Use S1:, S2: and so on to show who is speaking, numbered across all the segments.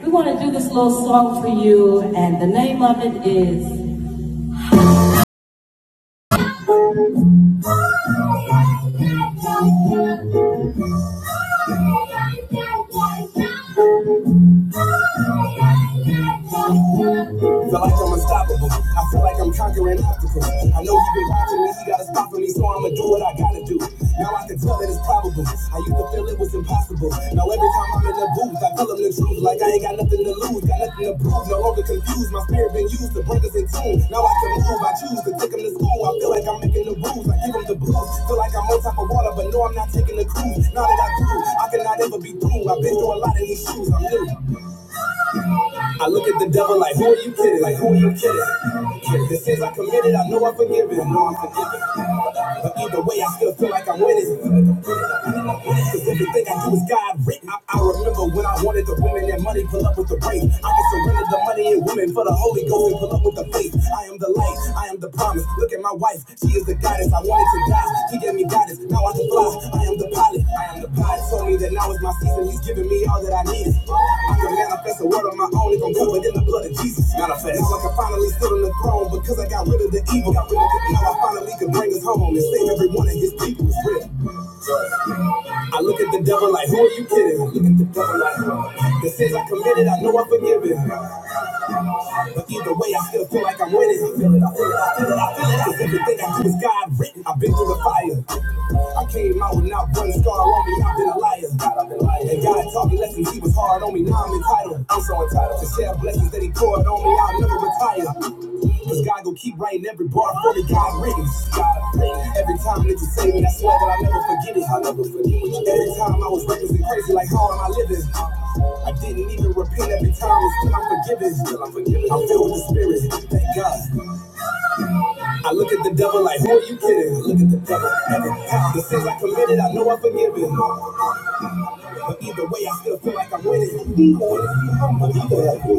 S1: We want to do this little song for you, and the name of it is. Feel like I'm unstoppable. I feel like I'm conquering obstacles. I know he been watching me. He got a spot for me, so I'ma do what I gotta do. Now I can tell that it's probable. I used to feel it was impossible. Now every time I'm in the booth, I tell him the truth. Like I ain't got nothing to lose, got nothing to prove. No longer confused. My spirit been used to bring us in tune. Now I can move. I choose to take him to school. I feel like I'm making the rules. I give him the blues. Feel like I'm on top of water, but no, I'm not taking the cruise. Now that I grew, I cannot ever be through. I've been through a lot in these shoes. I'm new. I look at the devil like, who are you kidding? Like, who are you kidding? The sins I committed, I know I'm forgiven. I know I'm forgiven. But either way, I still feel like I'm winning. Cause everything I do is God written. I, I remember when I wanted the women and money, pull up with the praise. I can surrender the money and women for the Holy Ghost and pull up with the faith. I am the light, I am the promise. Look at my wife, she is the goddess. I wanted to die, she gave me guidance. Now I can fly. I am the pilot, I am the pilot. Told me that now is my season, he's giving me all that I need. I can manifest that's a word of my own, it gon' go within the blood of Jesus. Matter of fact, it's like I finally stood on the throne because I got rid of the evil. Got rid of the evil. Now I finally can bring us home and save every one of his people. It's real. I look at the devil like, who are you kidding? I Look at the devil like, the sins I committed, I know I'm forgiven. But either way, I still feel like I'm winning. I feel it, I feel it, I feel it, I feel it. Cause everything I do is God written. I've been through the fire. I came out with not one scar on me. I've been a liar. God, I've been lying. And God taught me lessons. He was hard on me. Now I'm entire title. I'm so entitled to share blessings that He poured on me. I'll never retire. Cause God gon' keep writing every bar for me. God rings. God rings. Every time that you say me, I swear that I'll never forget it. I'll never forget it. Every time I was reckless and crazy, like how am I living? I didn't even repent every time, and still I'm forgiven. Still I'm forgiven. I'm filled with the Spirit. Thank God. I look at the devil like, who are you kidding? I Look at the devil. The sins I committed, I know I'm forgiven. But either way, I still feel like I'm winning. He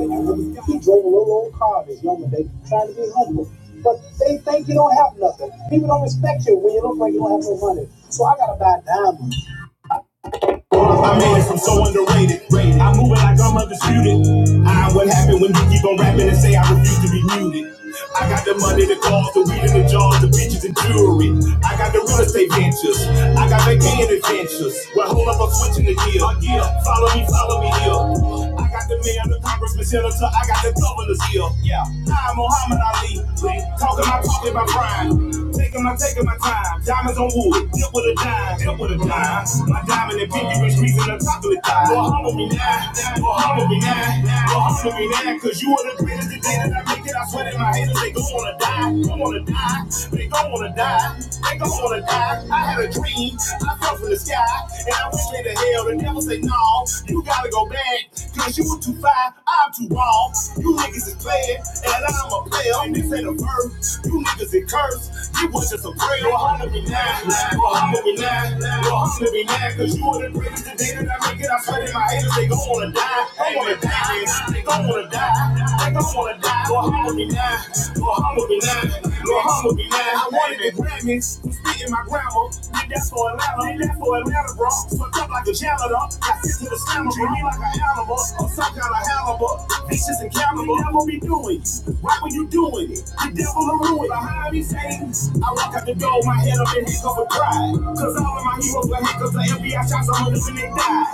S1: like really drove a little old car this young and trying to be humble. But they think you don't have nothing. People don't respect you when you look like you don't have no money. So I gotta buy diamonds. I made it from so underrated. I'm moving like I'm undisputed. I what happened when you keep on rapping and say I refuse to be muted. I be the queen of the beat. switching the gear. Yeah, follow me, follow me here. I got the man, the congressman, senator, I got the governor's ear. Yeah, I'm Muhammad Ali. Talking my talk in my prime. Taking my, taking my time. Diamonds on wood, dip with a dime, dip with a dime. My diamond and pinky ring streaks in the top of the thigh. Well, humble me now, well, humble me now, well, humble me now, cause you are the greatest. The day that I make it, I swear that my haters, they gon' wanna die, They gon' wanna die, they gon' wanna die, they gon' wanna die alive. I had a dream. I fell from the sky. And I went straight to hell. The devil said, no, you gotta go back. Cause you were too fine. I'm too wrong. You niggas is playing. And I'm a player. And this ain't a verse. You niggas is cursed. You was just a prayer. Well, honor me now. Well, honor me now. Well, honor me now. Cause you are the greatest. The day that I make it, I swear that my haters, they gon' wanna die. They wanna die. man. They gon' wanna die. They gon' wanna die. Well, honor me now. Well, honor me now. Well, humble me now. I wanted the Grammys, beating my grandma. Did that for Atlanta, did that for Atlanta, bro. Fucked up like a janitor, got sent to the slammer, treat me like an animal, or some kind of halibut. Vicious and cannibal. caliber, never be doing it. Right when you doing it, the devil will ruin Behind these things, I walk out the door, my head up and hiccup with pride. Cause all of my heroes were hiccups, the FBI shots, I'm going when they die.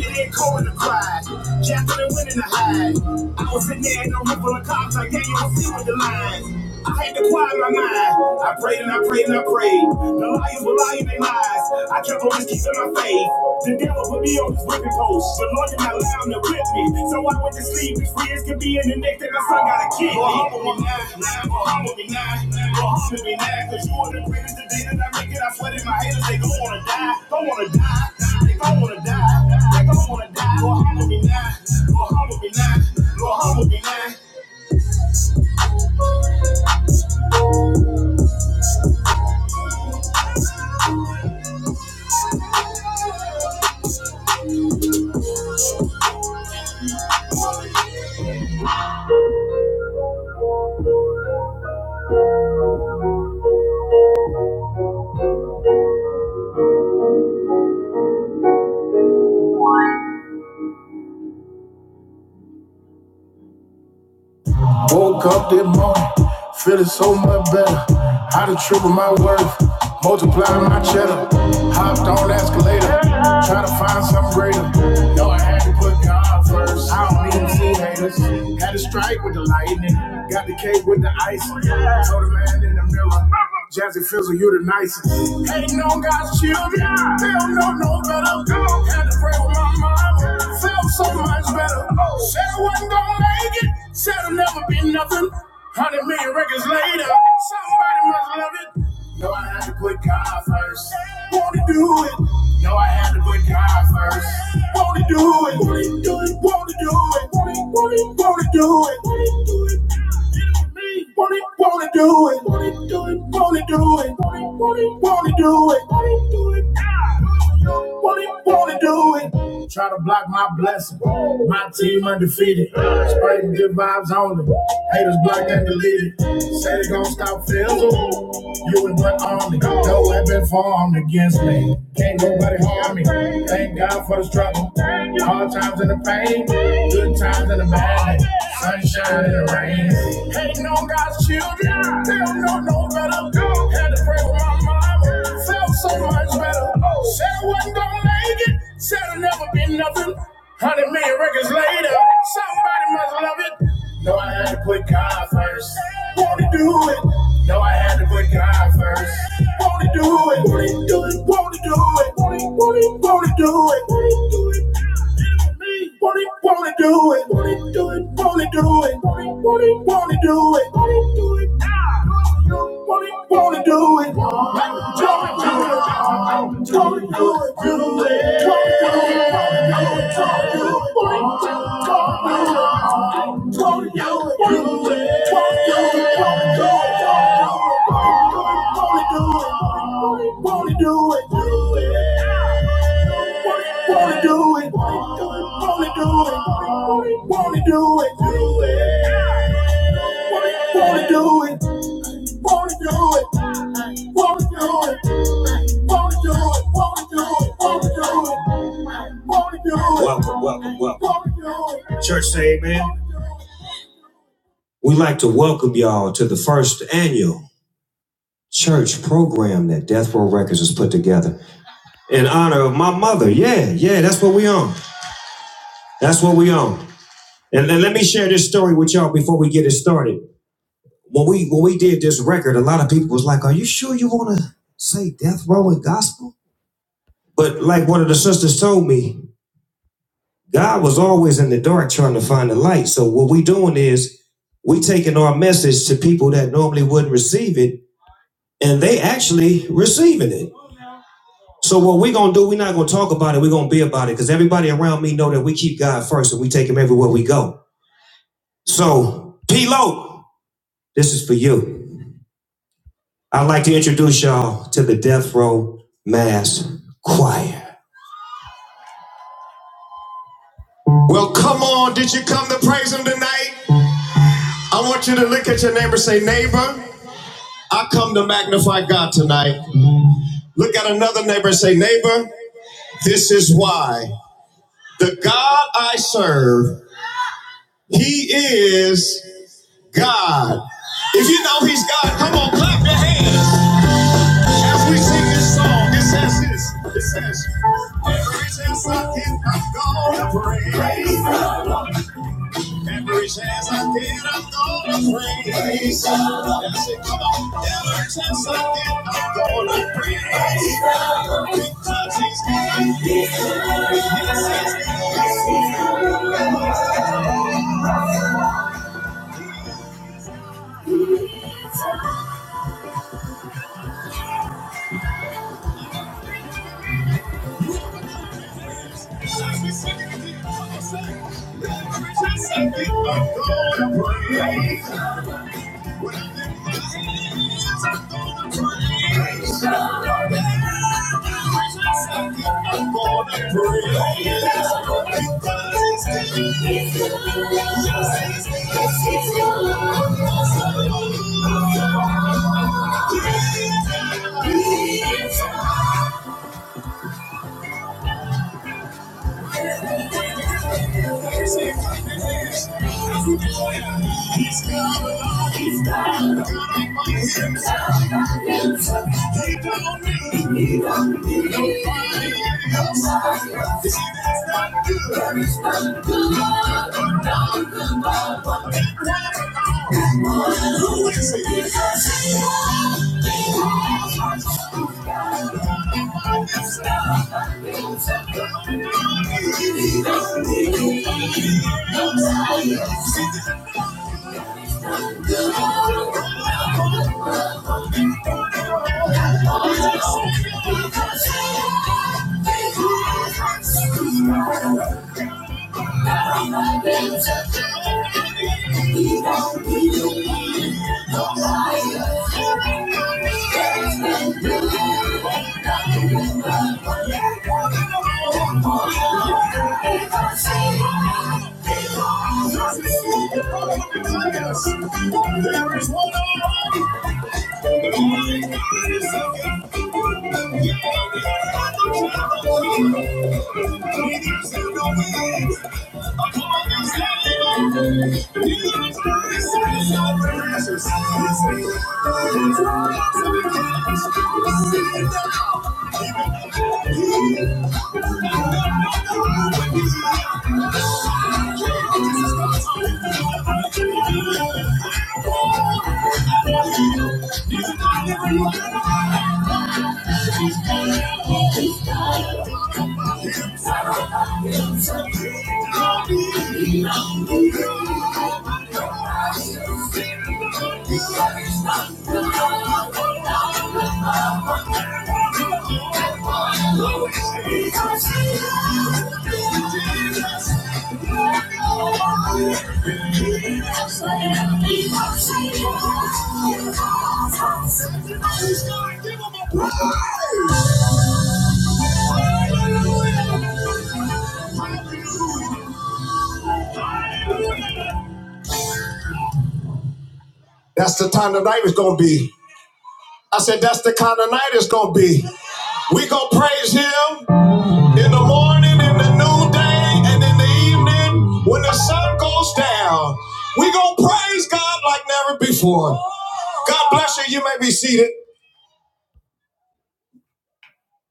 S1: It ain't cold in the pride. Jacqueline went in the hide. I was sitting there and I'm ripping the cops like, yeah, you don't see with the line. I had to quiet my mind. I prayed and I prayed and I prayed. The liars were lying in their lies. I kept on keeping my faith. The devil put me on his whipping post, but Lord did not allow him to whip me. So I went to sleep as free as could be, and the next day my son got a kid. Lord, humble me now, Lord, humble me now, Lord, humble me now, cause you are the greatest today that I make it. I swear that my haters, they gon' wanna die, don't wanna die, they gon' wanna die, they gon' wanna die. Lord, humble me now, Lord, humble me now, Lord, humble me now. It is so much better. How to triple my worth, multiplying my cheddar. Hopped on escalator, try to find something greater. Know I had to put God first. I don't even see haters. Had a strike with the lightning, got the cake with the ice. Told the man in the mirror, Jazzy Fizzle, you the nicest. Hating on God's Hell no, no better. Had to pray with my mama. Felt so much better. Said I wasn't gonna make it. Said I'll never be nothing. Hundred million records later, somebody must love it. No, I had to put God first. Want to do it? No, I had to put God first. Want to do it? Want to do it? Want to do it? Want to do it? Want to do it? Wanna, wanna do it, wanna do it, wanna do it, wanna, wanna, wanna do it, wanna do it, ah. wanna, wanna do it. Try to block my blessing. My team undefeated. Spreading good vibes only. Haters blocked and deleted. Say they gon' stop feeling. You and one army. No weapon formed against me. Can't nobody harm me. Thank God for the struggle. Hard times and the pain. Good times and the bad. Sunshine and the rain. Ain't no God's children. They don't know no better. Had to pray with my mama. Felt so much better. Said I wasn't gonna make it. Said I'd never be nothing. Hundred million records later. Somebody must love it. No, I had to put God first. Wanna do it. No, I had to put God first. Wanna do it. Wanna do it. Wanna do it. Wanna, wanna, wanna do it. Wanna do it. Wanna, wanna do it. Wanna do it. Wanna do it. We like to welcome y'all to the first annual. church program that Death Row Records has put together in honor of my mother. Yeah, yeah, that's what we own. That's what we own. And then let me share this story with y'all before we get it started. When we when we did this record, a lot of people was like, "Are you sure you want to say Death Row and gospel?" But like one of the sisters told me, God was always in the dark trying to find the light. So what we doing is we taking our message to people that normally wouldn't receive it, and they actually receiving it. So what we're gonna do, we're not gonna talk about it, we're gonna be about it. Cause everybody around me know that we keep God first and we take him everywhere we go. So, P-Lo, this is for you. I'd like to introduce y'all to the Death Row Mass Choir. I want you to look at your neighbor, and say, neighbor, I come to magnify God tonight. Look at another neighbor and say, neighbor, this is why. The God I serve, He is God. If you know he's God, come on, clap your hands as we sing this song. It says this. It says, Every chance I get, I'm gonna praise. Every chance I get, I'm gonna praise. That's it, come on. Every chance I get, I'm gonna praise. Because he's God. Yes, he's God. As we sing it again, come on, say, Every chance I get, I'm gonna praise. When I lift my hands, I'm gonna praise. When I lift my hands, I'm gonna praise. Because it's good. It's good. Yes, it's good. Yes, it's good. Yes, it's good. It's good. Because it's good. It's There is one on Thank you. Give him a praise! That's the time the night is gonna be. I said, that's the kind of night it's gonna be. We gonna praise him in the morning, in the noonday, and in the evening when the sun goes down. We gonna praise God like never before. God bless you. You may be seated.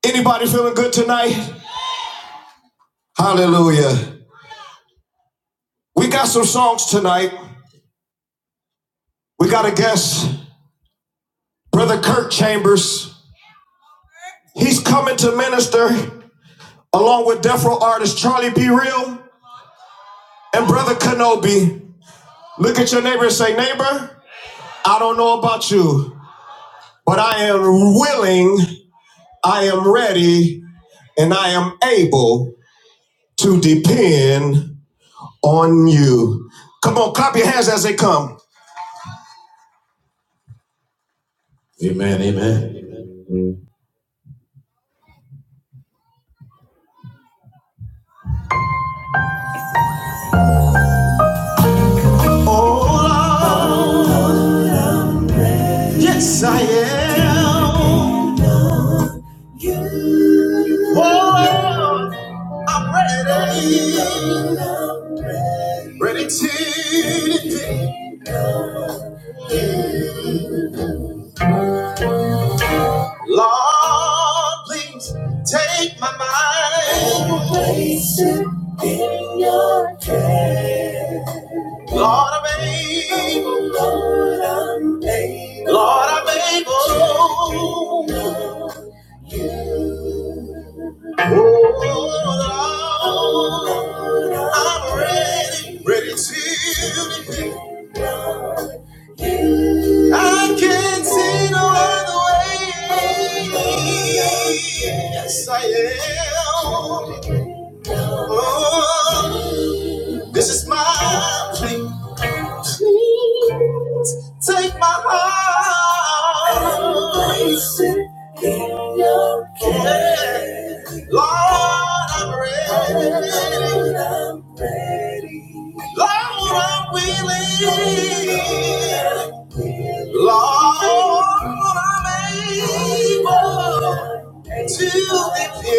S1: Anybody feeling good tonight? Hallelujah. We got some songs tonight. We got a guest, Brother Kirk Chambers. He's coming to minister. along with death row artist Charlie B. Real and Brother Kenobi. Look at your neighbor and say, Neighbor, I don't know about you, but I am willing, I am ready, and I am able to depend on you. Come on, clap your hands as they come. Oh, Lord, take my mind. You be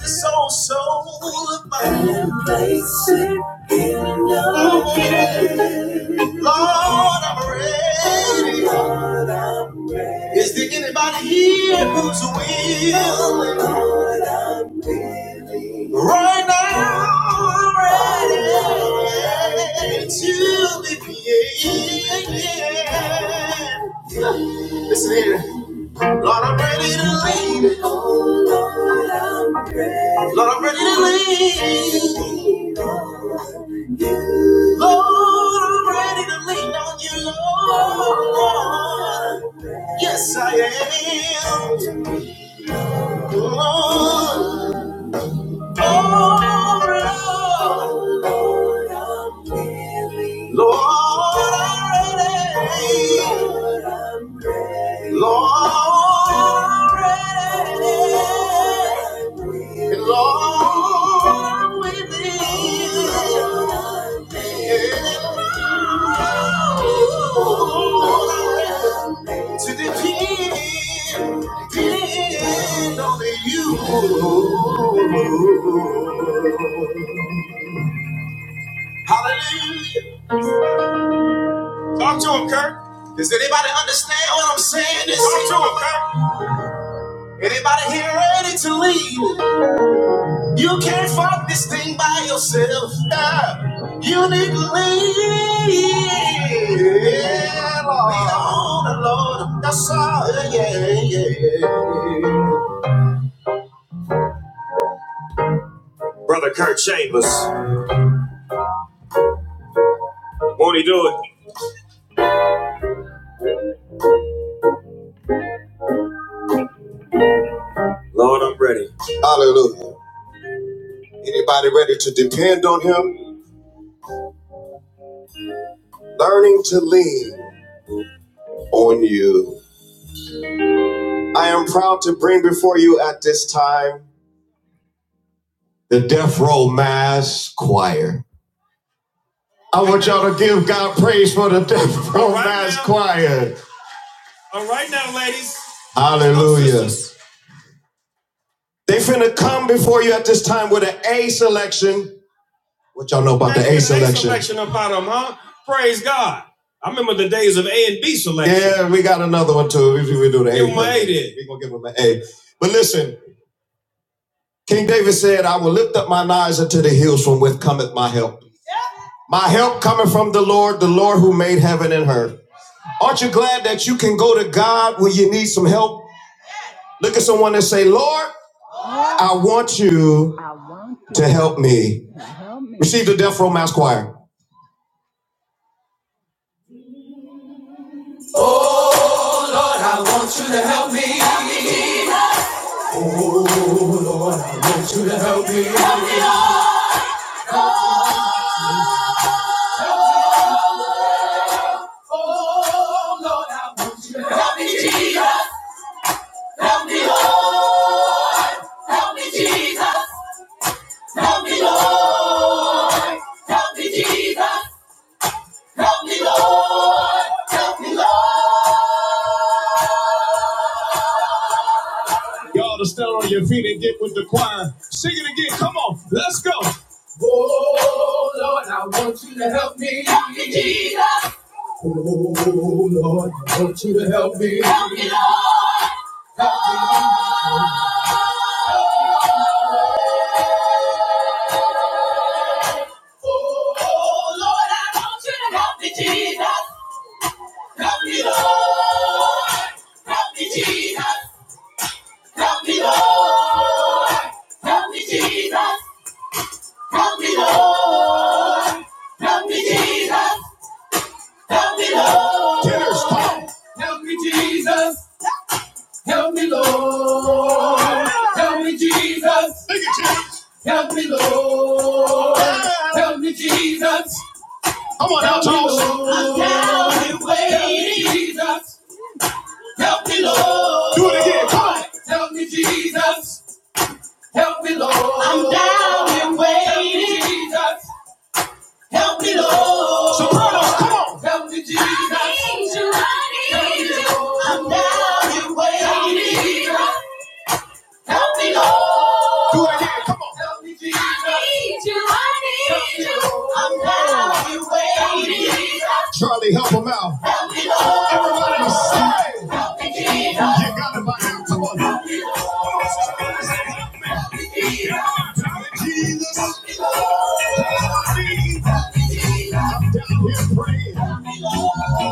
S1: the soul, soul of my Lord, I'm ready. Is there anybody here who's willing right now, ready to be created? Listen here. Lord, I'm ready to lean. Lord, I'm ready to lean. Lord, I'm ready to lean on you, Lord. Yes, I am. Lord, oh, Lord. Lord, I read it. Talk to him, Kirk. Does anybody understand what I'm saying? This Talk to him, Kirk. Anybody here ready to leave? You can't fuck this thing by yourself. Yeah. You need to leave. Yeah, Lord. Lean on the Lord. That's all. Yeah, yeah, yeah. Brother Kirk Chambers. Hallelujah. Anybody ready to depend on him? Learning to lean. on you. I am proud to bring before you at this time the Death Row Mass Choir. I want y'all to give God praise for the Death Row All right Mass now. Choir. All right now, ladies. Hallelujah. They finna come before you at this time with an A selection. What y'all know about That's the A selection? A selection about them, huh? Praise God. I remember the days of A and B selection. Yeah, we got another one too. We, we do the give A. Give 'em an A then. We're gonna give them an A. But listen, King David said, I will lift up mine eyes unto the hills from whence cometh my help. My help cometh from the Lord, the Lord who made heaven and earth. Aren't you glad that you can go to God when you need some help? Look at someone and say, Lord, I want you to help me. Receive the Death Row Mass Choir. Oh Lord, I want you to help me. Help me, help me, Lord. Oh, Lord, I want you to help me. Help me, Jesus. I want you to help me. Help me, Lord. Help me. Lord. Oh Lord, I want you to help me, Jesus. Help me, Lord. Help me, Jesus. Help me, Lord. Help me, Jesus. Help me, Lord. Help me, Jesus. Help me, Lord. Tenors, come. Help me, Jesus. Help me, Lord. Help me, Jesus. Help me, Lord. Help me, Jesus. Come on now, Charles. I'm down and waiting. Jesus, help me, Lord. Help me, Jesus. Help me, Lord. I'm down and waiting. Jesus, help me, Lord. Help me, Jesus. Help me, Lord. I'm down and waiting. Jesus, help me, Lord. Do it again. Come on. Jesus. I need you. I need you. I'm down and waiting. Charlie, help him out. Jesus, I'm down here praying.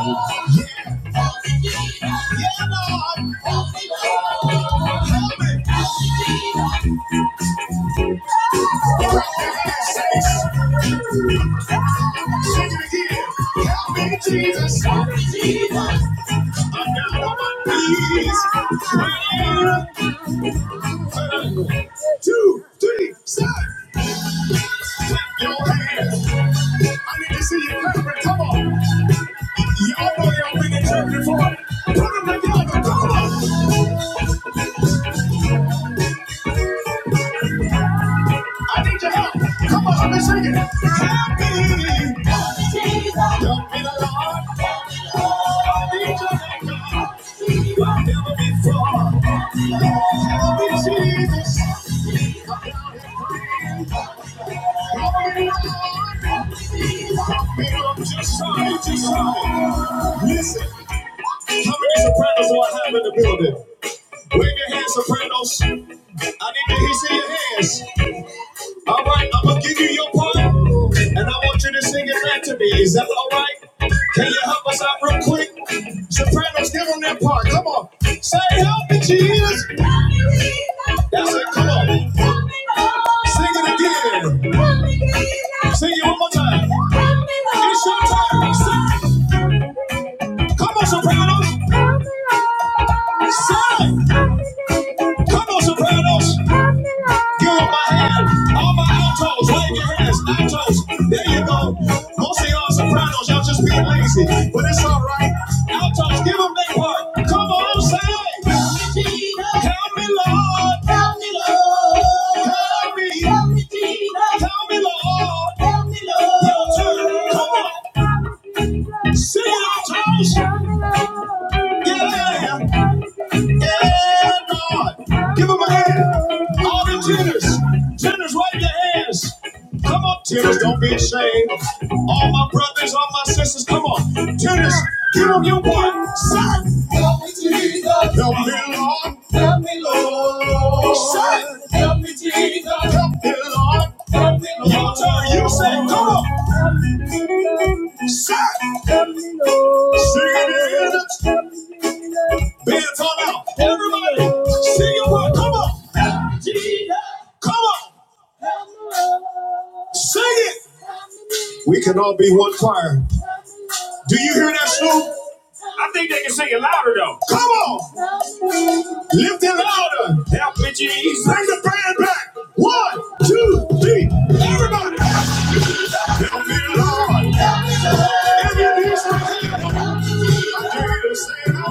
S1: Jesus, help me, Jesus. I'm down on my knees. Praying. Son, clap your hands. I need to see you clapping. Come on. Y'all know y'all been in church before. Put them together. I need your help. Come on, let me sing it. Help me. Help me, Lord. I need your help. Like never before. Help me, Jesus. Help me, Lord. Help me, Lord. Just try, just try. Listen. How many sopranos do I have in the building? Wave your hands, sopranos. I need to hear your hands. All right, I'm gonna give you your part, and I want you to sing it back to me. Is that all right? Can you help us out real quick? Sopranos, give them that part. Come on, say help me, Jesus. That's it. Come on, sing it again. Sing it one more time. It's your time. Sing. Come on, Sopranos. Sing. Come on, Sopranos. Give up my hand. All my altos, wave your hands. Altos, there you go. Most of y'all sopranos, y'all just being lazy, but it's all right. Altos, give them their part. Come on, say. Help me, Jesus. Help me, Lord. Help me, Lord. Help me. Help me, Jesus. Help me, Lord. Help me, Lord. Your turn. Come on. Sing it, altos. Yeah. Yeah, yeah. Yeah, Lord. All the tenors, tenors, wave your hands. Come on, tenors, don't be ashamed. All my brothers, all my sisters, come on. Tenors, give them your one. Son. Help me, Jesus. Help me, Lord. Help me, Lord. Son. Help me, Jesus. Help me, Lord. Help me, Lord. Your turn, you say, come on. Son. Help me, Lord. Sing it in. Pants all out. Everybody, sing it one. Come on. Jesus. Come on. Sing it. We can all be one choir. Do you hear that, Snoop? I think they can sing it louder, though. Come on. Lift it louder. Help me, Jesus. Bring the band back. One, two, three. Everybody. Help me, Lord. Help me, Lord. Every knee shall bow. Jesus, say, Help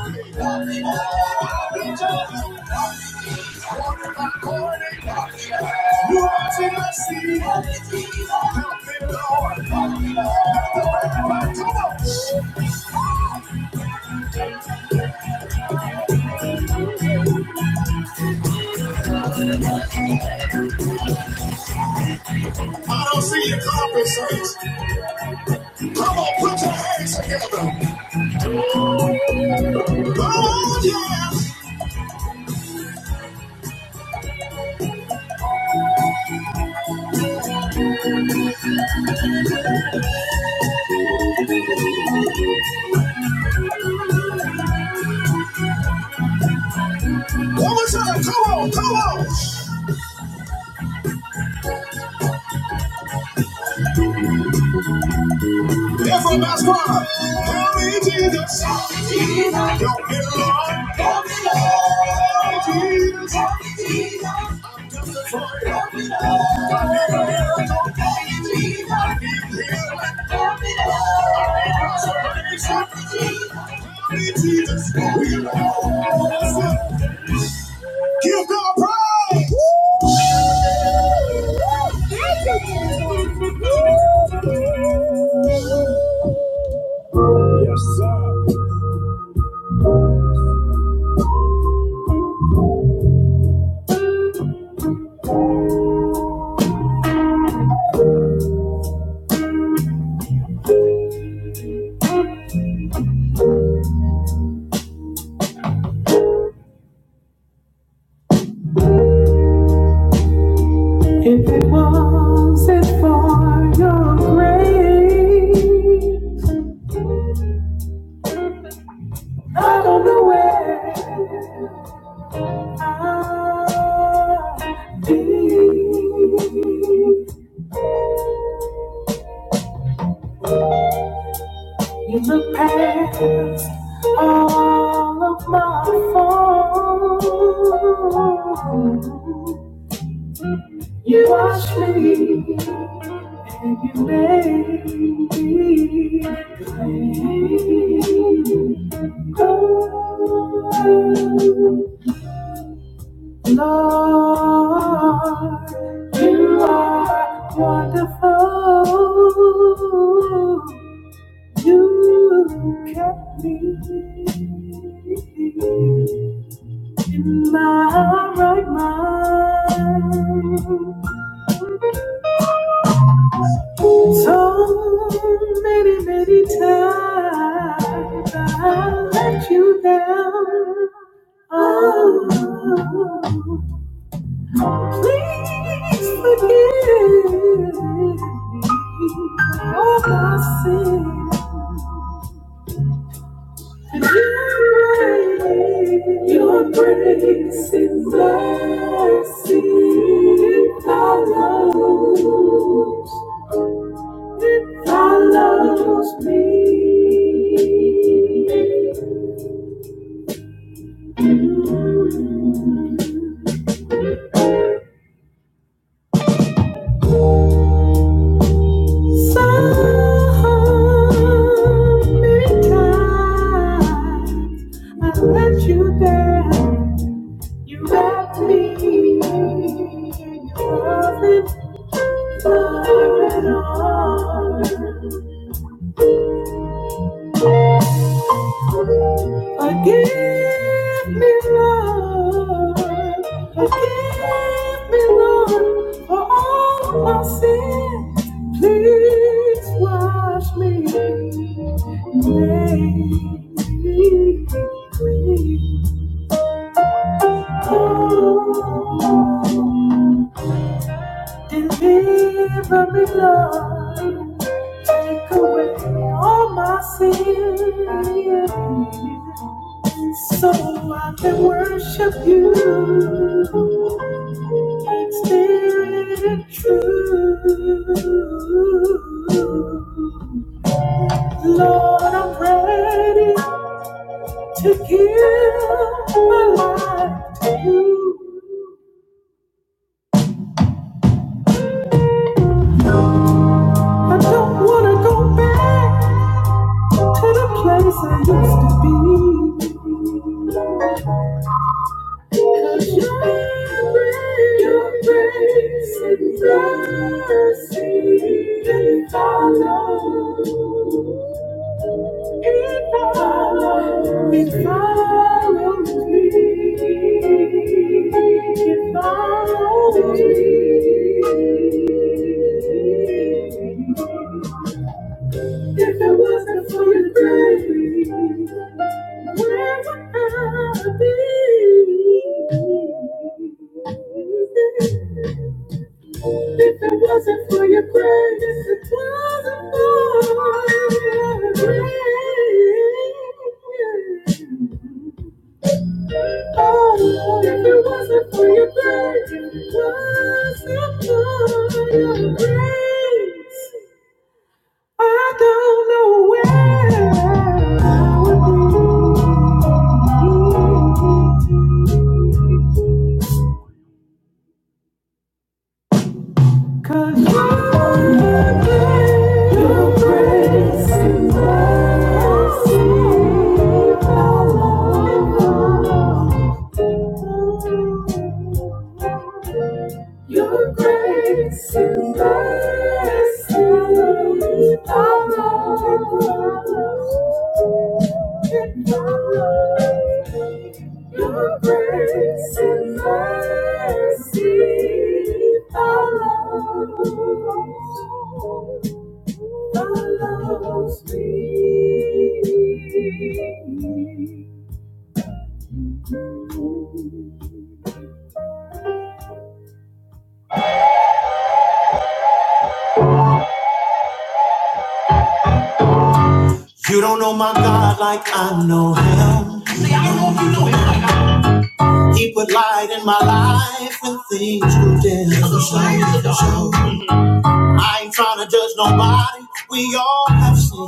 S1: me, Jesus. Help me, Lord. Come on. I don't see your conference. saints. Come on, put your hands together. One more time, come on, come on. Everybody's crying. Help me, Jesus. Help me, Jesus. Help me, Lord. Help me, Lord. Help me, Jesus. Help me, Jesus. I'm desperate for you. Help me, Lord. I need a miracle. Help me, Jesus. I need healing. Help me, Lord. I need consolation. Help me, Jesus. Help me, Jesus. Will you That's it. Yes, sir. You Wash me. Ooh, many times I let you down. Oh, please forgive all my sins. You reign. Your grace and mercy follows all my sins. If it wasn't for your grace, wasn't for your grace. Father, mercy follows, follows You don't know my God like I know him. He put light in my life when things grew dim. I ain't trying to judge nobody. We all have seen.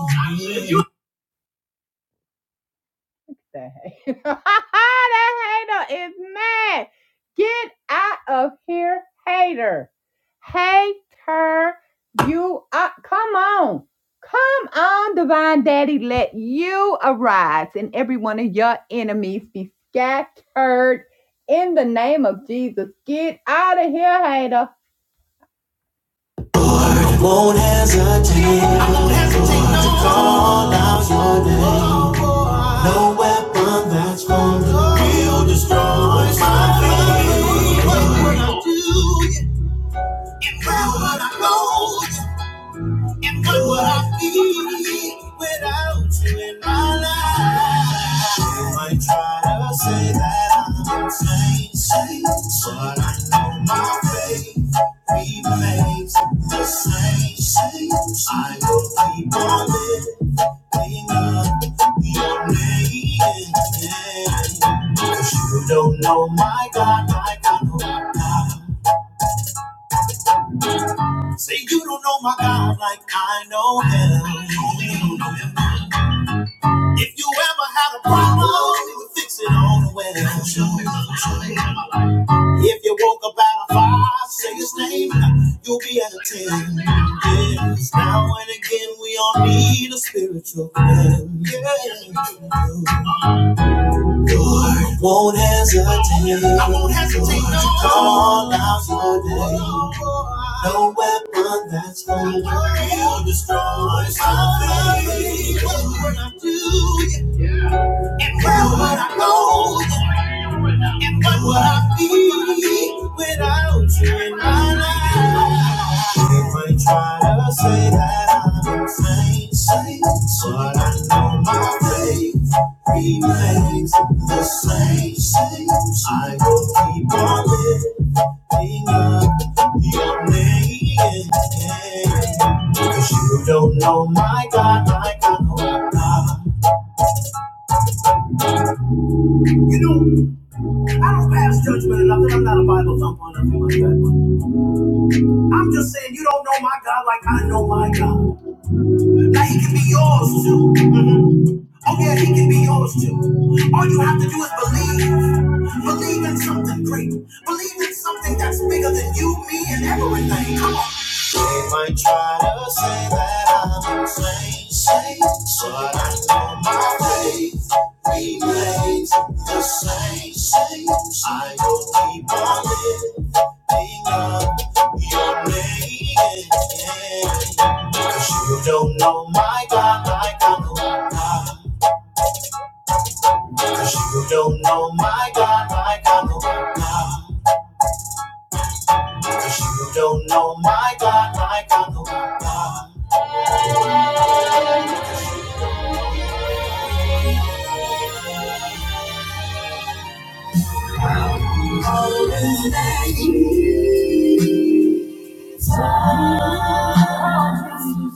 S1: That hate. that hater is mad. Get out of here, hater. Hater, you are. Come on. Come on, divine daddy. Let you arise and every one of your enemies be scattered in the name of Jesus. Get out of here, hater. Won't hesitate. No weapon that's formed. What would I do? How would I know? What would I be without you in my life? You might try to say that I'm insane, say, but I know my faith remains the same. Say, I will keep on lifting up your name. You don't know my God like I know my Say you don't know my God like I know him. If you ever had a problem, you would fix it on the way. If you woke up at a five, say his name, you'll be at a ten. Yes. Now and again, we all need a spiritual friend. Yeah. Don't hesitate, call out your name. No weapon that's going to destroy something. What would I do? Yeah. Where would I go? What would I be without you in my life? They might try to say that I'm insane, sane, but I know my faith remains the same. same. I will keep on lifting up your name. Cause you don't know my God, my God, my God. You know, I don't pass judgment or nothing. I'm not a Bible thumper or nothing like that. I'm just saying you don't know my God like I know my God. Now he can be yours too. Oh yeah, he can be yours too.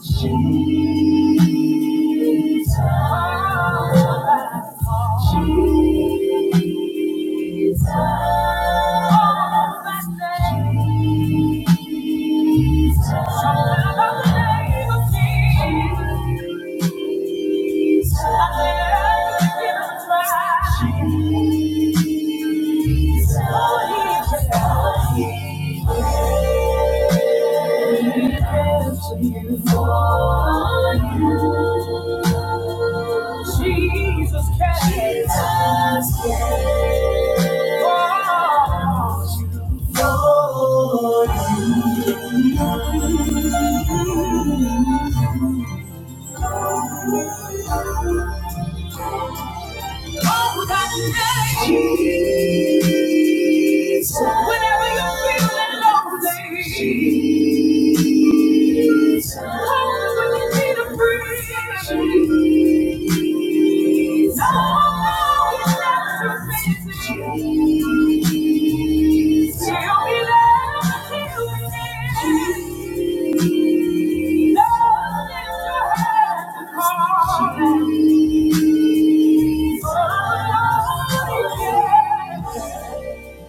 S1: Jesus, Jesus, oh, my Jesus. Something about the name of Jesus. Jesus. I said, I give it a Jesus can. Jesus can. Oh, for you. Oh, that name. Jesus. Whenever you're feeling lonely. Jesus. Oh, when you need a friend. Jesus. Jesus, Jesus,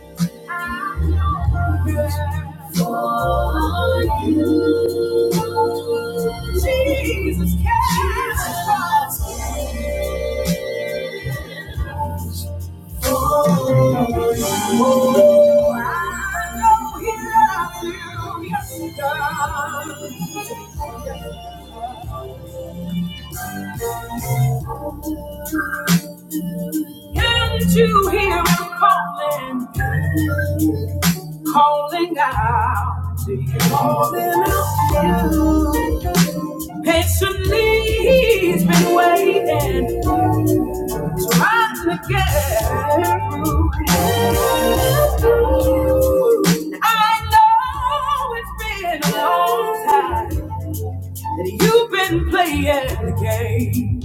S1: Oh, I know he loves you. Yes, he does. Can't you hear him calling, calling out to you? Calling out to you. Patiently, he's been waiting. Trying to get through. I know it's been a long time that you've been playing the game.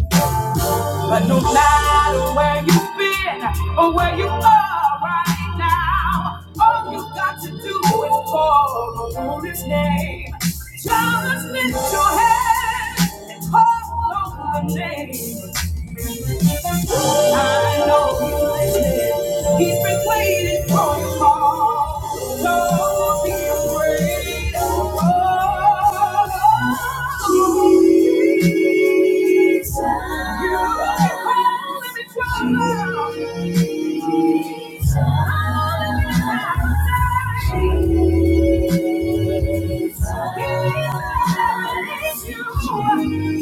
S1: But no matter where you've been or where you are right now, all you got to do is call on his name. Just lift your head and call on the name. I know you listen. He's been waiting for your call. Don't be afraid. Oh, Jesus. You can call him in trouble. Jesus. Jesus. He loves you.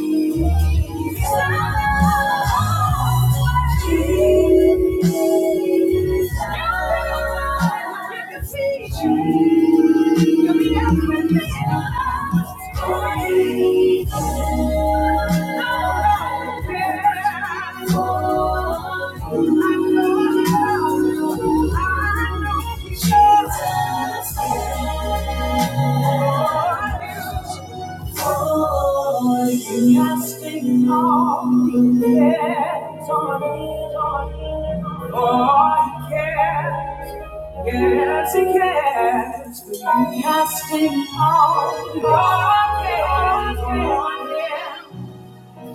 S1: Thank you. Oh, you have taken all your cares on Him. Oh, he cares, yes he cares. you have taken all your cares on him.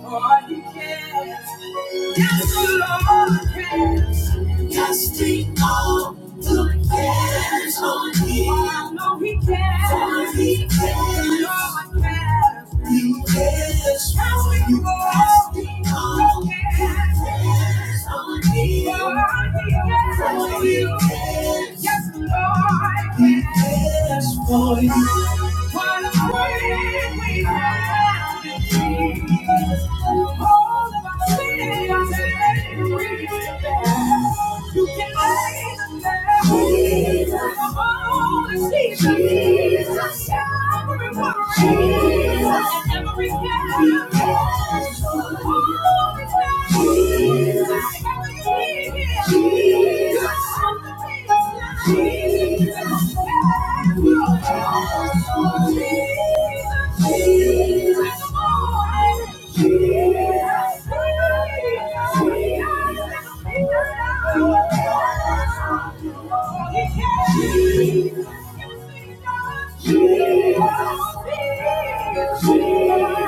S1: For he cares. Yes, the Lord cares. Yes, he all the cares on me. I know he cares. For he cares. The Lord cares. He cares. Yes, we you Yes, he all the cares on me. For he cares. Oh, he Yes, Lord. He cares for you. What a friend we have in Jesus. All of our sins and griefs You can lay them down. Jesus. Oh, Jesus. Jesus. Every worry. Jesus, and every. Jesus. Jesus, Jesus, Jesus,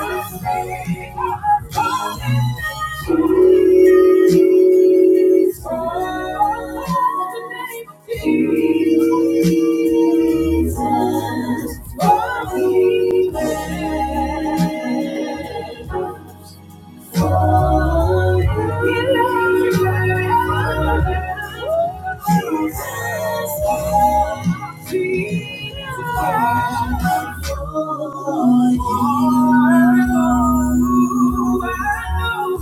S1: Jesus, for Jesus, Thank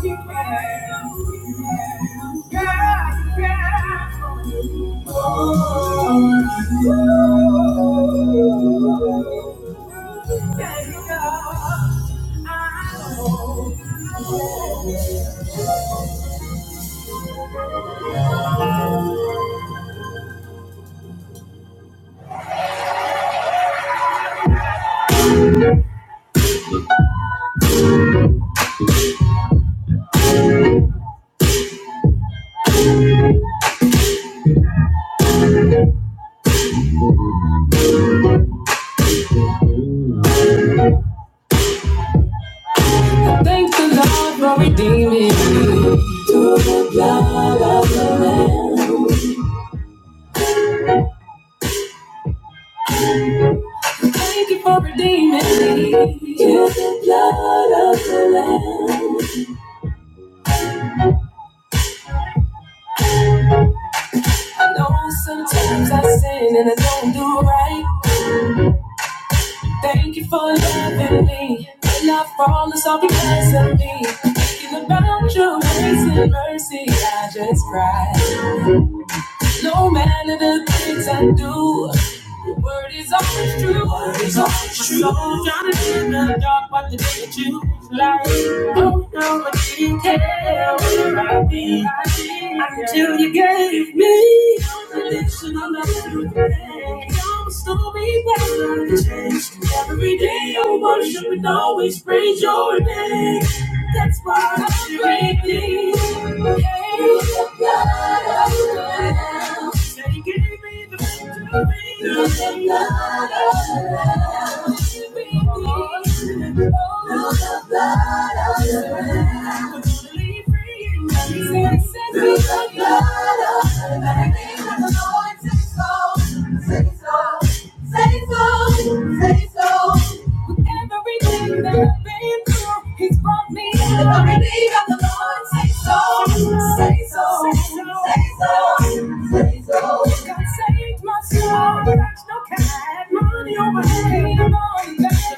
S1: the Lord for redeeming me. Thank you for redeeming me. You the blood of the Lamb. I know sometimes I sin and I don't do right. Thank you for loving me. When I fall, it's all because of me. Thinking about your grace and mercy, I just cry. No matter the things I do, your word is always true. Word is always true. My soul drowning in the dark, but the day that you fly, don't know what you can, where I be, until you be. always praise your name. That's why I praise thee. Praise the God of the Lamb. Said he gave me the victory. Praise the God of the Lamb. Praise Oh, the blood of the Lamb. Totally free. He said, "Set the blood of the Lamb." Say so, say so, say so. With everything that I've been through, he's brought me out. The remedy of the Lord, say so, say so, say so, say so. God saved my soul, but I still money over head.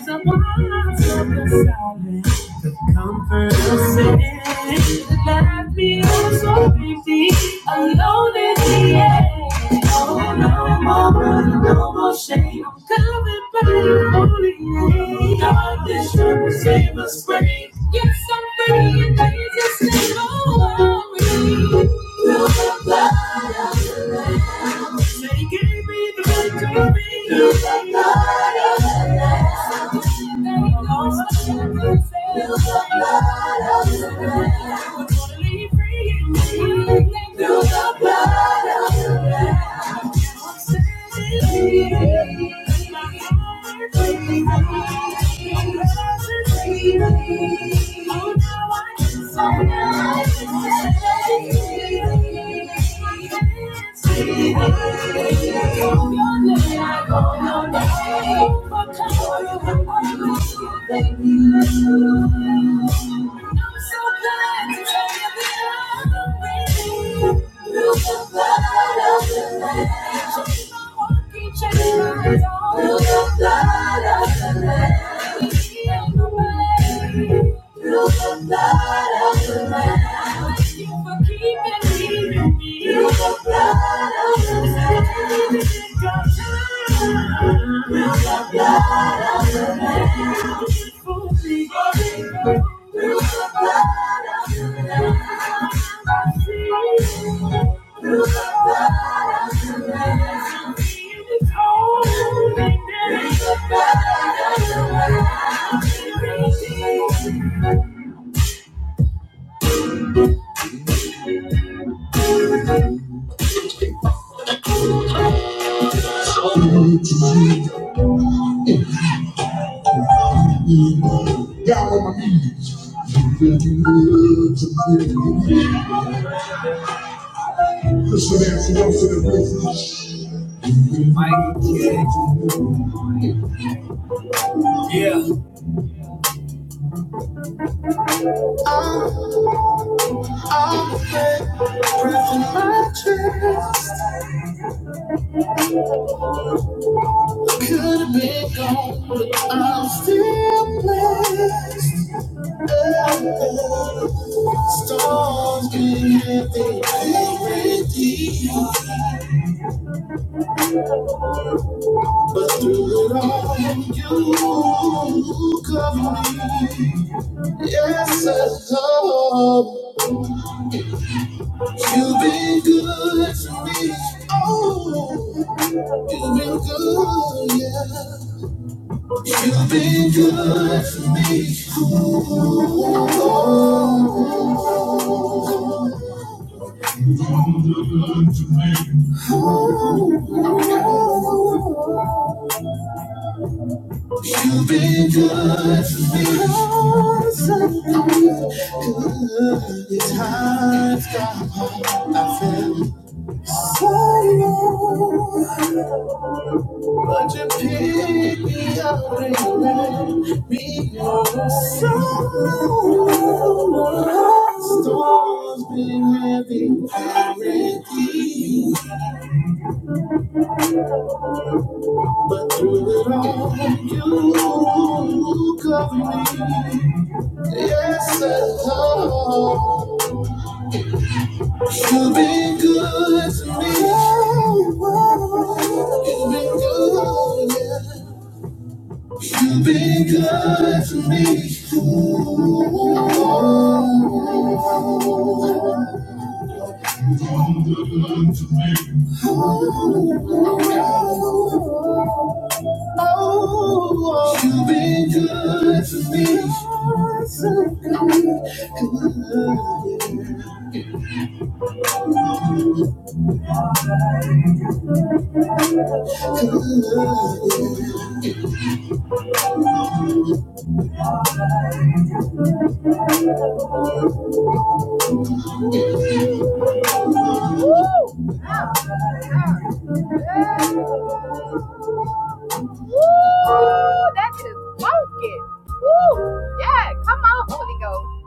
S1: I'm a the back of the salad. The Comfort yourself. left me so empty, alone in the air. Oh, no more burden, no more shame. I'm covered by your holy name. God, this truth will save us free. Yes, I'm free in Jesus' name. Oh, I'm free. Through the blood of the Lamb. Said he gave me the victory. You the blood of the Lamb. Thank God for your You the free in me. Thank the blood of the Lamb. I'm standing here. Thank you. I'm so glad to tell through the blood of the Lamb. through the blood of the Lamb. through the blood of the Lamb. for me through the blood of the Lamb. Through the blood of the Lamb. Good times got so Would you pick me up and let me go? So storms been heavy lately. Through it all, you cover me. Yes, I love. You've been good to me. You've been good, yeah. You've been good to me. Oh, you've been good. Ooh, that is smoking. Ooh, yeah, come on, Holy Ghost.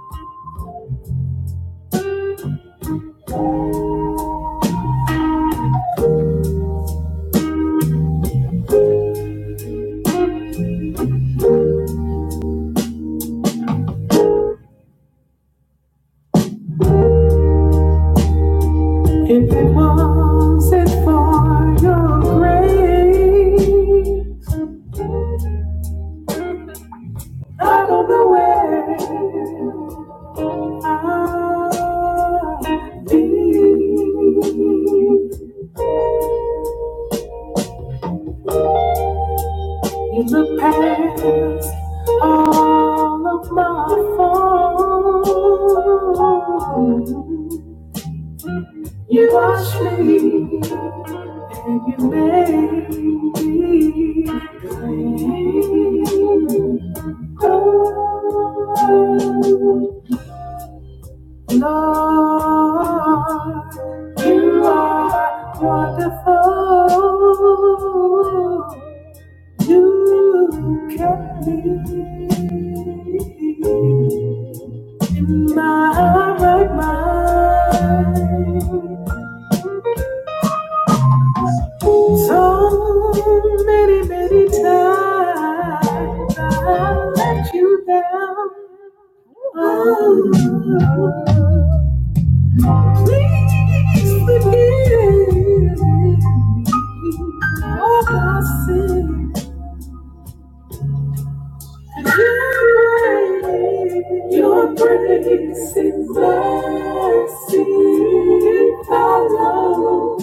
S1: Your grace and mercy follow,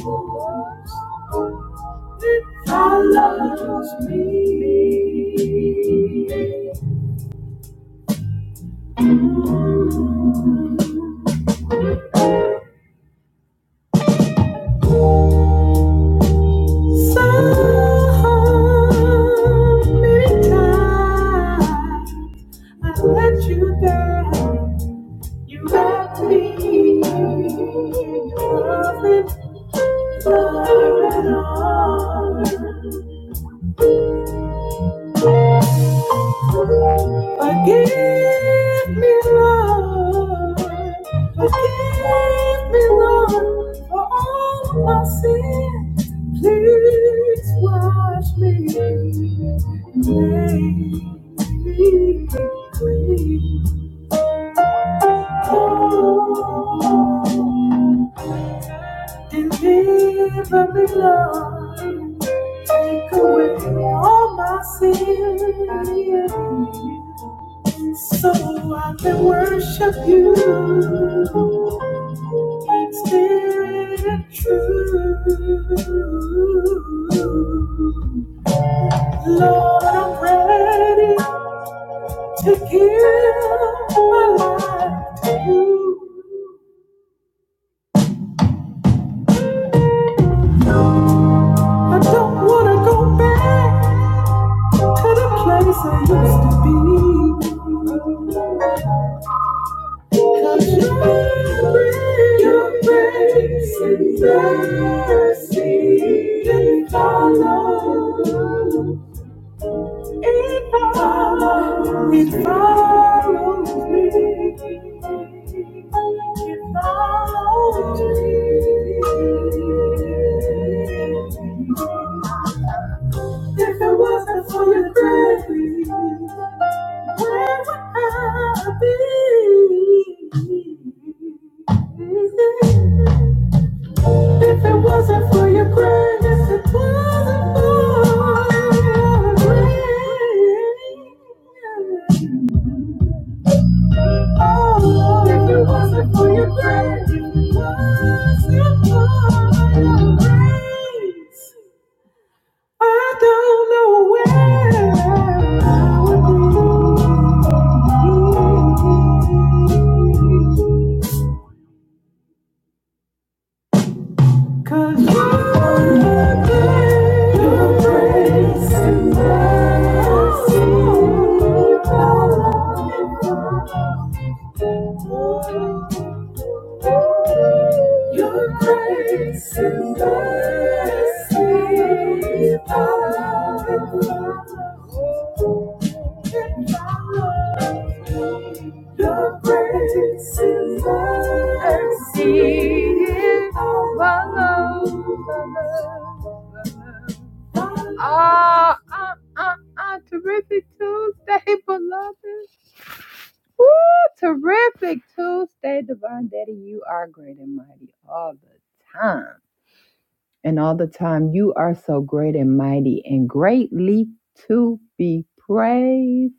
S1: follow. Follow me. Your grace and mercy follow. It follows me. It follows me. If it wasn't for your grace, where would I be? Ah, ah, ah, ah, terrific Tuesday, beloved. Woo, terrific Tuesday, Divine Daddy. You are great and mighty all the time. and all the time, you are so great and mighty and greatly to be praised.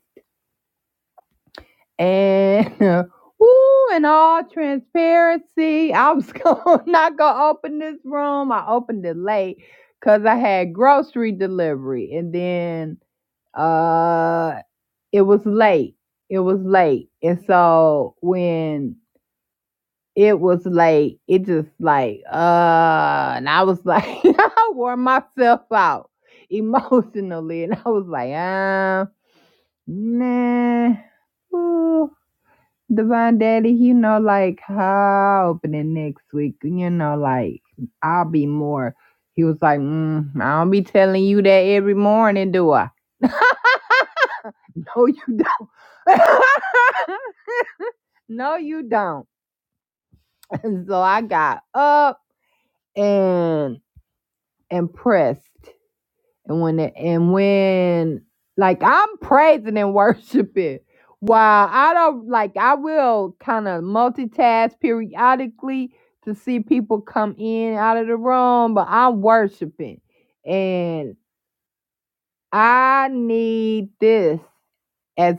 S1: And woo, in all transparency, I was gonna, not going to open this room. I opened it late because I had grocery delivery and then uh, it was late. It was late. And so when It was like it just like uh and I was like I wore myself out emotionally and I was like, um, nah. Ooh, Divine Daddy, you know, like how opening next week, you know, like I'll be more. He was like, mm, I don't be telling you that every morning, do I? No, you don't. no, you don't. And so I got up and impressed. And when it, and when like I'm praising and worshiping, while I don't like I will kind of multitask periodically to see people come in out of the room, but I'm worshiping. And I need this as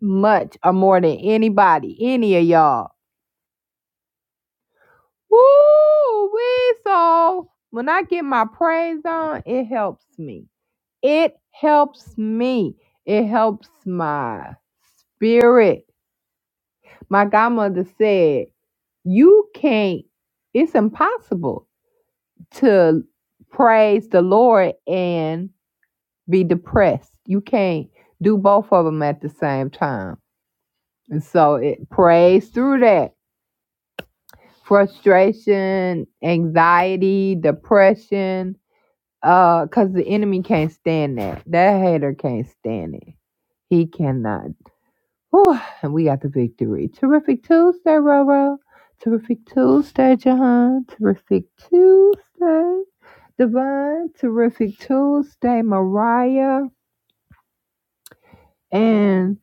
S1: much or more than anybody, any of y'all. Woo! We so when I get my praise on, it helps me. It helps me. It helps my spirit. My godmother said, You can't, it's impossible to praise the Lord and be depressed. You can't do both of them at the same time. And so it prays through that frustration, anxiety, depression, uh, because the enemy can't stand that. That hater can't stand it. He cannot. Whew, and we got the victory. Terrific Tuesday, Roro. Terrific Tuesday, Jahan. Terrific Tuesday, Devon. Terrific Tuesday, Mariah. And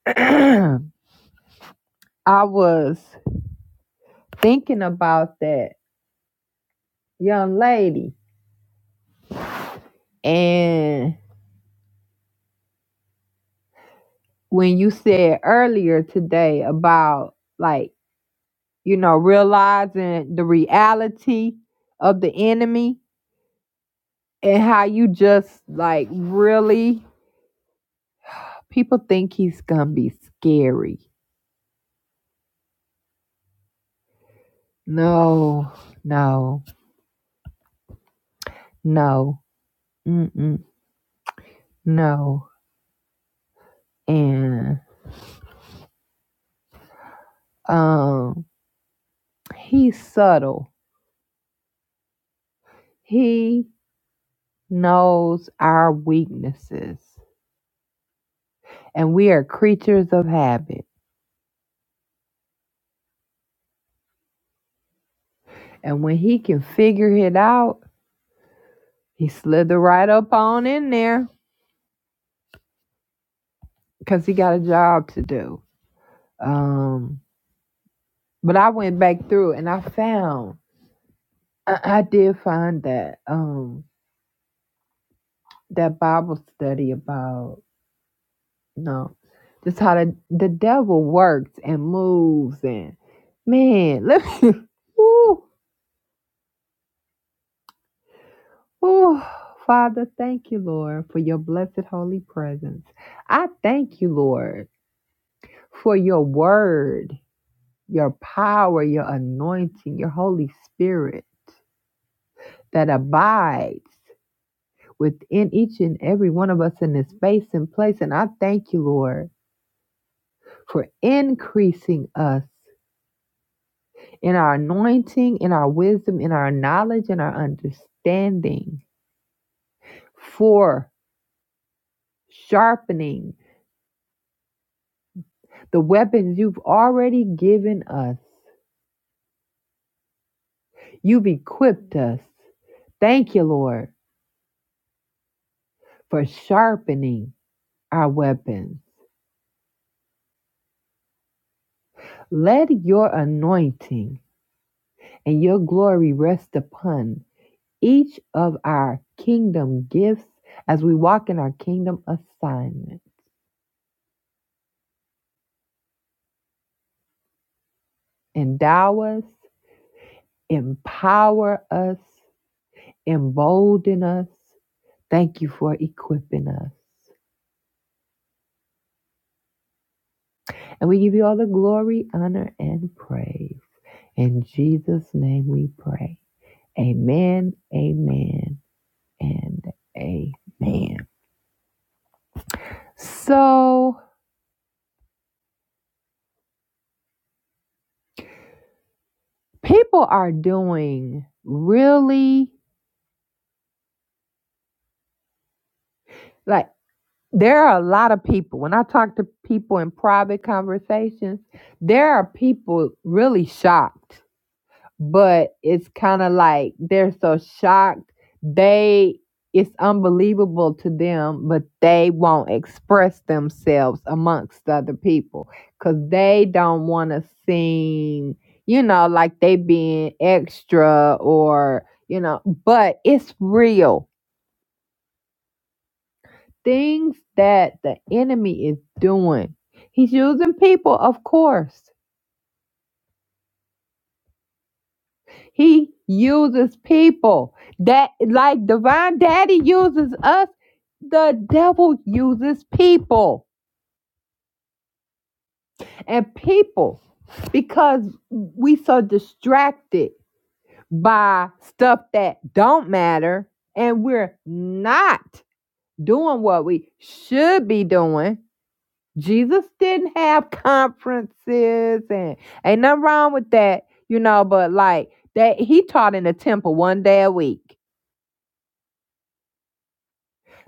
S1: I was thinking about that young lady. And when you said earlier today about, like, you know, realizing the reality of the enemy and how you just, like, really People think he's gonna be scary. No, no, no, mm-mm, no. And um, he's subtle. He knows our weaknesses, and we are creatures of habit. And when he can figure it out, he slither right up on in there because he got a job to do. Um, but I went back through and I found, I, I did find that. Um, that Bible study about no, just how the the devil works and moves and man, let me, ooh, ooh, Father, thank you, Lord, for your blessed holy presence. I thank you, Lord, for your word, your power, your anointing, your Holy Spirit that abides within each and every one of us in this space and place. And I thank you, Lord, for increasing us in our anointing, in our wisdom, in our knowledge, in our understanding for sharpening the weapons you've already given us. You've equipped us. Thank you, Lord, for sharpening our weapons. Let your anointing and your glory rest upon each of our kingdom gifts as we walk in our kingdom assignment. Endow us, empower us, embolden us. Thank you for equipping us. And we give you all the glory, honor, and praise. In Jesus' name we pray. Amen, amen, and amen. So people are doing really like there are a lot of people. When I talk to people in private conversations, there are people really shocked but it's kind of like they're so shocked they it's unbelievable to them but they won't express themselves amongst other people because they don't want to seem you know like they being extra or you know but it's real things that the enemy is doing he's using people of course He uses people that, like Divine Daddy uses us, the devil uses people and people because we so distracted by stuff that don't matter and we're not doing what we should be doing. Jesus didn't have conferences and ain't nothing wrong with that, you know, but like that he taught in the temple one day a week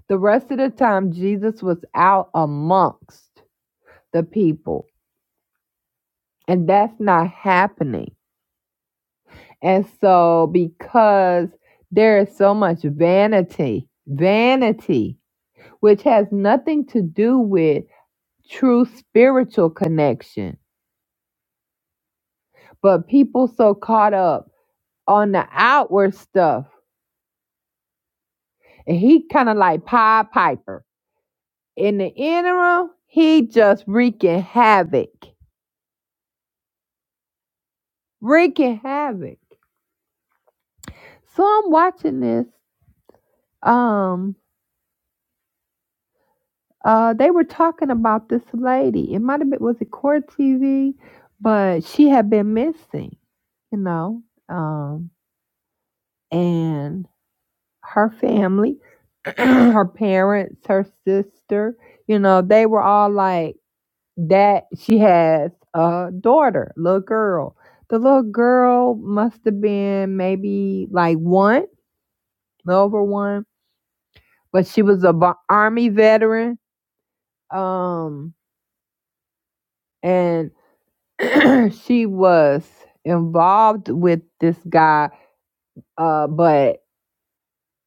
S1: The rest of the time, Jesus was out amongst the people, and that's not happening. And so, because there is so much vanity, vanity, which has nothing to do with true spiritual connection, but people so caught up on the outward stuff, and he kind of like Pied Piper. In the interim, he just wreaking havoc, wreaking havoc. So I'm watching this. Um, uh, they were talking about this lady. It might have been was it Court TV, but she had been missing, you know. Um, and her family, her parents, her sister, you know, they were all like that. She has a daughter, little girl. The little girl must have been maybe like one, over one, but she was a v- army veteran Um, and she was involved with this guy, uh, but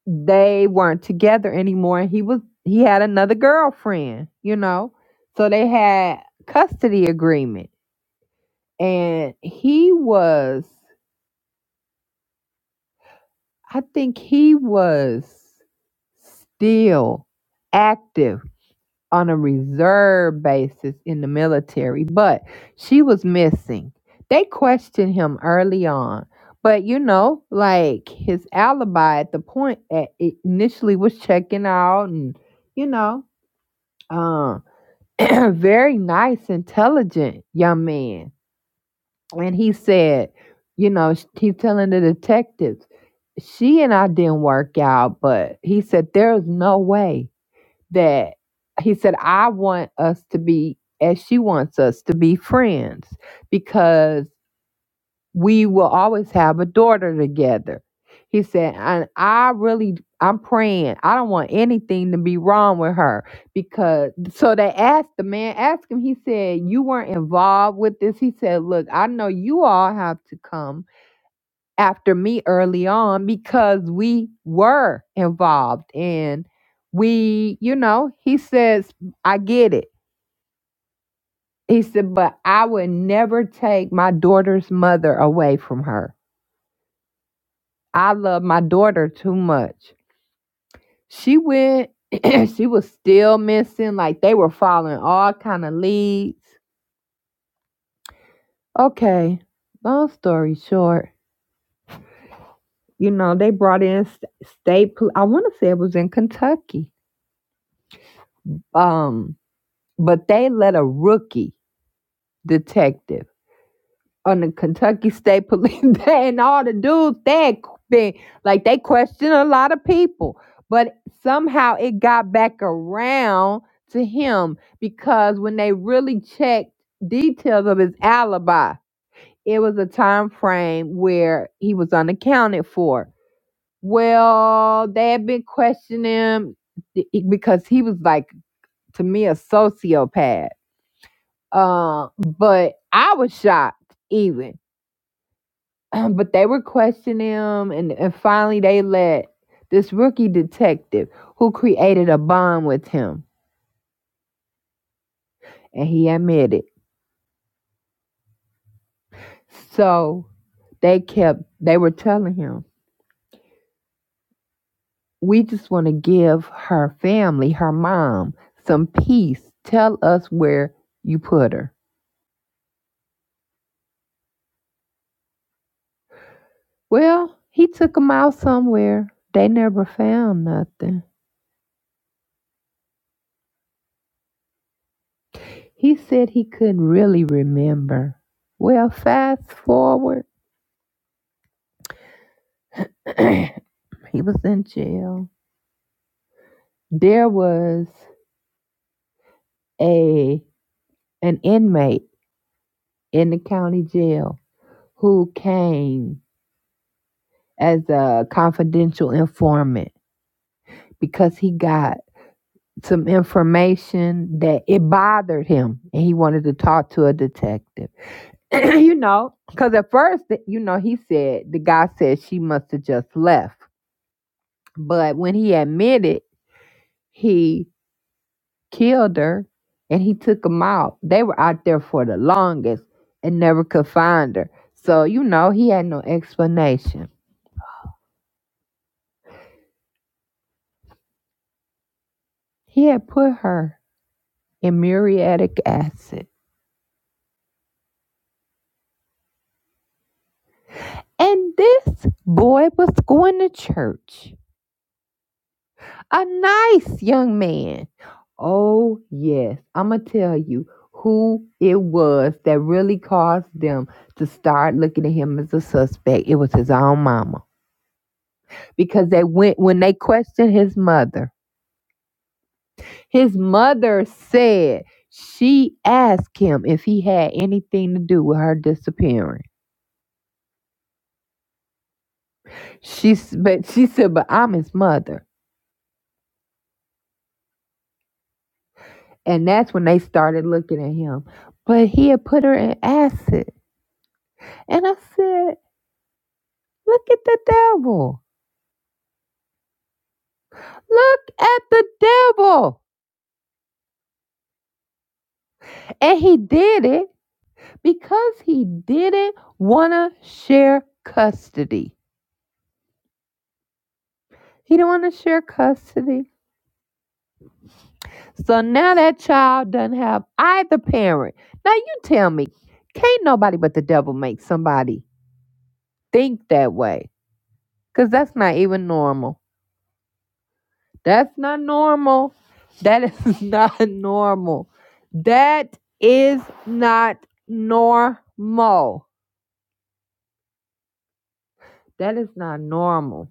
S1: they weren't together anymore. He was he had another girlfriend, you know. So they had custody agreement. And he was I think he was still active on a reserve basis in the military, but she was missing. They questioned him early on, but you know, like his alibi at the point at it initially was checking out, and you know, um, very nice, intelligent young man. And he said, you know, sh- he's telling the detectives, she and I didn't work out, but he said, there's no way that he said, I want us to be as she wants us to be friends because we will always have a daughter together. He said, and I really, I'm praying. I don't want anything to be wrong with her because. So they asked the man, asked him. He said, "You weren't involved with this." He said, "Look, I know you all have to come, after me early on because we were involved and we, you know, he says, I get it. He said, but I would never take my daughter's mother away from her. I love my daughter too much. She went, she was still missing, like they were following all kind of leads. Okay, long story short, you know, they brought in st- state, pol- I want to say it was in Kentucky. Um, but they let a rookie detective on the Kentucky State Police and all the dudes they had been like they questioned a lot of people, but somehow it got back around to him because when they really checked details of his alibi, it was a time frame where he was unaccounted for. Well, they had been questioning him eh, because he was like to me a sociopath Uh, but I was shocked even. But they were questioning him, and, and finally they let this rookie detective who created a bond with him, and he admitted. So they kept, they were telling him, We just want to give her family, her mom, some peace. Tell us where you put her. Well, he took them out somewhere. They never found nothing. He said he couldn't really remember. Well, fast forward, he was in jail. There was a an inmate in the county jail who came as a confidential informant because he got some information that it bothered him and he wanted to talk to a detective. you know, cuz at first, you know, he said the guy said she must have just left. But when he admitted He killed her and he took them out. They were out there for the longest and never could find her. So, you know, he had no explanation. He had put her in muriatic acid. And this boy was going to church. A nice young man. Oh, yes. I'm going to tell you who it was that really caused them to start looking at him as a suspect. It was his own mama. because they went when they questioned his mother. His mother said she asked him if he had anything to do with her disappearing. She but she said, "But I'm his mother," and that's when they started looking at him. But he had put her in acid, and I said, "Look at the devil! Look at the devil!" And he did it because he didn't want to share custody. He didn't want to share custody. So now that child doesn't have either parent. Now you tell me, can't nobody but the devil make somebody think that way? Because that's not even normal. That's not normal. That is not normal. That is not normal. That is not normal.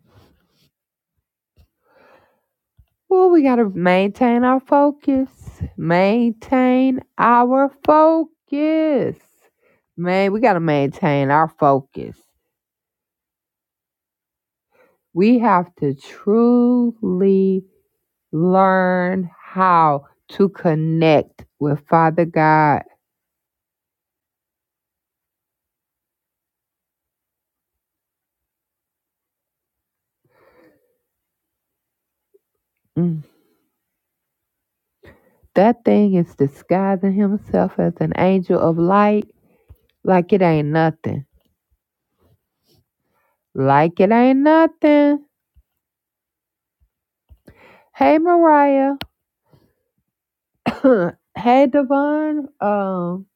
S1: Well, we got to maintain our focus. Maintain our focus. Man, we got to maintain our focus. We have to truly learn how to connect with Father God. Mm. That thing is disguising himself as an angel of light like it ain't nothing. Like it ain't nothing. Hey, Mariah. hey, Devon. Um,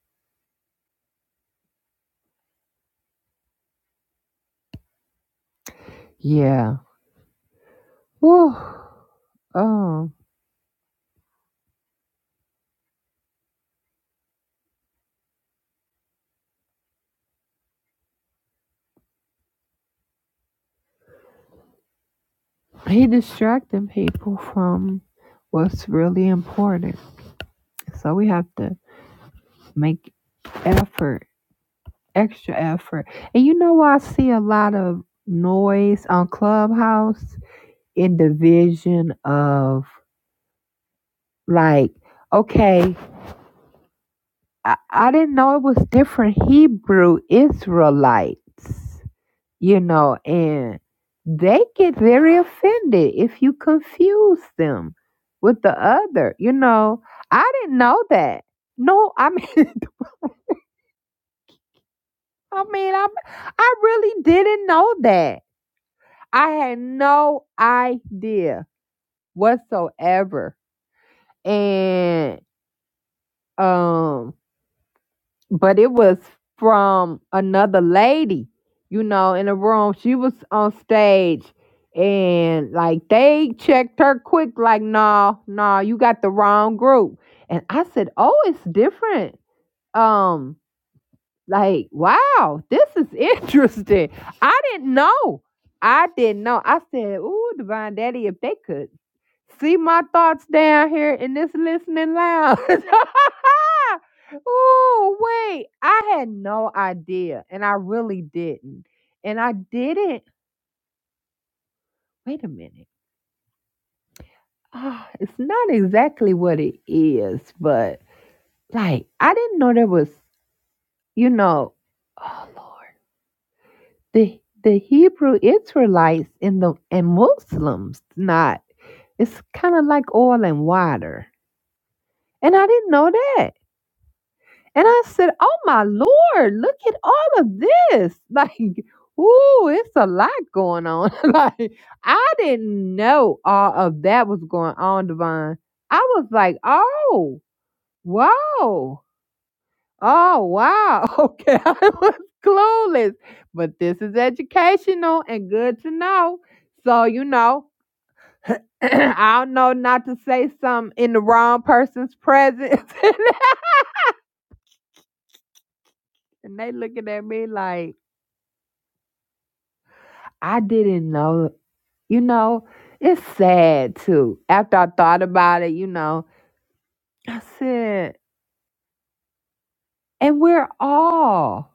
S1: yeah. Whew. Um, he distracting people from what's really important. So we have to make effort extra effort. And you know why I see a lot of noise on Clubhouse in division of like, okay, I, I didn't know it was different Hebrew Israelites, you know, and they get very offended if you confuse them with the other, you know. I didn't know that. No, I mean, I mean, i I really didn't know that I had no idea whatsoever. And um but it was from another lady, you know, in the room. She was on stage and like they checked her quick, like, no, nah, no, nah, you got the wrong group. And I said, Oh, it's different. Um, like, wow, this is interesting. I didn't know. I didn't know. I said, "Ooh, Divine Daddy, if they could See my thoughts down here in this listening lounge. Ooh, wait. I had no idea, and I really didn't. And I didn't. Wait a minute. Ah, it's not exactly what it is, but like I didn't know there was, you know, oh Lord, the the Hebrew Israelites and the and Muslims. Not. It's kind of like oil and water, and I didn't know that. And I said, Oh my Lord, look at all of this. Like, ooh, it's a lot going on. like, I didn't know all of that was going on, Divine. I was like, Oh, wow. Oh, wow. Okay. I was clueless. But this is educational and good to know. So, you know, I don't know not to say something in the wrong person's presence. and they looking at me like, I didn't know You know, it's sad too. After I thought about it, you know, I said, and we're all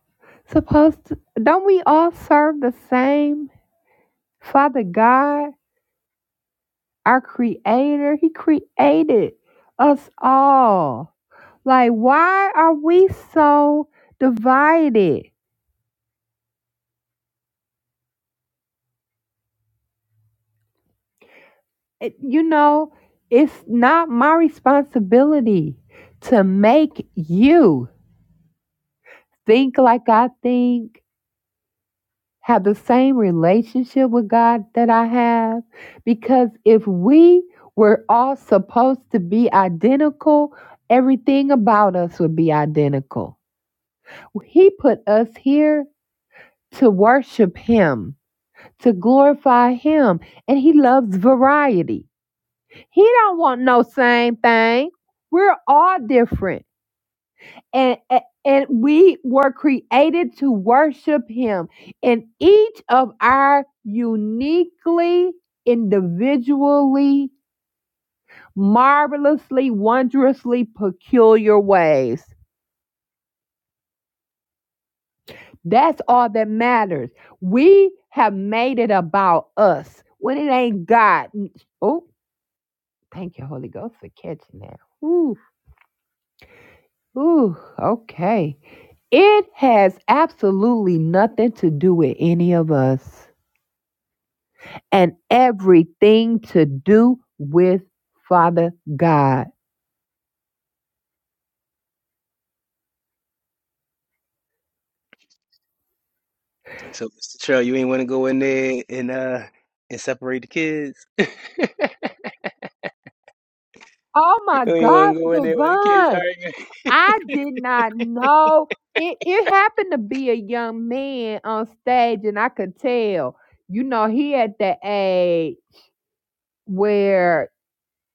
S1: supposed to, don't we all serve the same Father God, our Creator? He created us all. Like, why are we so divided? It- you know, it's not my responsibility to make you think like I think have the same relationship with God that I have? Because if we were all supposed to be identical, everything about us would be identical. He put us here to worship him, to glorify him, and he loves variety. He don't want no same thing. We're all different. and, and and we were created to worship him in each of our uniquely individually marvelously wondrously peculiar ways that's all that matters we have made it about us when it ain't god oh thank you holy ghost for catching that ooh ooh okay it has absolutely nothing to do with any of us and everything to do with Father God.
S2: And so, Mr. Trail, you ain't want to go in there and uh and separate the kids.
S1: Oh
S2: You
S1: my
S2: ain't want
S1: gosh,
S2: to go in there with the kids
S1: divine.
S2: arguing.
S1: I did not know. It, it happened to be a young man on stage, and I could tell, you know, he at the age where,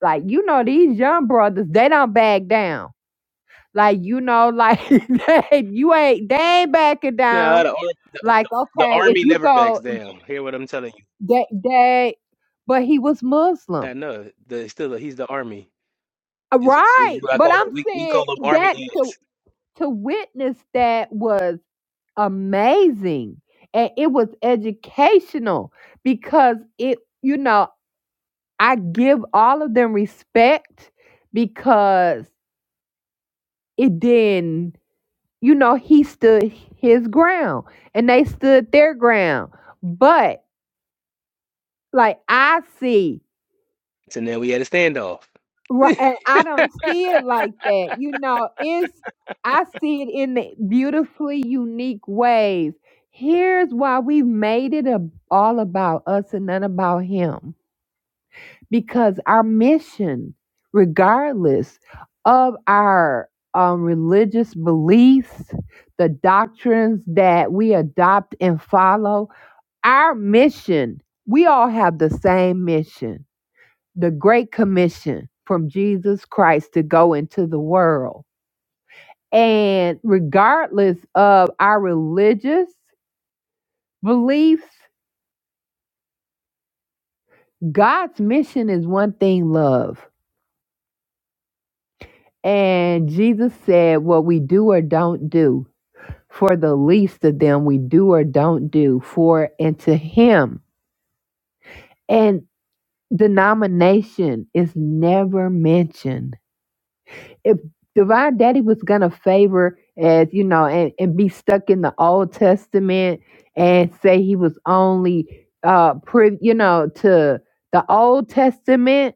S1: like, you know, these young brothers, they don't back down. Like, you know, like, they, you ain't, they ain't backing
S2: Nah,
S1: down.
S2: the, ar- the,
S1: Like,
S2: the the
S1: okay, if
S2: army
S1: you
S2: never backs
S1: go,
S2: down. Hear what I'm telling you?
S1: they, they, but he was Muslim
S2: I know. The still, he's the army.
S1: Uh,
S2: Is is
S1: Right.
S2: what I
S1: But
S2: call
S1: I'm
S2: them. We we
S1: saying
S2: call them army
S1: that to
S2: ants.
S1: to witness that was amazing. And it was educational because it, you know, I give all of them respect because it didn't, you know, he stood his ground and they stood their ground. But like I see
S2: So now we had a standoff.
S1: Right, and I don't see it like that. You know, it's I see it in the beautifully unique ways. Here's why we made it a, all about us and none about him. Because our mission, regardless of our um, religious beliefs, the doctrines that we adopt and follow, our mission, we all have the same mission the Great Commission from Jesus Christ to go into the world. And regardless of our religious beliefs, God's mission is one thing love. And Jesus said, What we do or don't do, for the least of them, we do or don't do for and to Him. And denomination is never mentioned if divine daddy was gonna favor as you know and, and be stuck in the old testament and say he was only uh priv- you know to the old testament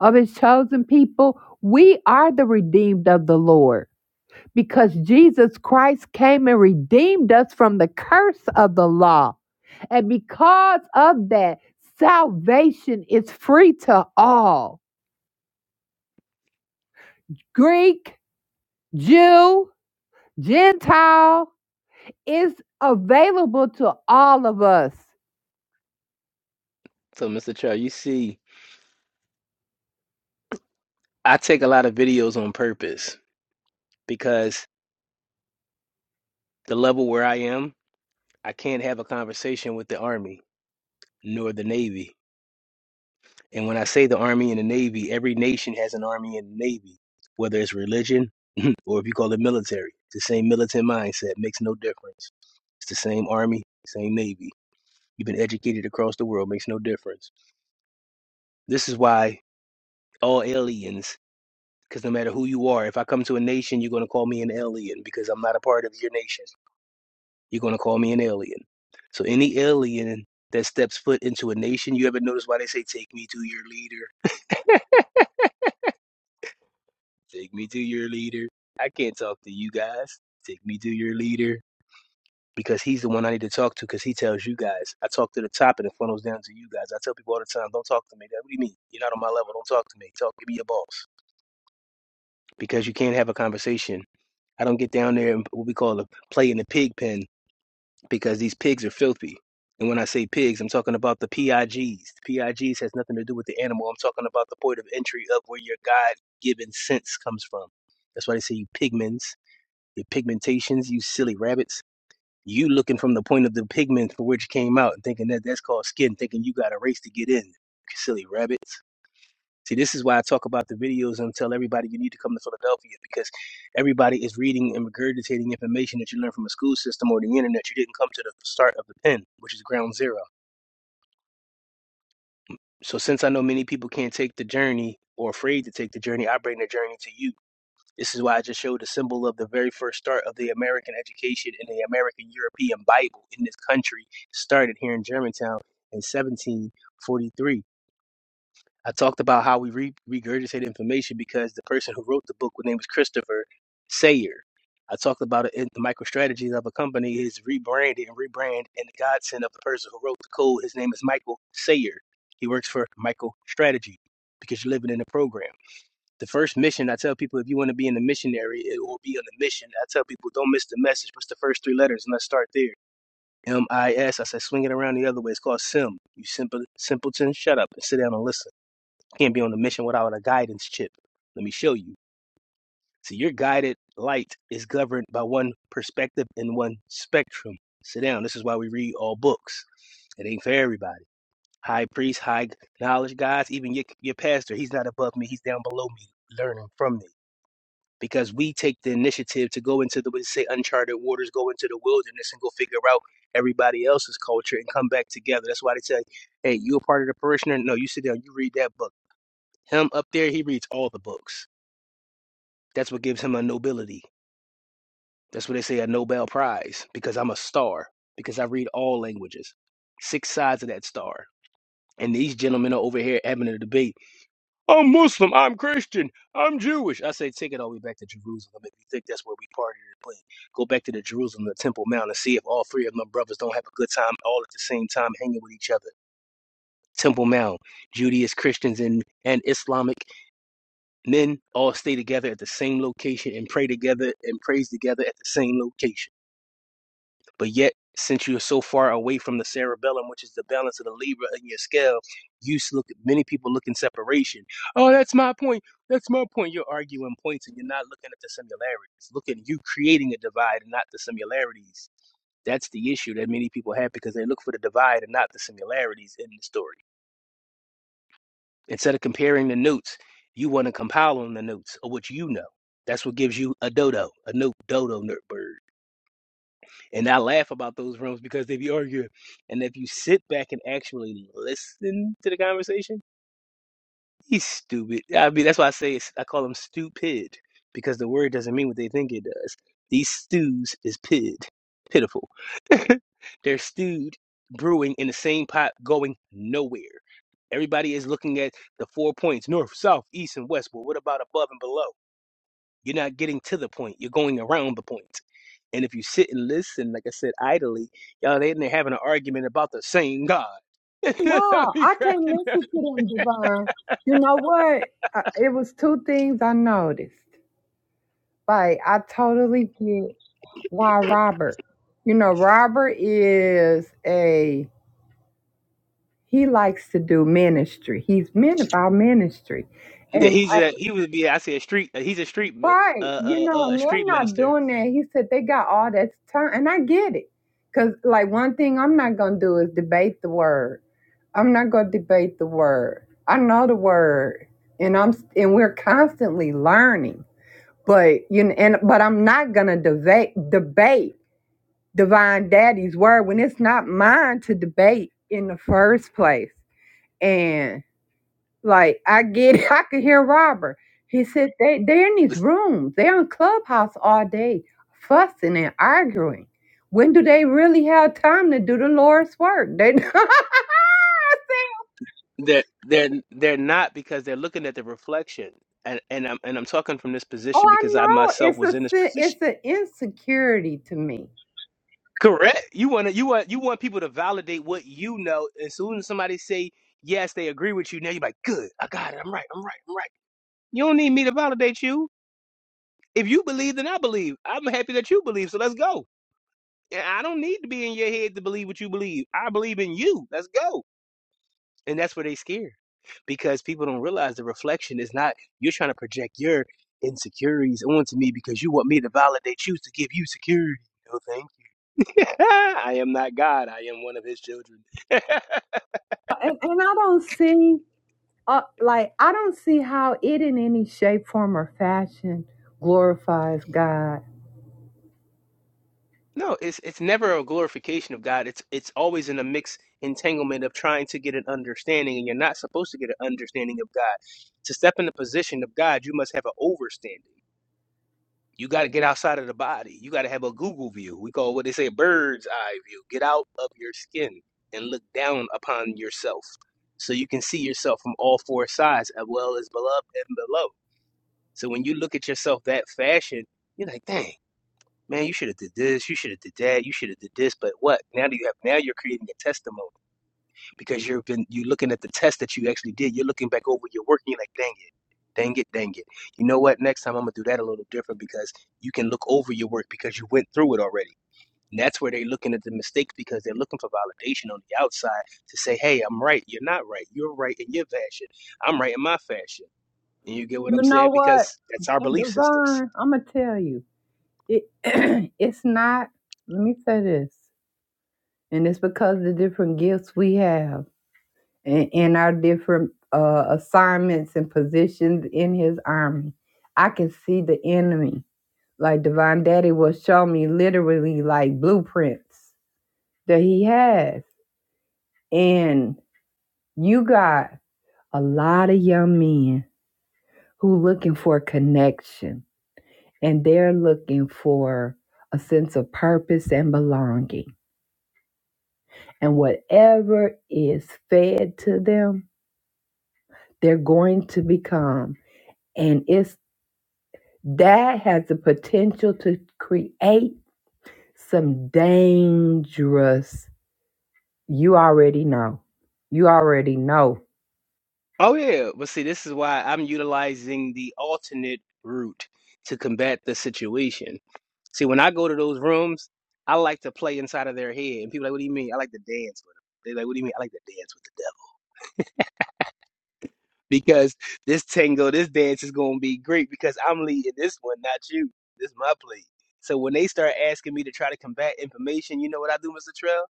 S1: of his chosen people we are the redeemed of the lord because jesus christ came and redeemed us from the curse of the law and because of that salvation is free to all greek jew gentile It's available to all of us.
S2: So, Mr. Trail, you see, I take a lot of videos on purpose because the level where I am, I can't have a conversation with the army nor the navy. And when I say the Army and the Navy, every nation has an Army and a Navy, whether it's religion or if you call it military. It's the same militant mindset, makes no difference. It's the same Army, same Navy. You've been educated across the world, makes no difference. This is why all aliens, because no matter who you are, if I come to a nation, you're going to call me an alien because I'm not a part of your nation. You're going to call me an alien. So any alien that steps foot into a nation, you ever notice why they say, take me to your leader? Take me to your leader. I can't talk to you guys. Take me to your leader because he's the one I need to talk to because he tells you guys. I talk to the top and it funnels down to you guys. I tell people all the time, don't talk to me. What do you mean? You're not on my level. Don't talk to me. Talk to me, your boss. Because you can't have a conversation. I don't get down there and what we call a play in the pig pen because these pigs are filthy. And when I say pigs, I'm talking about the PIGs. The PIGs has nothing to do with the animal. I'm talking about the point of entry of where your God given sense comes from. That's why they say you pigments. Your pigmentations, you silly rabbits. You looking from the point of the pigment for which came out and thinking that that's called skin, thinking you got a race to get in. you Silly rabbits. See, this is why I talk about the videos and tell everybody you need to come to Philadelphia because everybody is reading and regurgitating information that you learn from a school system or the internet. You didn't come to the start of the pen, which is ground zero. So since I know many people can't take the journey or afraid to take the journey, I bring the journey to you This is why I just showed the symbol of the very first start of the American education and the American European Bible in this country started here in Germantown in 1743. I talked about how we re- regurgitate information because the person who wrote the book, his name was Christopher Sayer. I talked about it in the MicroStrategies of a company is rebranded and rebrand and the godsend of the person who wrote the code. His name is Michael Sayer. He works for MicroStrategy because you're living in the program. The first mission, I tell people, if you want to be in the missionary, it will be on the mission. I tell people, don't miss the message. What's the first three letters? And let's start there. M I S. I said, swing it around the other way. It's called SIM. You simple simpleton, shut up and sit down and listen. You Can't be on the mission without a guidance chip. Let me show you. See, your guided light is governed by one perspective and one spectrum. Sit down. This is why we read all books. It ain't for everybody. High priest, high knowledge guys, even your, your pastor, he's not above me, he's down below me, learning from me because we take the initiative to go into the we say uncharted waters, go into the wilderness and go figure out everybody else's culture and come back together. That's why they say, Hey, you a part of the parishioner? No, you sit down, you read that book. Him up there, he reads all the books. That's what gives him a nobility. That's what they say a Nobel Prize, because I'm a star, because I read all languages. Six sides of that star. And these gentlemen are over here having a debate I'm Muslim. I'm Christian. I'm Jewish. I say, take it all the way back to Jerusalem if you think that's where we partied and played. Go back to the Jerusalem, the Temple Mount, and see if all three of them brothers don't have a good time all at the same time hanging with each other. Temple Mount, Judaist Christians and, and Islamic men all stay together at the same location and pray together and praise together at the same location. But yet, since you're so far away from the cerebellum, which is the balance of the Libra in your scale, you look. Many people look in separation. Oh, that's my point. That's my point. You're arguing points, and you're not looking at the similarities. Look at you creating a divide and not the similarities. That's the issue that many people have because they look for the divide and not the similarities in the story. Instead of comparing the notes, you want to compile on the notes of what you know. That's what gives you a dodo, a note dodo nerd bird. And I laugh about those rooms because they be arguing. And if you sit back and actually listen to the conversation, he's stupid. I mean, that's why I say it's, I call him stupid because the word doesn't mean what they think it does. These stews is pid, pitiful. They're stewed, brewing in the same pot, going nowhere. Everybody is looking at the four points north, south, east, and west. But what about above and below? You're not getting to the point, you're going around the point. And if you sit and listen, like I said, idly, y'all they they're having an argument about the same God. I'll
S1: No,
S2: be
S1: I can't
S2: cracking up.
S1: listen to them, Devon. You know what? Uh, it was two things I noticed. Like, I totally get why Robert. You know, Robert is a, he likes to do ministry. He's meant about ministry.
S2: Yeah,
S1: and.
S2: he's a he would be. I say a street. He's a street mi-
S1: Right.
S2: uh,
S1: You
S2: uh,
S1: know,
S2: uh,
S1: and
S2: a street
S1: they're not
S2: minister.
S1: doing that. He said they got all that time. And I get it. Because, like, one thing I'm not going to do is debate the word. I'm not going to debate the word. I know the word. And I'm and we're constantly learning, but you know, and but I'm not gonna debate debate divine daddy's word when it's not mine to debate in the first place. and. Like I get it. I could hear Robert. He said they they're in these
S2: It's-
S1: rooms. They're on Clubhouse all day, fussing and arguing. When do they really have time to do the Lord's work? They I said,
S2: They're they're they're not because they're looking at the reflection. And and I'm and I'm talking from this
S1: Oh,
S2: position
S1: I
S2: because I
S1: know.
S2: myself
S1: It's
S2: was
S1: a
S2: in this
S1: si-
S2: position.
S1: it's an insecurity to me,
S2: Correct. You want to you want you want people to validate what you know. As soon as somebody say yes, they agree with you. Now you're like, good. I got it. I'm right. I'm right. I'm right. You don't need me to validate you. If you believe, then I believe. I'm happy that you believe, so let's go. And I don't need to be in your head to believe what you believe. I believe in you. Let's go. And that's where they scared because people don't realize the reflection is not you're trying to project your insecurities onto me because you want me to validate you to give you security. You know what I'm saying? I am not God. I am one of his children.
S1: and, and I don't see uh, like I don't see how it in any shape, form, or fashion glorifies God.
S2: No, it's it's never a glorification of God. It's it's always in a mixed entanglement of trying to get an understanding, and you're not supposed to get an understanding of God. To step in the position of God, you must have an overstanding. You got to get outside of the body. You got to have a Google view. We call what they say bird's eye view. Get out of your skin and look down upon yourself, so you can see yourself from all four sides, as well as beloved and below. So when you look at yourself that fashion, you're like, dang man, you should have did this, you should have did that, you should have did this, but what? Now do you have now you're creating a testimony because you've been you looking at the test that you actually did. You're looking back over your work and you're like, dang it, dang it, dang it. You know what? Next time I'm gonna do that a little different because you can look over your work because you went through it already. And that's where they're looking at the mistakes because they're looking for validation on the outside to say, hey, I'm right, you're not right, you're right in your fashion, I'm right in my fashion. And you get what
S1: You
S2: I'm
S1: know
S2: saying?
S1: what,
S2: Because that's our belief systems
S1: Devon? I'm gonna tell you. it, it's not let me say this and it's because the different gifts we have and, and our different uh, assignments and positions in his army i can see the enemy like divine daddy will show me literally like blueprints that he has and you got a lot of young men who looking for connection and they're looking for a sense of purpose and belonging And whatever is fed to them, they're going to become. And it's that has the potential to create some dangerous. You already know. You already know.
S2: Oh yeah, but see, this is why I'm utilizing the alternate route to combat the situation. See, when I go to those rooms, I like to play inside of their head, and people like, "What do you mean?" I like to dance with them. They like, "What do you mean?" I like to dance with the devil because this tango, this dance is gonna be great because I'm leading this one, not you. This is my play. So when they start asking me to try to combat information, you know what I do, Mr. Trell?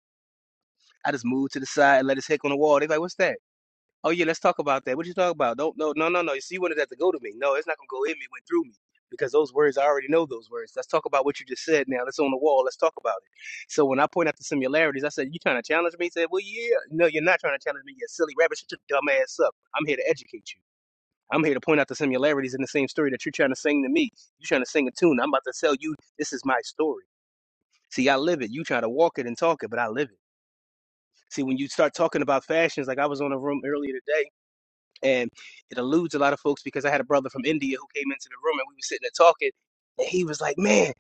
S2: I just move to the side and let his hick on the wall. They like, "What's that?" Oh yeah, let's talk about that. What you talk about? Don't no no no no. You see, you wanted that to go to me. No, it's not gonna go in me. It went through me because those words I already know those words. Let's talk about what you just said now. That's on the wall. Let's talk about it. So when I point out the similarities, I said, "You trying to challenge me?" He said, "Well, yeah. No, you're not trying to challenge me. You silly rabbit. Shut your dumb ass up. I'm here to educate you. I'm here to point out the similarities in the same story that you're trying to sing to me. You're trying to sing a tune. I'm about to tell you this is my story. See, I live it. You try to walk it and talk it, but I live it. See, when you start talking about fashions, like I was on a room earlier today and it eludes a lot of folks because I had a brother from India who came into the room and we were sitting there talking, and he was like, "Man,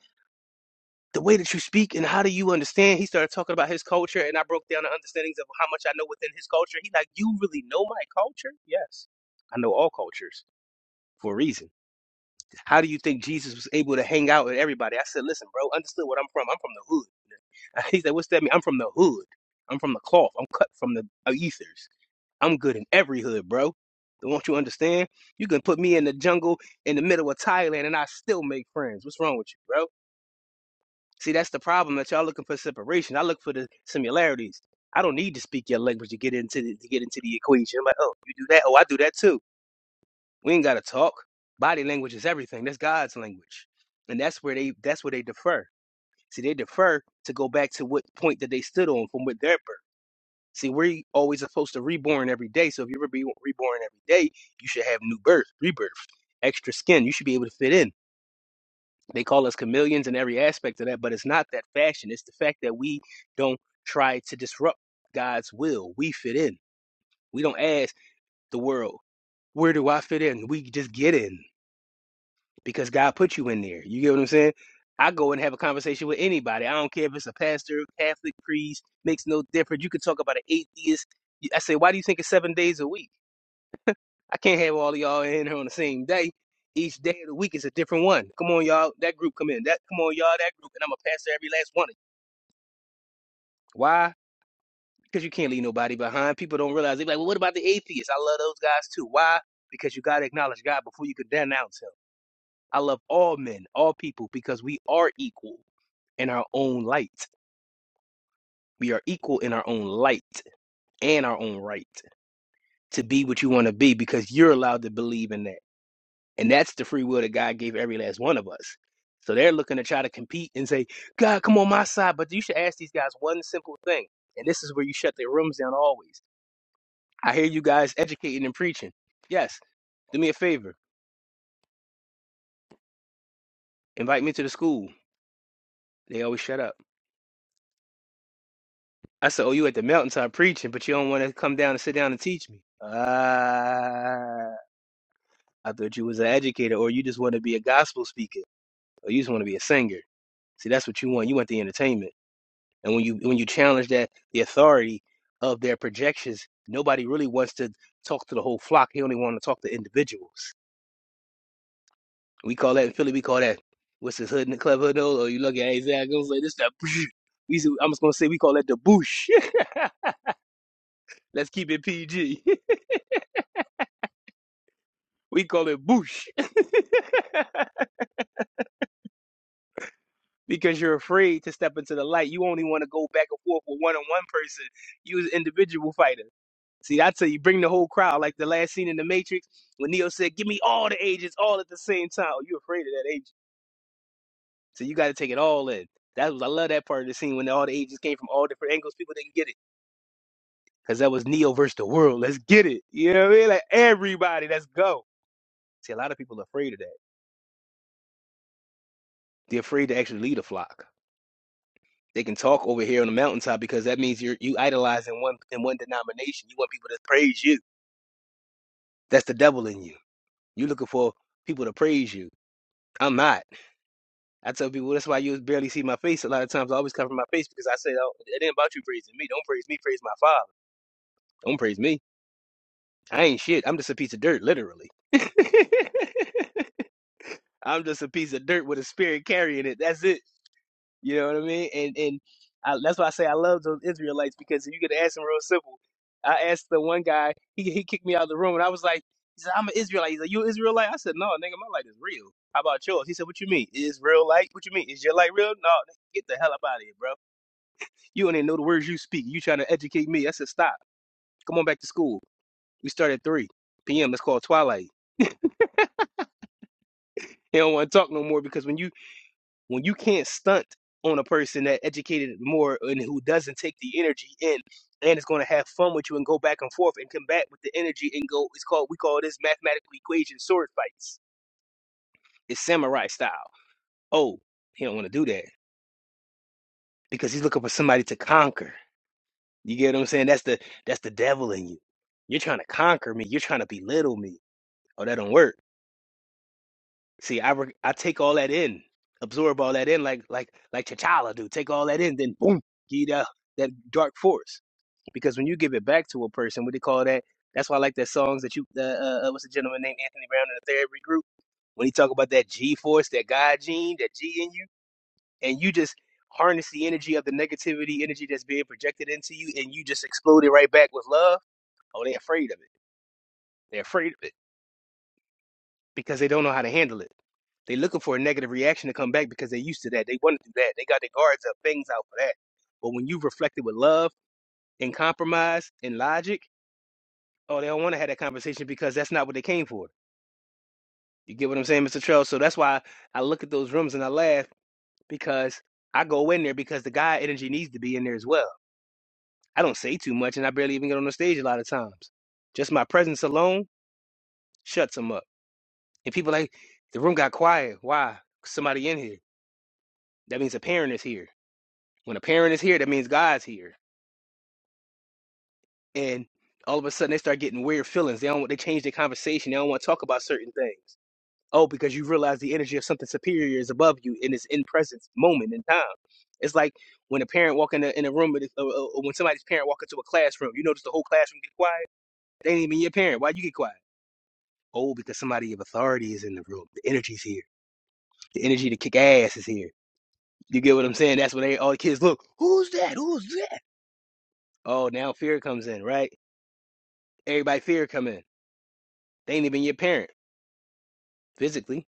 S2: the way that you speak and how do you understand?" He started talking about his culture, and I broke down the understandings of how much I know within his culture. He like, "You really know my culture?" Yes, I know all cultures for a reason. How do you think Jesus was able to hang out with everybody? I said, "Listen, bro, understood what I'm from. I'm from the hood." He said, "What's that mean?" I'm from the hood. I'm from the cloth. I'm cut from the uh, ethers. I'm good in every hood, bro. Don't you understand? You can put me in the jungle in the middle of Thailand and I still make friends. What's wrong with you, bro? See, that's the problem that y'all looking for separation. I look for the similarities. I don't need to speak your language to get into the, to get into the equation. I'm like, oh, you do that? Oh, I do that too. We ain't gotta talk. Body language is everything. That's God's language, and that's where they that's where they defer. See, they defer to go back to what point that they stood on from what their birth. See, we're always supposed to reborn every day. So if you're be reborn every day, you should have new birth, rebirth, extra skin. You should be able to fit in. They call us chameleons in every aspect of that, but it's not that fashion. It's the fact that we don't try to disrupt God's will. We fit in. We don't ask the world, where do I fit in? We just get in because God put you in there. You get what I'm saying? I go and have a conversation with anybody. I don't care if it's a pastor, Catholic priest, makes no difference. You can talk about an atheist. I say, why do you think it's seven days a week? I can't have all of y'all in here on the same day. Each day of the week is a different one. Come on, y'all. That group come in. That come on, y'all. That group, and I'm gonna pass to every last one of you. Why? Because you can't leave nobody behind. People don't realize. They be like, well, what about the atheists? I love those guys too. Why? Because you gotta acknowledge God before you could denounce Him. I love all men, all people, because we are equal in our own light. We are equal in our own light and our own right to be what you want to be because you're allowed to believe in that. And that's the free will that God gave every last one of us. So they're looking to try to compete and say, God, come on my side. But you should ask these guys one simple thing. And this is where you shut their rooms down always. I hear you guys educating and preaching. Yes, do me a favor. Invite me to the school. They always shut up. I said, Oh, you at the mountaintop preaching, but you don't want to come down and sit down and teach me. Ah, I thought you was an educator, or you just want to be a gospel speaker, or you just want to be a singer. See, that's what you want. You want the entertainment. And when you when you challenge that the authority of their projections, nobody really wants to talk to the whole flock. He only want to talk to individuals. We call that in Philly. We call that what's his hood and clever hood nose, or you look at Isaiah goes like this. That we used I'm just gonna say we call that the boosh. Let's keep it PG. we call it boosh because you're afraid to step into the light. You only want to go back and forth with one on one person. You as an individual fighter. See, I tell you, bring the whole crowd, like the last scene in The Matrix when Neo said, "Give me all the agents, all at the same time." Oh, you afraid of that agent, so you got to take it all in. That was I love that part of the scene when all the agents came from all different angles. People didn't get it because that was Neo versus the world. Let's get it. You know what I mean? Like everybody, let's go. See, a lot of people are afraid of that. They're afraid to actually lead a flock. They can talk over here on the mountaintop because that means you're you idolizing one in one denomination. You want people to praise you. That's the devil in you. You're looking for people to praise you. I'm not. I tell people that's why you barely see my face. A lot of times I always cover my face because I say oh, it ain't about you praising me. Don't praise me, praise my father. Don't praise me. I ain't shit. I'm just a piece of dirt, literally. I'm just a piece of dirt with a spirit carrying it. That's it. You know what I mean? And and I, that's why I say I love those Israelites because if you could ask them real simple. I asked the one guy, he he kicked me out of the room, and I was like, he said, I'm an Israelite. He's like, you an Israelite? I said, no, nigga, my light is real. How about yours? He said, what you mean? Is real light? What you mean? Is your light real? No, nigga, get the hell up out of here, bro. You don't even know the words you speak. You trying to educate me. I said, stop. Come on back to school. We start at 3 p.m. That's called twilight. They don't want to talk no more because when you when you can't stunt on a person that educated more and who doesn't take the energy in and is going to have fun with you and go back and forth and come back with the energy and go it's called we call this mathematical equation sword fights. It's samurai style. Oh, he don't want to do that because he's looking for somebody to conquer. You get what I'm saying? That's the that's the devil in you. You're trying to conquer me. You're trying to belittle me. Oh, that don't work. See, I re- I take all that in, absorb all that in, like like like T'Challa do. Take all that in, then boom, give you that that dark force. Because when you give it back to a person, what they call that? That's why I like that songs that you. Uh, uh, what's the gentleman named Anthony Brown in the therapy group when he talk about that G force, that God gene, that G in you, and you just harness the energy of the negativity energy that's being projected into you, and you just explode it right back with love. Oh, they are afraid of it. They're afraid. because they don't know how to handle it. They're looking for a negative reaction to come back because they're used to that. They want to do that. They got their guards up, things out for that. But when you reflect it with love and compromise and logic, oh, they don't want to have that conversation because that's not what they came for. You get what I'm saying, Mr. Trell? So that's why I look at those rooms and I laugh because I go in there because the guy energy needs to be in there as well. I don't say too much and I barely even get on the stage a lot of times. Just my presence alone shuts them up. And people like, the room got quiet. Why? 'Cause Somebody in here. That means a parent is here. When a parent is here, that means God's here. And all of a sudden, they start getting weird feelings. They don't. want They change their conversation. They don't want to talk about certain things. Oh, because you realize the energy of something superior is above you in this in presence moment in time. It's like when a parent walk in a, in a room, with a- uh, uh, when somebody's parent walk into a classroom. You notice the whole classroom get quiet. They ain't even your parent. Why you get quiet? Oh, because somebody of authority is in the room. The energy's here. The energy to kick ass is here. You get what I'm saying? That's when they all the kids look. Who's that? Who's that? Oh, now fear comes in, right? Everybody fear come in. They ain't even your parent physically,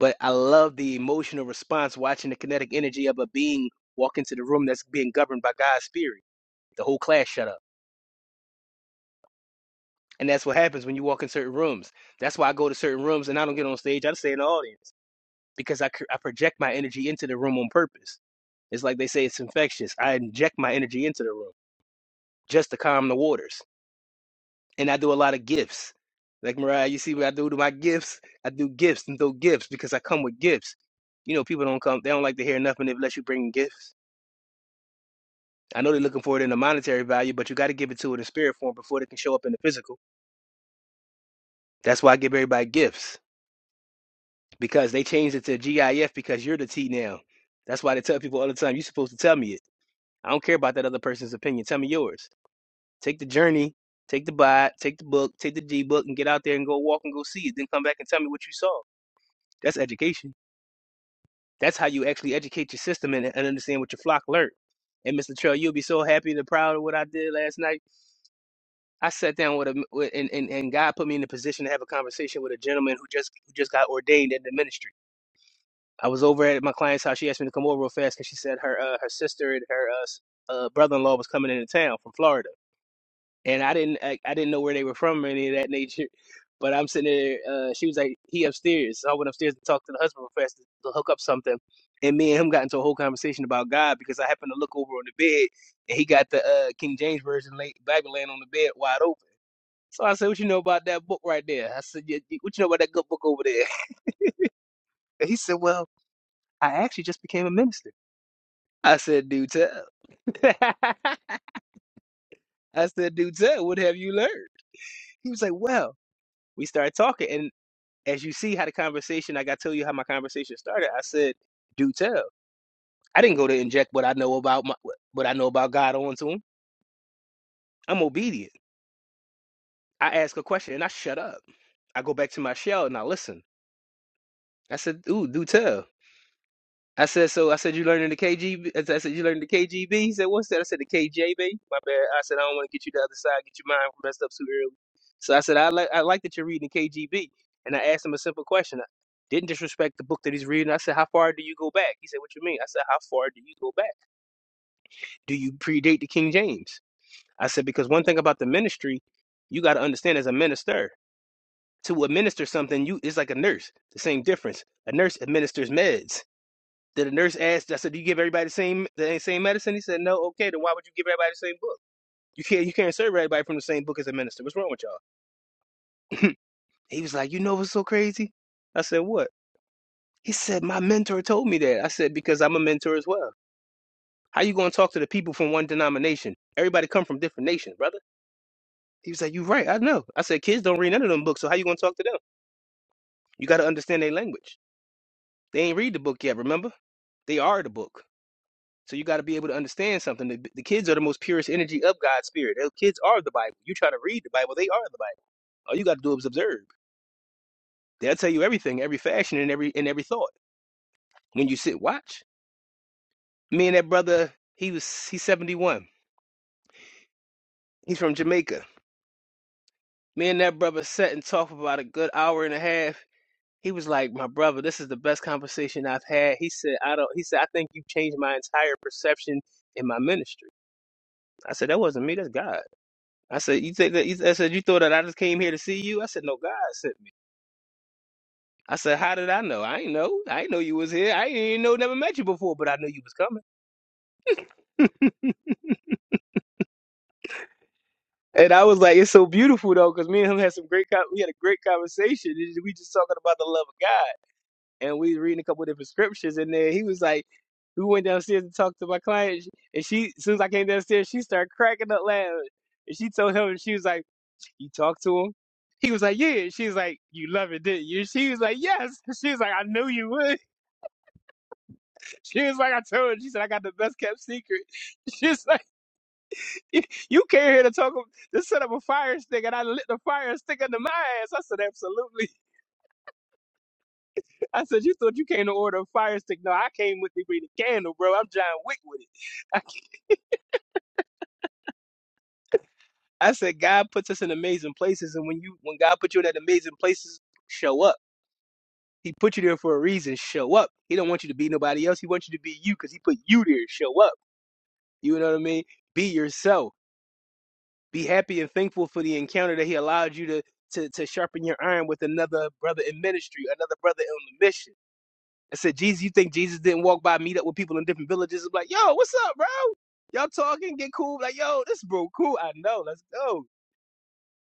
S2: but I love the emotional response watching the kinetic energy of a being walk into the room that's being governed by God's spirit. The whole class shut up, and that's what happens when you walk in certain rooms. That's why I go to certain rooms and I don't get on stage. I just stay in the audience because I cr- I project my energy into the room on purpose. It's like they say it's infectious. I inject my energy into the room just to calm the waters. and I do a lot of gifts. Like Mariah, you see what I do to my gifts? I do gifts and throw gifts because I come with gifts. You know, people don't come; they don't like to hear nothing unless you bring gifts. I know they're looking for it in the monetary value, but you got to give it to it in spirit form before it can show up in the physical. That's why I give everybody gifts because they changed it to GIF because you're the T now. That's why they tell people all the time, you're supposed to tell me it. I don't care about that other person's opinion. Tell me yours. Take the journey, take the buy, take the book, take the G book, and get out there and go walk and go see it. Then come back and tell me what you saw That's education. That's how you actually educate your system and, and understand what your flock learned. And Mr. Trail, you'll be so happy and proud of what I did last night. I sat down with a with, and, and and God put me in the position to have a conversation with a gentleman who just who just got ordained in the ministry. I was over at my client's house. She asked me to come over real fast because she said her uh, her sister and her uh, s- uh, brother in law was coming into town from Florida. and I didn't I, I didn't know where they were from or any of that nature. But I'm sitting there. Uh, she was like, "He upstairs." So I went upstairs to talk to the husband real fast to to hook up something, and me and him got into a whole conversation about God because I happened to look over on the bed, and he got the uh, King James version lay, Bible laying on the bed wide open. So I said, "What you know about that book right there?" I said, "Yeah, "What you know about that good book over there?" And he said, "Well, I actually just became a minister." I said, "Do tell." I said, "Do tell. What have you learned?" He was like, "Well." We started talking, as you see how the conversation, like I tell you how my conversation started, I said, "Do tell." I didn't go to inject what I know about my, what I know about God onto him. I'm obedient. I ask a question and I shut up. I go back to my shell and I listen. I said, "Ooh, do tell." I said, so I said, you learning the KGB? I said, I said, you learning the KGB? He said, what's that? I said, the KJB. My bad. I said, I don't want to get you the other side, get your mind messed up too early. So I said, I like, I like that you're reading the KGB. And I asked him a simple question. I didn't disrespect the book that he's reading. I said, how far do you go back? He said, what you mean? I said, how far do you go back? Do you predate the King James? I said, because one thing about the ministry, you got to understand as a minister, to administer something, you it's like a nurse. The same difference. A nurse administers meds then the nurse asked, I said, Do you give everybody the same the same medicine? He said, No, okay, then why would you give everybody the same book? You can't you can't serve everybody from the same book as a minister. What's wrong with y'all? he was like, You know what's so crazy? I said, What? He said, My mentor told me that. I said, Because I'm a mentor as well. How you gonna talk to the people from one denomination? Everybody come from different nations, brother. He was like, You right, I know. I said, Kids don't read none of them books, so how you gonna talk to them? You gotta understand their language. They ain't read the book yet, remember? They are the book. So you got to be able to understand something. The, the kids are the most purest energy of God's spirit. Those kids are the Bible. You try to read the Bible, they are the Bible. All you got to do is observe. They'll tell you everything, every fashion, and every and every thought. When you sit watch, me and that brother, he was he's seventy one. He's from Jamaica. Me and that brother sat and talked for about a good hour and a half. He was like, "My brother, this is the best conversation I've had." He said, "I don't." He said, "I think you've changed my entire perception in my ministry." I said, "That wasn't me. That's God." I said, you think that? you- I said, you thought that I just came here to see you? I said, no, God sent me. I said, how did I know? I ain't know. I ain't know you was here. I ain't even know, never met you before, but I knew you was coming. And I was like, it's so beautiful though, because me and him had some great, con- we had a great conversation. and We just talking about the love of God, and we reading a couple of different scriptures. And then he was like, we went downstairs to talk to my client, and she, as soon as I came downstairs, she started cracking up laughing. And she told him, she was like. You talk to him? He was like, yeah. She was like, you love it, didn't you? She was like, yes. She was like, I knew you would. She was like, I told you. She said, I got the best kept secret. She was like, you you came here to talk, to set up a fire stick, and I lit the fire stick under my ass. I said, absolutely. I said, you thought you came to order a fire stick? No, I came with the green candle, bro. I'm John Wick with it. I, I said, God puts us in amazing places, and when you, when God put you in that amazing places, show up. He put you there for a reason. Show up. He don't want you to be nobody else. He wants you to be you because he put you there. Show up. You know what I mean? Be yourself. Be happy and thankful for the encounter that he allowed you to to, to sharpen your iron with another brother in ministry, another brother on the mission. I said, Jesus, you think Jesus didn't walk by, meet up with people in different villages? I'm like, yo, what's up, bro? Y'all talking, get cool. Like, yo, this bro cool. I know. Let's go.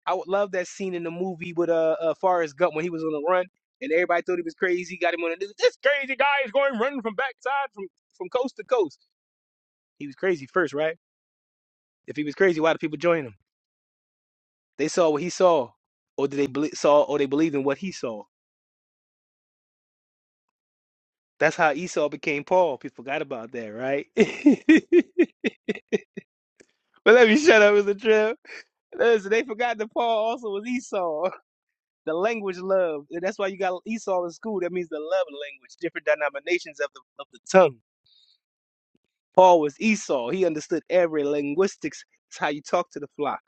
S2: I would love that scene in the movie with uh, uh Forrest Gump when he was on the run and everybody thought he was crazy. Got him on the news. This crazy guy is going running from backside from from coast to coast. He was crazy first, right? If he was crazy, why did people join him? They saw what he saw, or did they belie saw or they believed in what he saw? That's how Esau became Paul. People forgot about that, right? but let me shut up, Mr. Trill. Listen, they forgot that Paul also was Esau. The language love. That's why you got Esau in school. That means the love language, different denominations of the, of the tongue. Paul was Esau. He understood every linguistics. It's how you talk to the flock.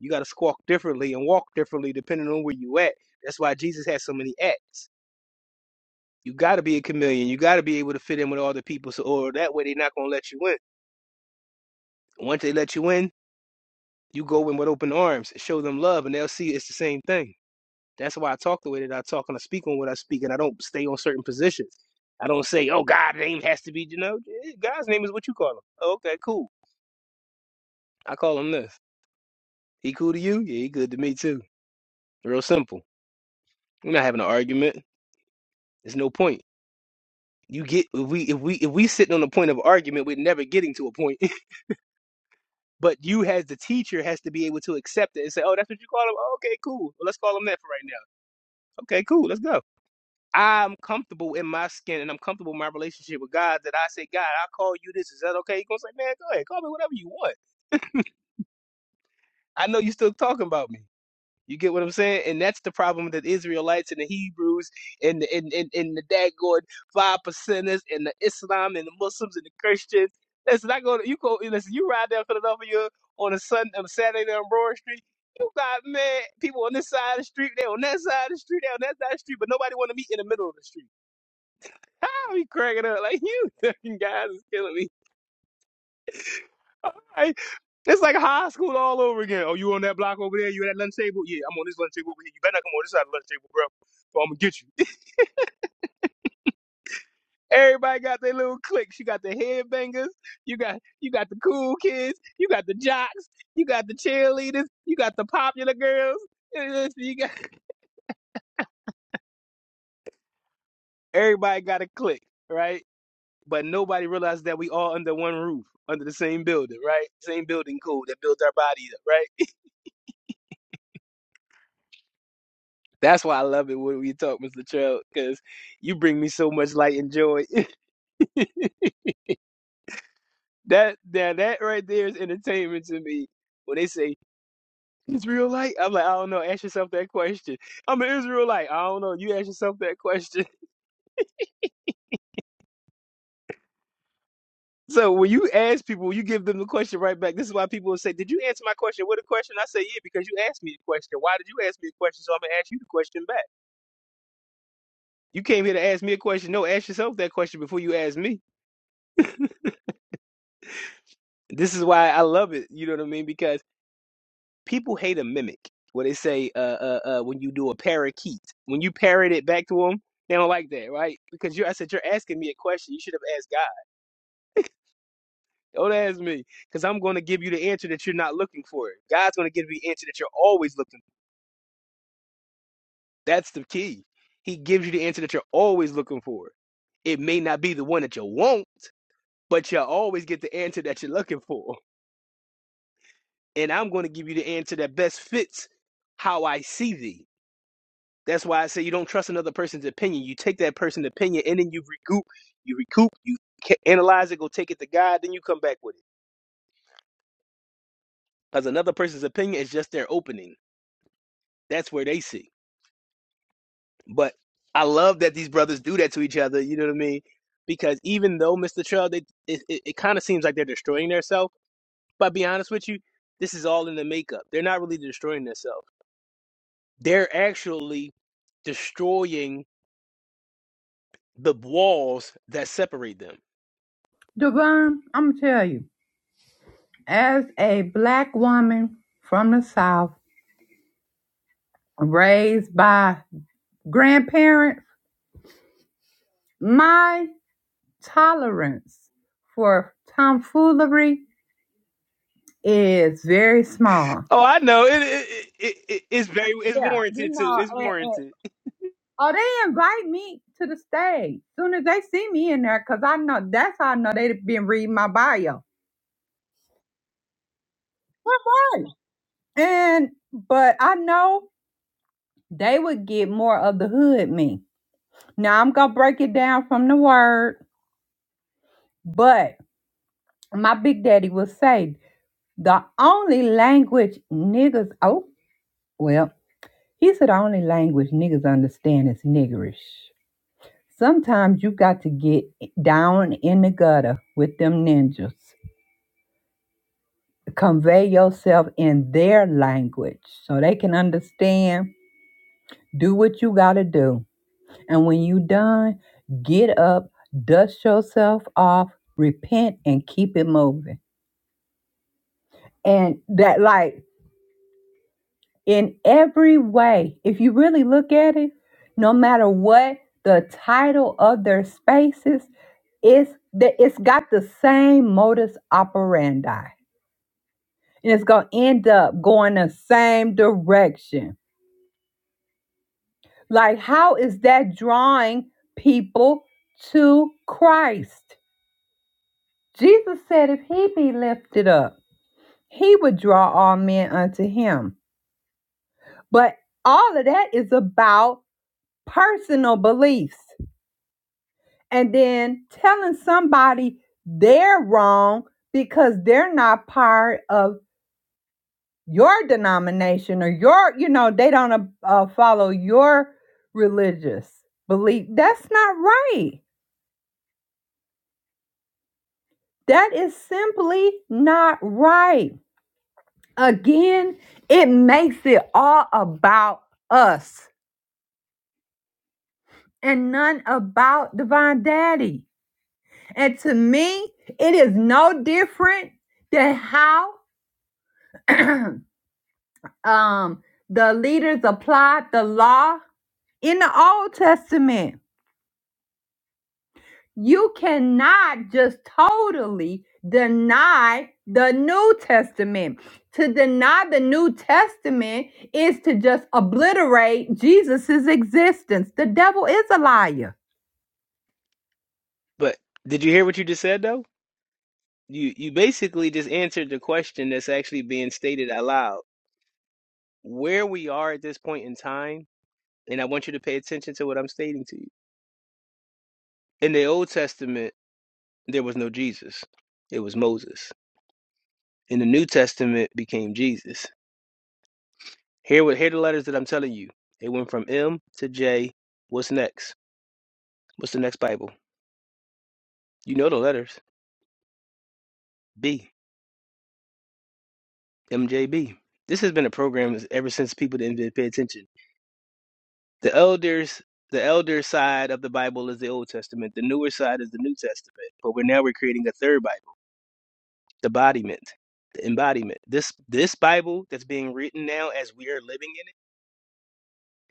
S2: You got to squawk differently and walk differently depending on where you at. That's why Jesus had so many acts. You got to be a chameleon. You got to be able to fit in with all the people, so or that way they're not gonna let you in. Once they let you in, you go in with open arms and show them love, and they'll see it's the same thing. That's why I talk the way that I talk and I speak on what I speak, and I don't stay on certain positions. I don't say, "Oh, God's name has to be," you know. eh, God's name is what you call him. Oh, okay, cool. I call him this. He cool to you? Yeah, he good to me too. Real simple. We're not having an argument. There's no point. You get if we if we if we sitting on the point of argument, we're never getting to a point. but you as the teacher has to be able to accept it and say, "Oh, that's what you call him. Oh, okay, cool. Well, let's call him that for right now. Okay, cool. Let's go." I'm comfortable in my skin and I'm comfortable in my relationship with God that I say, God, I call you this. Is that okay? You're gonna say, man, go ahead, call me whatever you want. I know you're still talking about me. You get what I'm saying? And that's the problem that Israelites and the Hebrews and the and, and, and the daggone five percenters and the Islam and the Muslims and the Christians. Listen, I go to you go listen, you ride down Philadelphia on a Sunday on a Saturday down Broad Street. You got man, people on this side of the street, they on that side of the street, they on that side of the street, but nobody wanna meet in the middle of the street. I'll be cracking up like you fucking guys is killing me. All right. It's like high school all over again. Oh, you on that block over there? You at that lunch table? Yeah, I'm on this lunch table over here. You better not come on this side of the lunch table, bro. Or I'm gonna get you. Everybody got their little cliques. You got the headbangers. You got you got the cool kids. You got the jocks. You got the cheerleaders. You got the popular girls. You got everybody got a clique, right? But nobody realized that we all under one roof, under the same building, right? Same building code that builds our bodies up, right? That's why I love it when we talk, Mr. Latrell, because you bring me so much light and joy. that that that right there is entertainment to me. When they say Israelite, I'm like, I don't know. Ask yourself that question. I'm an Israelite. I don't know. You ask yourself that question. So when you ask people, you give them the question right back. This is why people will say, "Did you answer my question with a question?" I say, "Yeah," because you asked me a question. Why did you ask me a question? So I'm gonna ask you the question back. You came here to ask me a question. No, ask yourself that question before you ask me. This is why I love it. You know what I mean? Because people hate a mimic. Where they say, uh, uh, uh, when you do a parakeet, when you parrot it back to them, they don't like that, right? Because you, I said, you're asking me a question. You should have asked God. Don't ask me, because I'm going to give you the answer that you're not looking for. God's going to give you the answer that you're always looking. For. That's the key. He gives you the answer that you're always looking for. It may not be the one that you want, but you'll always get the answer that you're looking for. And I'm going to give you the answer that best fits how I see thee That's why I say you don't trust another person's opinion. You take that person's opinion and then you recoup, you recoup, you ca- analyze it, go take it to God, then you come back with it. Because another person's opinion is just their opening. That's where they see. But I love that these brothers do that to each other. You know what I mean? Because even though Mr. Trail, they, it, it, it kind of seems like they're destroying themselves. But I'll be honest with you, this is all in the makeup. They're not really destroying themselves. They're actually destroying the walls that separate them
S1: Devon, I'm gonna tell you, as a black woman from the South, raised by grandparents, my tolerance for tomfoolery is very small.
S2: Oh, I know. It, it, it, it it's very it's
S1: Yeah, you
S2: warranted too.
S1: know,
S2: It's
S1: and, and
S2: warranted.
S1: oh, they invite me to the stage soon as they see me in there, cause I know that's how I know they've been reading my bio. Right. And but I know they would get more of the hood me. Now I'm gonna break it down from the word, but my big daddy will say the only language niggas oh well, he said the only language niggas understand is niggerish. Sometimes you got to get down in the gutter with them ninjas. Convey yourself in their language so they can understand. Do what you got to do. And when you done, get up, dust yourself off, repent, and keep it moving. And that, like, in every way. If you really look at it, no matter what the title of their spaces, it's that it's got the same modus operandi, and it's gonna end up going the same direction. Like, how is that drawing people to Christ? Jesus said, if he be lifted up, he would draw all men unto him. But all of that is about personal beliefs. and then telling somebody they're wrong because they're not part of your denomination or your you know they don't uh, uh, follow your religious belief that's not right that is simply not right again it makes it all about us and none about divine daddy and to me it is no different than how um the leaders applied the law in the old testament you cannot just totally deny the new testament to deny the new testament is to just obliterate jesus's existence the devil is a liar
S2: But did you hear what you just said though? You you basically just answered the question that's actually being stated out loud. Where we are at this point in time, and I want you to pay attention to what I'm stating to you. In the Old Testament, there was no Jesus. It was Moses. In the New Testament became Jesus. Here what here are the letters that I'm telling you. It went from M to J. What's next? What's the next Bible? You know the letters. B. MJB. This has been a program ever since people didn't really pay attention. The elders, the elder side of the Bible is the Old Testament. The newer side is the New Testament. But we're now we're creating a third Bible, the embodiment, the embodiment. This this Bible that's being written now as we are living in it,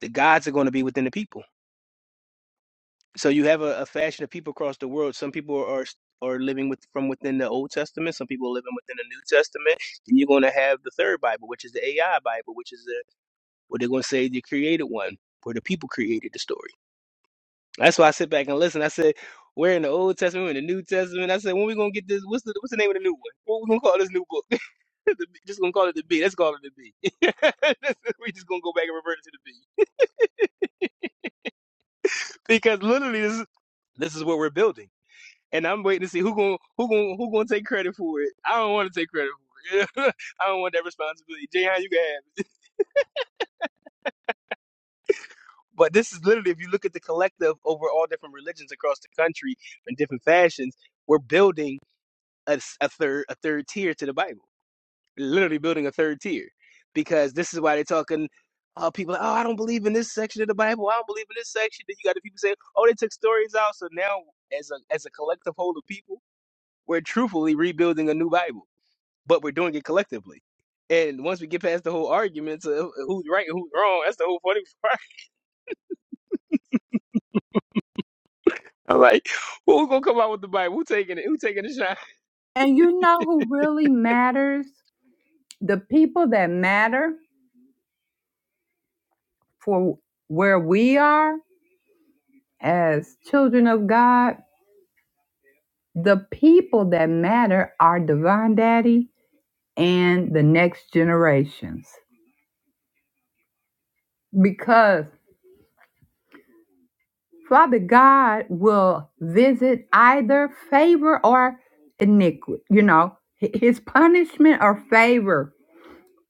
S2: the gods are going to be within the people. So you have a, a fashion of people across the world. Some people are are living with from within the Old Testament. Some people are living within the New Testament. And you're going to have the third Bible, which is the AI Bible, which is Well, they're going to say the created one, where the people created the story. That's why I sit back and listen. I said, we're in the Old Testament, we're in the New Testament. I said, when we going to get this? What's the, what's the name of the new one? What we going to call this new book? the B- just gonna call it the B. Let's call it the B. we just gonna go back and revert it to the B because literally this is, this is what we're building, and I'm waiting to see who gonna who gonna who gonna take credit for it. I don't want to take credit for it. I don't want that responsibility. Jayhan, you can have it. But this is literally, if you look at the collective over all different religions across the country in different fashions, we're building a 3rd a, s- a third a third tier to the Bible. Literally building a third tier because this is why they're talking. Uh, people, oh, I don't believe in this section of the Bible. I don't believe in this section. Then you got the people saying, oh, they took stories out. So now, as a as a collective whole of people, we're truthfully rebuilding a new Bible, but we're doing it collectively. And once we get past the whole arguments of who's right and who's wrong, that's the whole funny part. I'm like, who's gonna come out with the Bible? Who taking it? Who taking the shot?
S1: and you know who really matters the people that matter for where we are as children of god The people that matter are Divine Daddy and the next generations. Because Father God will visit either favor or iniquity. You know, hi- his punishment or favor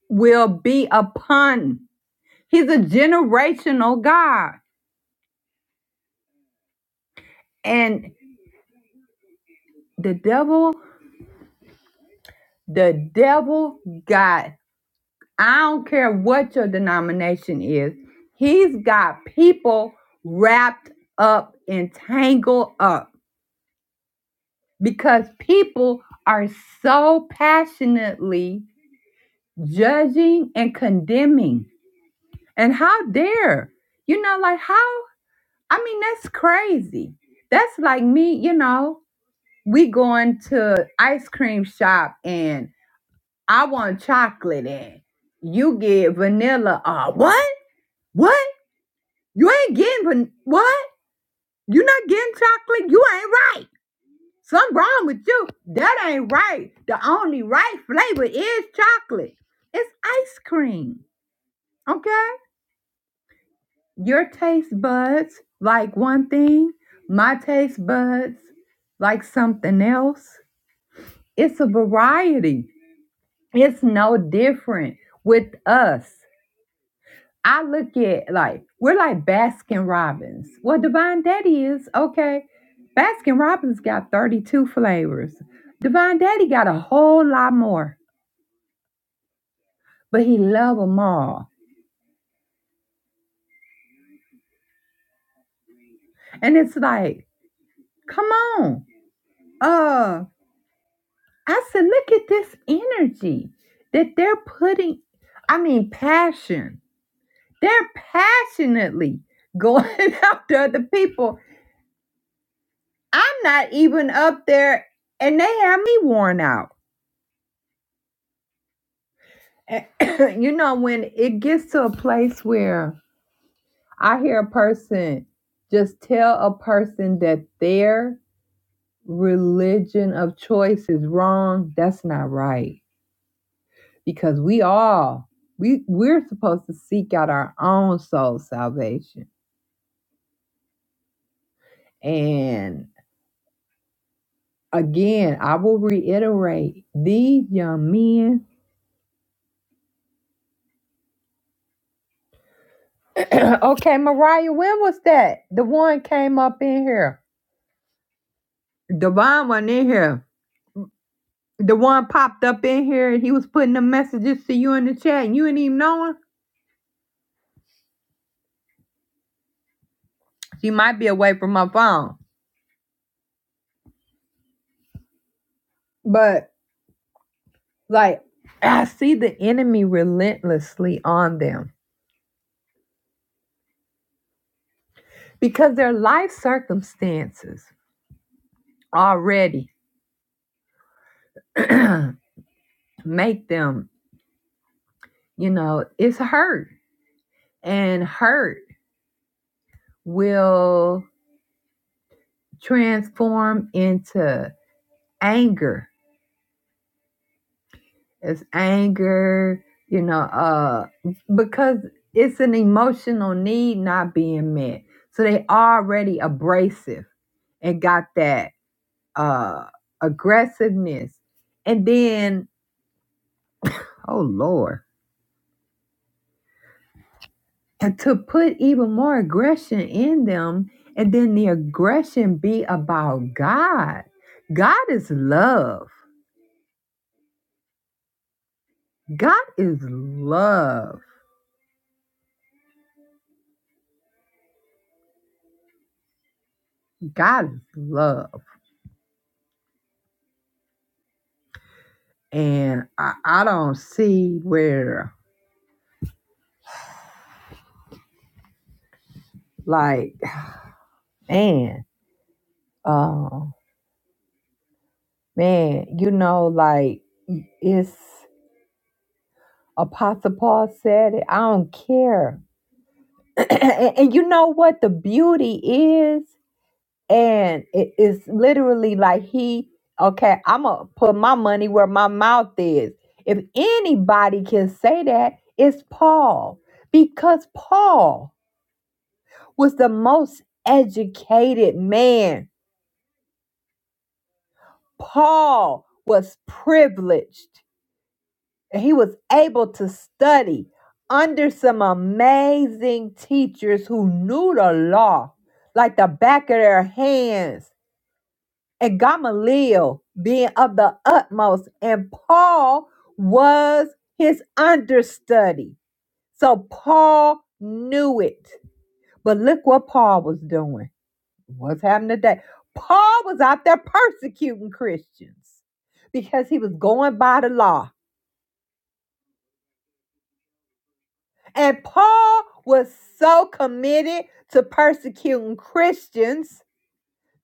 S1: will be upon. He's a generational God. And the devil, the devil got. I don't care what your denomination is. He's got people wrapped up and tangled up because people are so passionately judging and condemning. And how dare, you know, like how? I mean, that's crazy. That's like me, you know, we going to ice cream shop and I want chocolate and you get vanilla. Uh, what? What? You ain't getting van- what? You not getting chocolate? You ain't right. Something wrong with you. That ain't right. The only right flavor is chocolate. It's ice cream. Okay? Your taste buds like one thing, my taste buds like something else. It's a variety. It's no different with us. I look at like we're like Baskin Robbins. Well, Divine Daddy is okay. Baskin Robbins got 32 flavors. Divine Daddy got a whole lot more, but he love them all. And it's like, come on. Uh, I said, look at this energy that they're putting. I mean, passion. They're passionately going after other people. I'm not even up there, and they have me worn out. And, you know, when it gets to a place where I hear a person just tell a person that their religion of choice is wrong, that's not right. Because we all we we're supposed to seek out our own soul salvation. And again, I will reiterate these young men. okay, Mariah, when was that? The one came up in here. Divine one in here The one popped up in here and he was putting the messages to you in the chat and you didn't even know him. She might be away from my phone. But like I see the enemy relentlessly on them because their life circumstances already make them, you know, it's hurt. And hurt will transform into anger it's anger, you know, uh, because it's an emotional need not being met. So they already abrasive and got that uh, aggressiveness. And then, oh Lord, and to put even more aggression in them, and then the aggression be about God. God is love. God is love. God is love. And I, I don't see where Like, man, um, man, you know, like it's Apostle Paul said it. I don't care. and, and you know what the beauty is? And it, it's literally like he, okay, I'm gonna put my money where my mouth is. If anybody can say that, it's Paul. Because Paul was the most educated man. Paul was privileged. And he was able to study under some amazing teachers who knew the law like the back of their hands. And Gamaliel being of the utmost, and Paul was his understudy. So Paul knew it. But look what Paul was doing. What's happening today? Paul was out there persecuting Christians because he was going by the law And Paul was so committed to persecuting Christians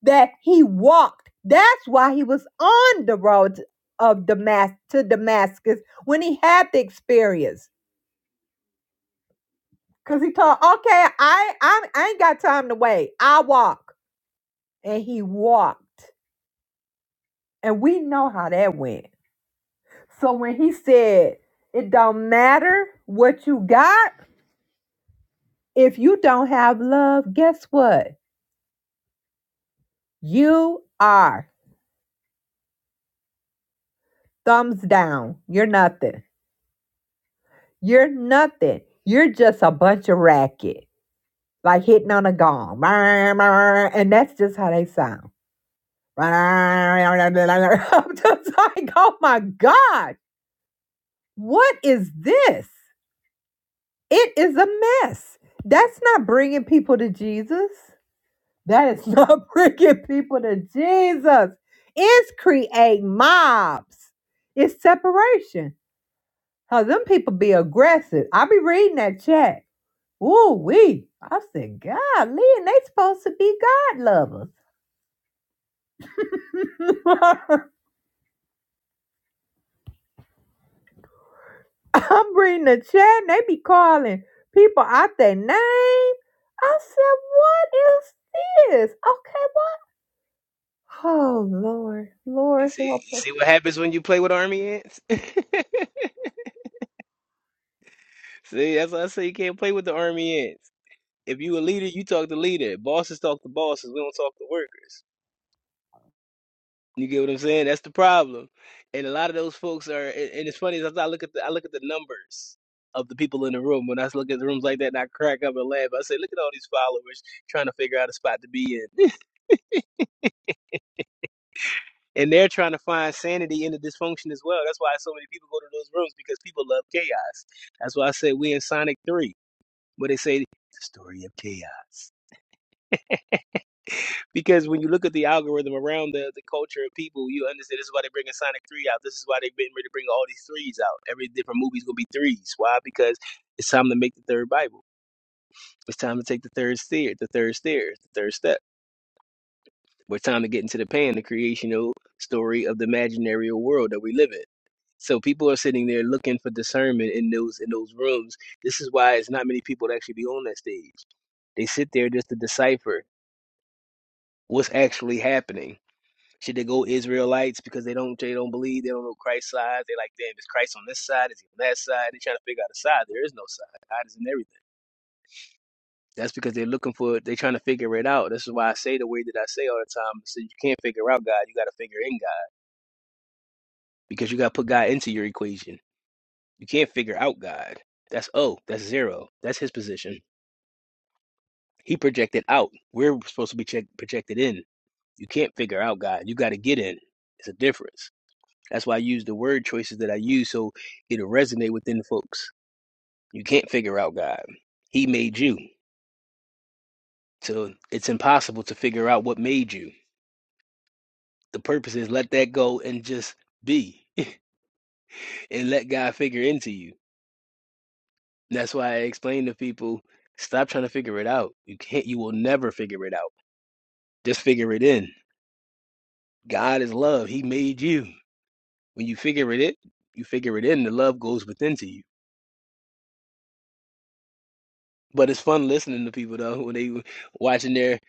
S1: that he walked. That's why he was on the road of Damas to Damascus when he had the experience. Cause he thought, okay, I, I I ain't got time to wait. I walk. And he walked. And we know how that went. So when he said, it don't matter what you got, if you don't have love, guess what? You are. Thumbs down. You're nothing. You're nothing. You're just a bunch of racket, like hitting on a gong. And that's just how they sound. I'm just like, oh my God, what is this? It is a mess. That's not bringing people to Jesus. That is not bringing people to Jesus. It's creating mobs. It's separation. How them people be aggressive. I be reading that chat. Ooh, we. I said, God, and they supposed to be God lovers. I'm reading the chat and they be calling people out their name. I said, what is this? Okay, what? Oh, Lord. Lord
S2: See,
S1: help
S2: you
S1: us.
S2: see what happens when you play with army ants? see, that's why I say you can't play with the army ants. If you a leader, you talk to leader. Bosses talk to bosses. We don't talk to workers. You get what I'm saying? That's the problem. And a lot of those folks are. And, and it's funny is I look at the I look at the numbers of the people in the room. When I look at the rooms like that, and I crack up and laugh. I say, look at all these followers trying to figure out a spot to be in. and they're trying to find sanity in the dysfunction as well. That's why so many people go to those rooms because people love chaos. That's why I said we in Sonic Three, where they say the story of chaos. Because when you look at the algorithm around the, the culture of people, you understand this is why they're bringing Sonic Three out. This is why they've been ready to bring all these threes out. Every different movie's gonna be threes. Why? Because it's time to make the third Bible. It's time to take the third stair, the third stair, the third step. We're time to get into the pan, the creational story of the imaginary world that we live in. So people are sitting there looking for discernment in those in those rooms. This is why it's not many people that actually be on that stage. They sit there just to decipher what's actually happening. Should they go Israelites because they don't they don't believe they don't know Christ's side? They like, damn, is Christ on this side? Is he on that side? They're trying to figure out a side. There is no side. God is in everything. That's because they're looking for it. they're trying to figure it out. This is why I say the way that I say all the time. So you can't figure out God, you gotta figure in God. Because you gotta put God into your equation. You can't figure out God. That's O. That's zero. That's his position. He projected out. We're supposed to be check, projected in. You can't figure out God. You got to get in. It's a difference. That's why I use the word choices that I use so it'll resonate within the folks. You can't figure out God. He made you. So it's impossible to figure out what made you. The purpose is let that go and just be and let God figure into you. That's why I explain to people stop trying to figure it out. You can't you will never figure it out Just figure it in. God is love. He made you. When you figure it in, you figure it in. The love goes within to you. But it's fun listening to people though when they watching there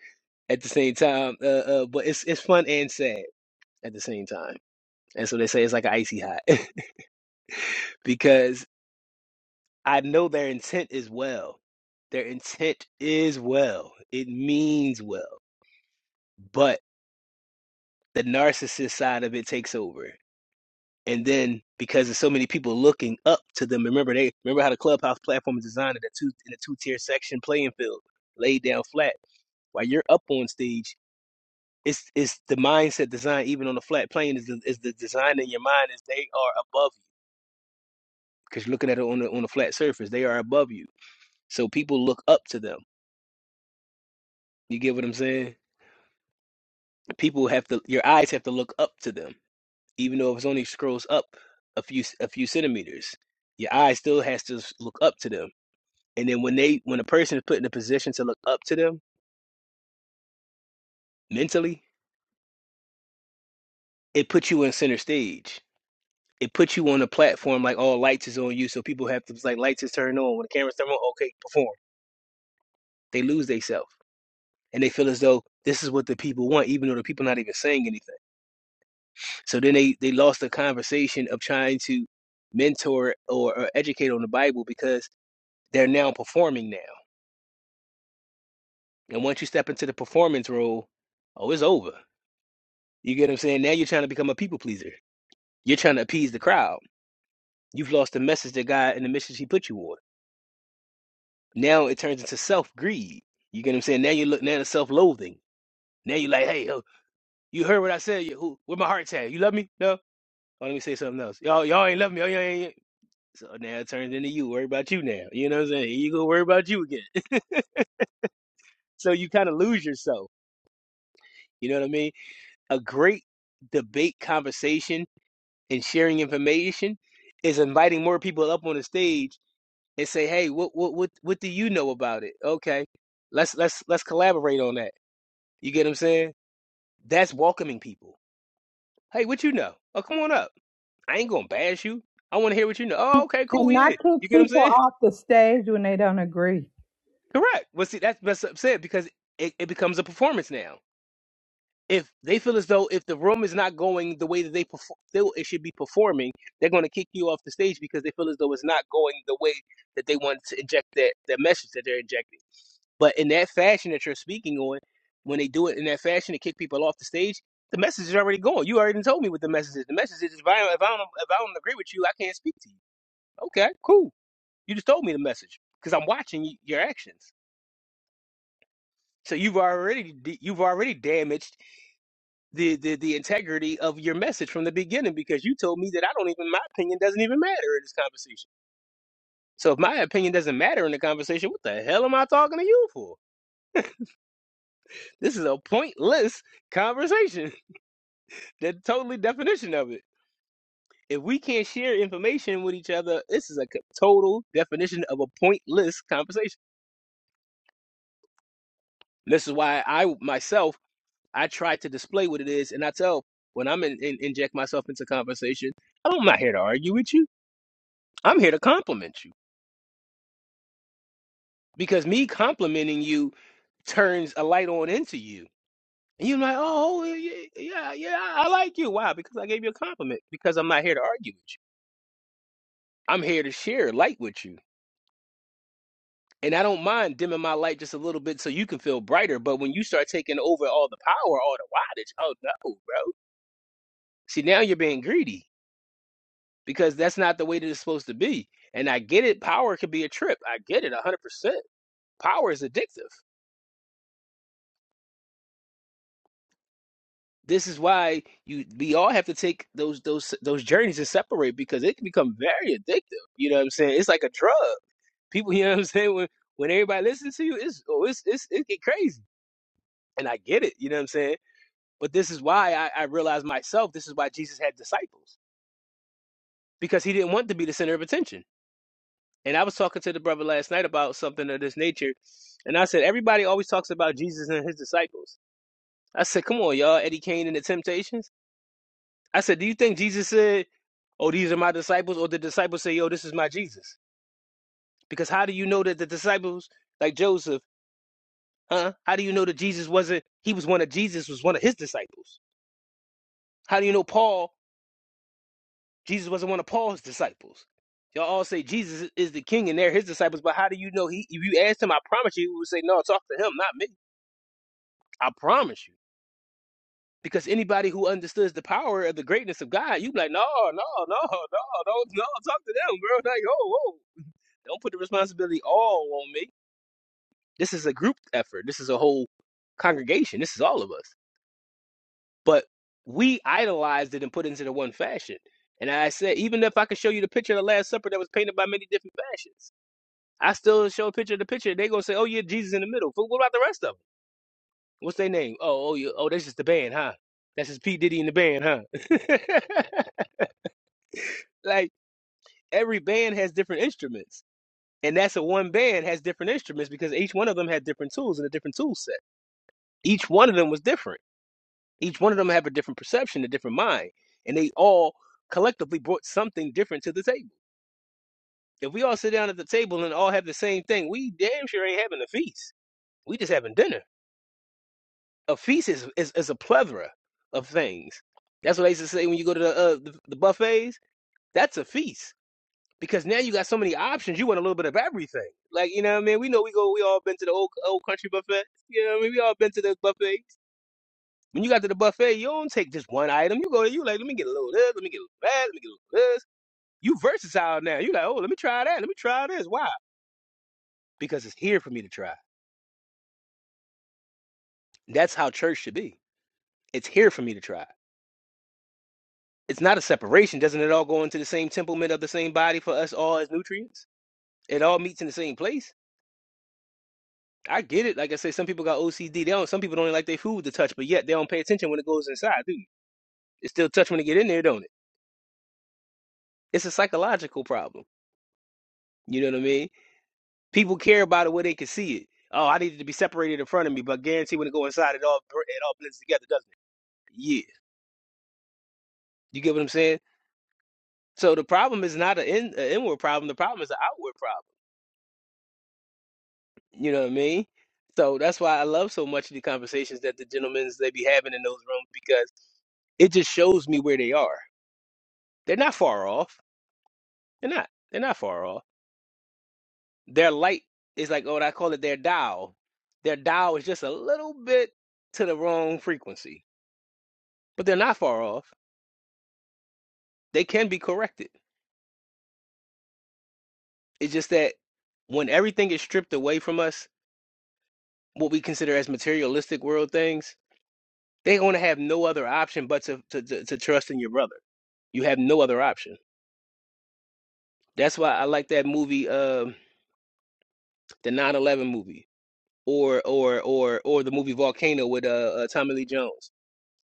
S2: at the same time. Uh, uh, but it's it's fun and sad at the same time. And so they say it's like icy hot because I know their intent is well. Their intent is well. It means well, but the narcissist side of it takes over And then because there's so many people looking up to them, remember they remember how the clubhouse platform is designed in a two in a two tier section playing field, laid down flat. While you're up on stage, it's it's the mindset design even on a flat plane is the, is the design in your mind is they are above you because you're looking at it on the on a flat surface. They are above you, so people look up to them. You get what I'm saying? People have to your eyes have to look up to them, even though if it's only scrolls up a few a few centimeters, your eye still has to s- look up to them And then when they when a person is put in a position to look up to them mentally, it puts you in center stage. It puts you on a platform like all lights is on you. So people have to it's like lights is turned on. When the camera's turned on, okay, perform. They lose themselves. And they feel as though this is what the people want, even though the people not even saying anything. So then they they lost the conversation of trying to mentor or, or educate on the Bible because they're now performing now. And once you step into the performance role, oh, it's over. You get what I'm saying? Now you're trying to become a people pleaser. You're trying to appease the crowd You've lost the message that God and the mission He put you on. Now it turns into self greed. You get what I'm saying? Now you look now it's self loathing. Now you're like, hey, oh, you heard what I said. You, who, where my heart's at? You love me? No. Oh, let me say something else. Y'all, y'all ain't love me. Oh, y'all ain't. So now it turns into you. Worry about you now. You know what I'm saying? Here you go. Worry about you again. So you kind of lose yourself. You know what I mean? A great debate, conversation, and sharing information is inviting more people up on the stage and say, "Hey, what what what what do you know about it?" Okay, let's let's let's collaborate on that. You get what I'm saying? That's welcoming people. Hey, what you know? Oh, come on up. I ain't gonna bash you. I want to hear what you know. Oh, okay, cool,
S1: And
S2: yeah.
S1: not kick
S2: You get what I'm
S1: people
S2: saying?
S1: off the stage when they don't agree.
S2: Correct. But see, that's that's upset because it, it becomes a performance now. If they feel as though if the room is not going the way that they perform, feel it should be performing, they're going to kick you off the stage because they feel as though it's not going the way that they want to inject that, that message that they're injecting. But in that fashion that you're speaking on, when they do it in that fashion to kick people off the stage, the message is already gone. You already told me what the message is. The message is if I don't, if I don't, if I don't agree with you, I can't speak to you. Okay, cool. You just told me the message because I'm watching y- your actions. So you've already d- you've already damaged the, the the integrity of your message from the beginning because you told me that I don't even my opinion doesn't even matter in this conversation. So if my opinion doesn't matter in the conversation, what the hell am I talking to you for? This is a pointless conversation. the totally definition of it. If we can't share information with each other, this is a total definition of a pointless conversation. This is why I myself I try to display what it is, and I tell when I'm in, in, inject myself into conversation, I'm not here to argue with you. I'm here to compliment you because me complimenting you turns a light on into you, and you're like, oh oh, yeah, yeah, yeah, yeah, I I like you. Why? Because I gave you a compliment. Because I'm not here to argue with you. I'm here to share light with you. And I don't mind dimming my light just a little bit so you can feel brighter. But when you start taking over all the power, all the wattage, oh no, bro. See, now you're being greedy because that's not the way that it's supposed to be. And I get it. Power could be a trip. I get it 100%. Power is addictive. This is why you we all have to take those those those journeys and separate because it can become very addictive. You know what I'm saying? It's like a drug. People, you know what I'm saying? When when everybody listens to you, it's oh, it's it's it get crazy. And I get it. You know what I'm saying? But this is why I, I realized myself, this is why Jesus had disciples, because he didn't want to be the center of attention. And I was talking to the brother last night about something of this nature. And I said, everybody always talks about Jesus and his disciples. I said, come on, y'all, Eddie Kane and the Temptations. I said, do you think Jesus said, oh, these are my disciples? Or the disciples say, yo, this is my Jesus? Because how do you know that the disciples, like Joseph, huh? How do you know that Jesus wasn't, he was one of Jesus, was one of his disciples? How do you know Paul? Jesus wasn't one of Paul's disciples. Y'all all say Jesus is the king and they're his disciples, but how do you know he? If you asked him, I promise you, he would say, "No, talk to him, not me. I promise you." Because anybody who understands the power of the greatness of God, you'd be like, "No, no, no, no, no, no, talk to them, bro. Like, oh, whoa, don't put the responsibility all on me. This is a group effort. This is a whole congregation. This is all of us. But we idolized it and put it into the one fashion. And I said, even if I could show you the picture of the Last Supper that was painted by many different fashions. I still show a picture of the picture. They gonna say, "Oh yeah, Jesus in the middle." But what about the rest of them? What's their name? Oh, oh, you, oh, that's just the band, huh? That's just Pete Diddy in the band, huh? like every band has different instruments, and that's a one band has different instruments because each one of them had different tools and a different tool set. Each one of them was different. Each one of them have a different perception, a different mind, and they all collectively brought something different to the table. If we all sit down at the table and all have the same thing, we damn sure ain't having a feast. We just having dinner a feast is, is is a plethora of things. That's what I used to say when you go to the uh, the, the buffets. That's a feast because now you got so many options. You want a little bit of everything. Like you know, what I mean, we know we go. We all been to the old old country buffet. You know, what I mean, we all been to the buffets. When you got to the buffet, you don't take just one item. You go, you like, let me get a little of this, let me get a little of that, let me get a little of this. You versatile now. You like, oh, let me try that, let me try this. Why? Because it's here for me to try. That's how church should be. It's here for me to try. It's not a separation. Doesn't it all go into the same temperament of the same body for us all as nutrients? It all meets in the same place. I get it. Like I say, some people got OCD. They don't. Some people don't even like their food to touch, but yet they don't pay attention when it goes inside, do you? It still touch when it get in there, don't it? It's a psychological problem. You know what I mean? People care about it where they can see it. Oh, I needed to be separated in front of me, but guarantee when it go inside, it all it all blends together, doesn't it? Yeah. You get what I'm saying? So the problem is not an, in, an inward problem. The problem is an outward problem. You know what I mean? So that's why I love so much the conversations that the gentlemen's they be having in those rooms because it just shows me where they are. They're not far off. They're not. They're not far off. Their light is like oh, I call it their dial. Their dial is just a little bit to the wrong frequency, but they're not far off. They can be corrected. It's just that when everything is stripped away from us, what we consider as materialistic world things, they're going to have no other option but to, to, to, to trust in your brother. You have no other option. That's why I like that movie, um, the nine eleven movie, or or or or the movie Volcano with uh, uh Tommy Lee Jones.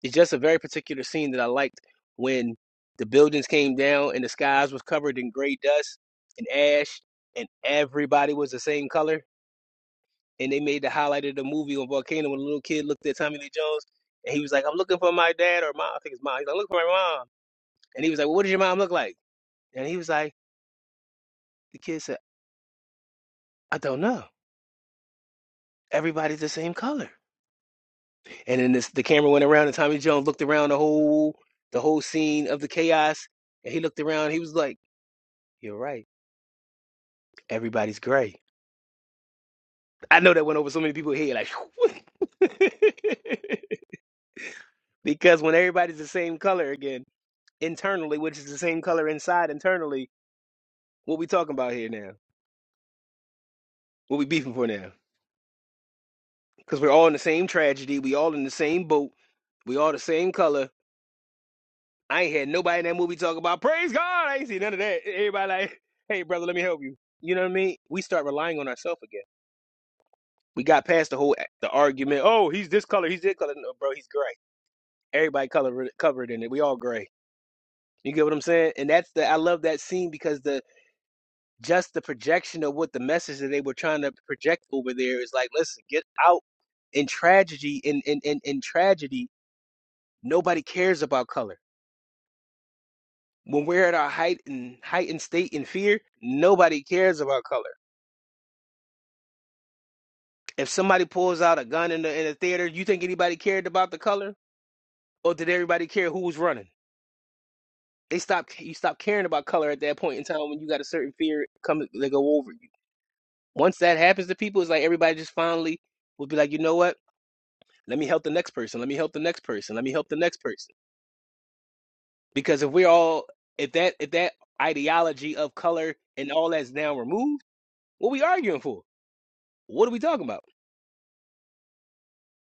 S2: It's just a very particular scene that I liked when the buildings came down and the skies was covered in gray dust and ash, and everybody was the same color. And they made the highlight of the movie on Volcano when a little kid looked at Tommy Lee Jones and he was like, "I'm looking for my dad or mom." I think it's mom. He's like, "Look for my mom." And he was like, well, "What does your mom look like?" And he was like, "The kid said, I don't know. Everybody's the same color." And then this, the camera went around, and Tommy Jones looked around the whole the whole scene of the chaos, and he looked around. He was like, "You're right. Everybody's gray." I know that went over so many people's head, like because when everybody's the same color again internally, which is the same color inside internally, what we talking about here now? What we beefing for now? Because we're all in the same tragedy. We all in the same boat. We all the same color I ain't had nobody in that movie talk about praise God. I ain't seen none of that. Everybody like, hey brother, let me help you. You know what I mean? We start relying on ourselves again. We got past the whole the argument. Oh, he's this color, he's this color. No, bro, he's gray. Everybody color covered in it. We all gray. You get what I'm saying? And that's the I love that scene because the just the projection of what the message that they were trying to project over there is like, listen, get out in tragedy in in in, in tragedy. Nobody cares about color. When we're at our heightened heightened state in fear, nobody cares about color. If somebody pulls out a gun in the in a theater, you think anybody cared about the color, or did everybody care who was running? They stopped. You stop caring about color at that point in time when you got a certain fear come they go over you. Once that happens to people, it's like everybody just finally will be like, you know what? Let me help the next person. Let me help the next person. Let me help the next person. Because if we're all if that if that ideology of color and all that's now removed, what are we arguing for? What are we talking about?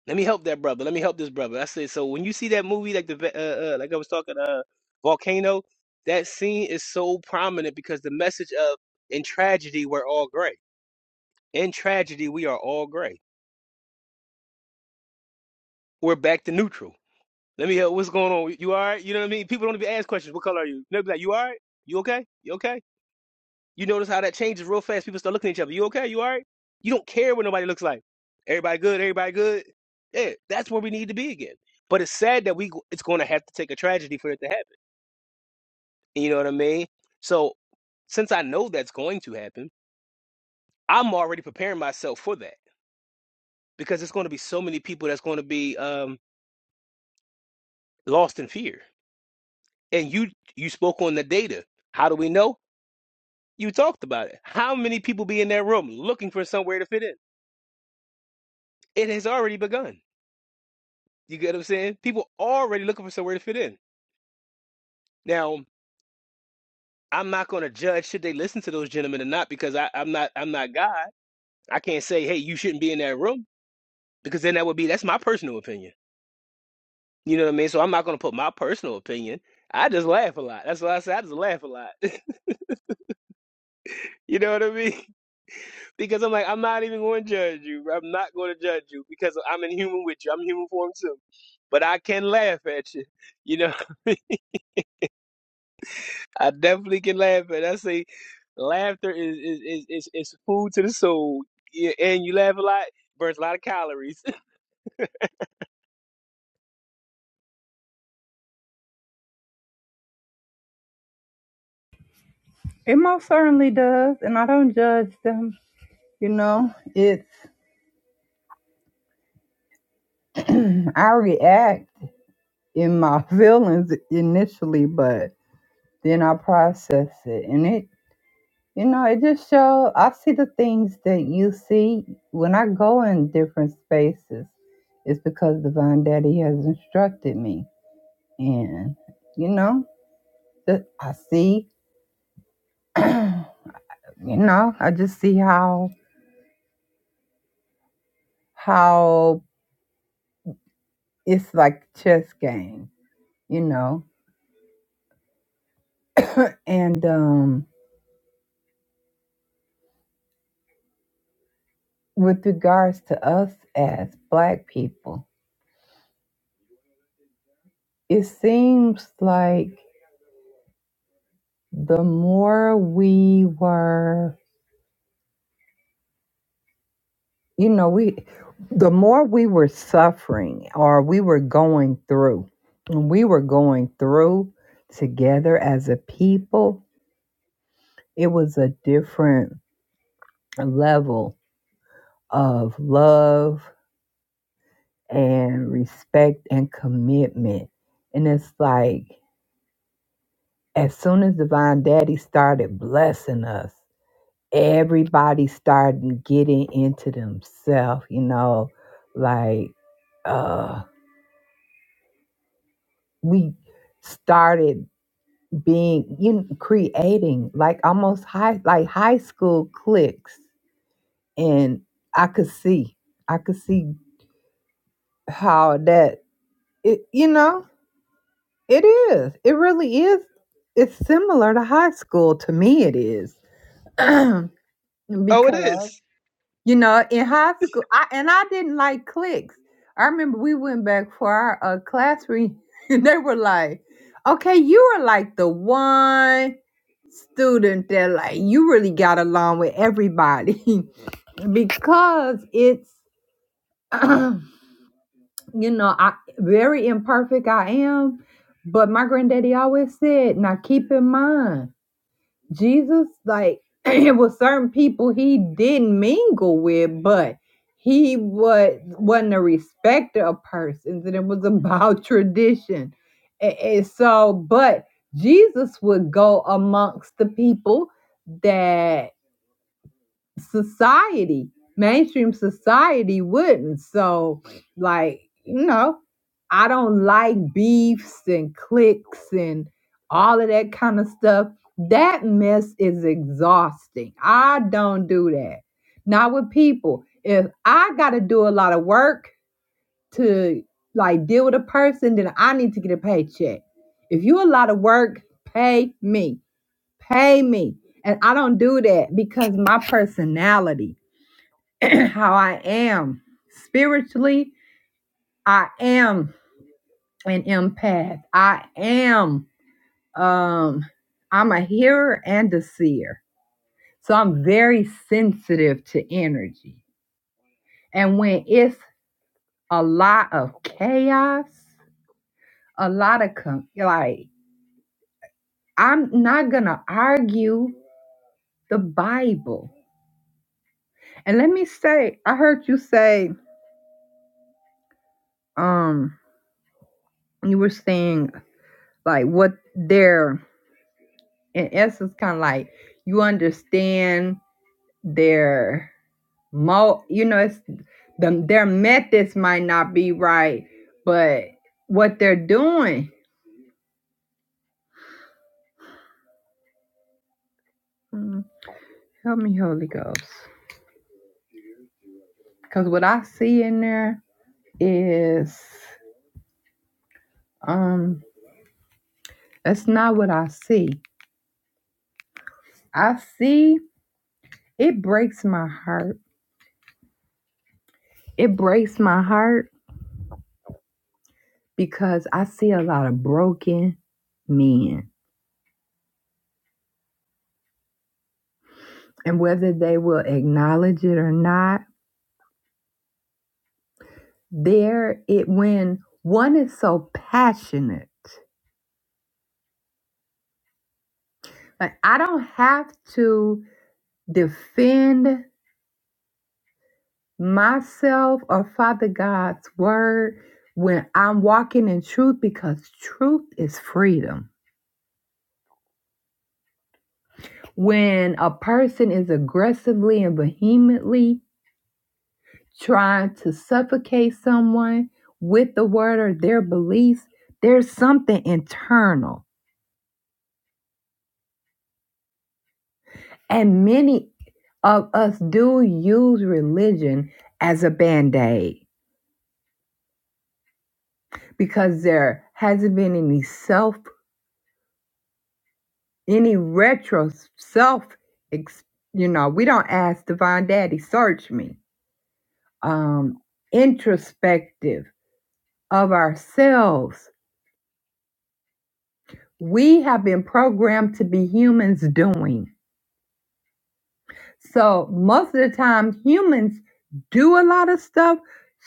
S2: Let me help that brother. Let me help this brother. I said, so when you see that movie, like the ve- uh, uh like I was talking, uh, Volcano, that scene is so prominent because the message of in tragedy we're all gray. In tragedy we are all gray. We're back to neutral. Let me help. What's going on? You all right? You know what I mean? People don't even ask questions. What color are you? They'll be like, you all right? You okay? You okay? You notice how that changes real fast. People start looking at each other. You okay? You all right? You don't care what nobody looks like. Everybody good. Everybody good. Yeah, that's where we need to be again. But it's sad that we it's going to have to take a tragedy for it to happen. You know what I mean? So since I know that's going to happen, I'm already preparing myself for that because it's going to be so many people that's going to be um, lost in fear. And you you spoke on the data. How do we know? You talked about it. How many people be in that room looking for somewhere to fit in? It has already begun. You get what I'm saying? People already looking for somewhere to fit in. Now, I'm not going to judge should they listen to those gentlemen or not because I, I'm not I'm not God. I can't say, hey, you shouldn't be in that room because then that would be that's my personal opinion. You know what I mean? So I'm not going to put my personal opinion. I just laugh a lot. That's why I say I just laugh a lot. you know what I mean? Because I'm like, I'm not even going to judge you. I'm not going to judge you because I'm in human with you. I'm human form too. But I can laugh at you. You know I definitely can laugh at. I say laughter is is is is, is food to the soul. Yeah, and you laugh a lot, burns a lot of calories.
S1: It most certainly does. And I don't judge them. You know, it's, I react in my feelings initially, but. then I process it. And it, you know, it just shows. I see the things that you see when I go in different spaces. It's because Divine Daddy has instructed me. And, you know, that I see, you know, I just see how, how it's like chess game, you know. And um with regards to us as black people, it seems like the more we were You know, we the more we were suffering or we were going through, and we were going through together as a people, it was a different level of love and respect and commitment. And it's like as soon as Divine Daddy started blessing us, everybody started getting into themselves, you know, like uh we started being you know, creating like almost high like high school cliques and i could see i could see how that it you know it is it really is it's similar to high school to me it is
S2: oh, it
S1: because
S2: is.
S1: you know in high school i and i didn't like cliques i remember we went back for our uh, class reunion and they were like okay you were like the one student that like you really got along with everybody because it's you know I very imperfect I am, but my granddaddy always said, now keep in mind Jesus like it was certain people he didn't mingle with, but he was wasn't a respecter of persons, and it was about tradition. And, and so, but Jesus would go amongst the people that. society, mainstream society wouldn't. So, like, you know, I don't like beefs and cliques and all of that kind of stuff. That mess is exhausting. I don't do that. Not with people. If I got to do a lot of work to like deal with a person, then I need to get a paycheck. If you a lot of work, pay me. Pay me. And I don't do that because my personality. how I am spiritually. I am an empath. I am um I'm a hearer and a seer. So I'm very sensitive to energy. And when it's a lot of chaos, a lot of com- like I'm not going to argue the Bible. And let me say I heard you say um you were saying like what their in essence kind of like you understand their mo you know it's the, their methods might not be right but what they're doing Mm, help me holy ghost because what i see in there is um that's not what i see i see it breaks my heart it breaks my heart because i see a lot of broken men and whether they will acknowledge it or not There it when one is so passionate, like I don't have to defend myself or Father God's word when I'm walking in truth because truth is freedom. When a person is aggressively and vehemently trying to suffocate someone with the word or their beliefs, there's something internal And many of us do use religion as a band aid because there hasn't been any self, any retro self. ex- You know, we don't ask Divine Daddy, search me. Um, introspective of ourselves. We have been programmed to be humans doing. So most of the time, humans do a lot of stuff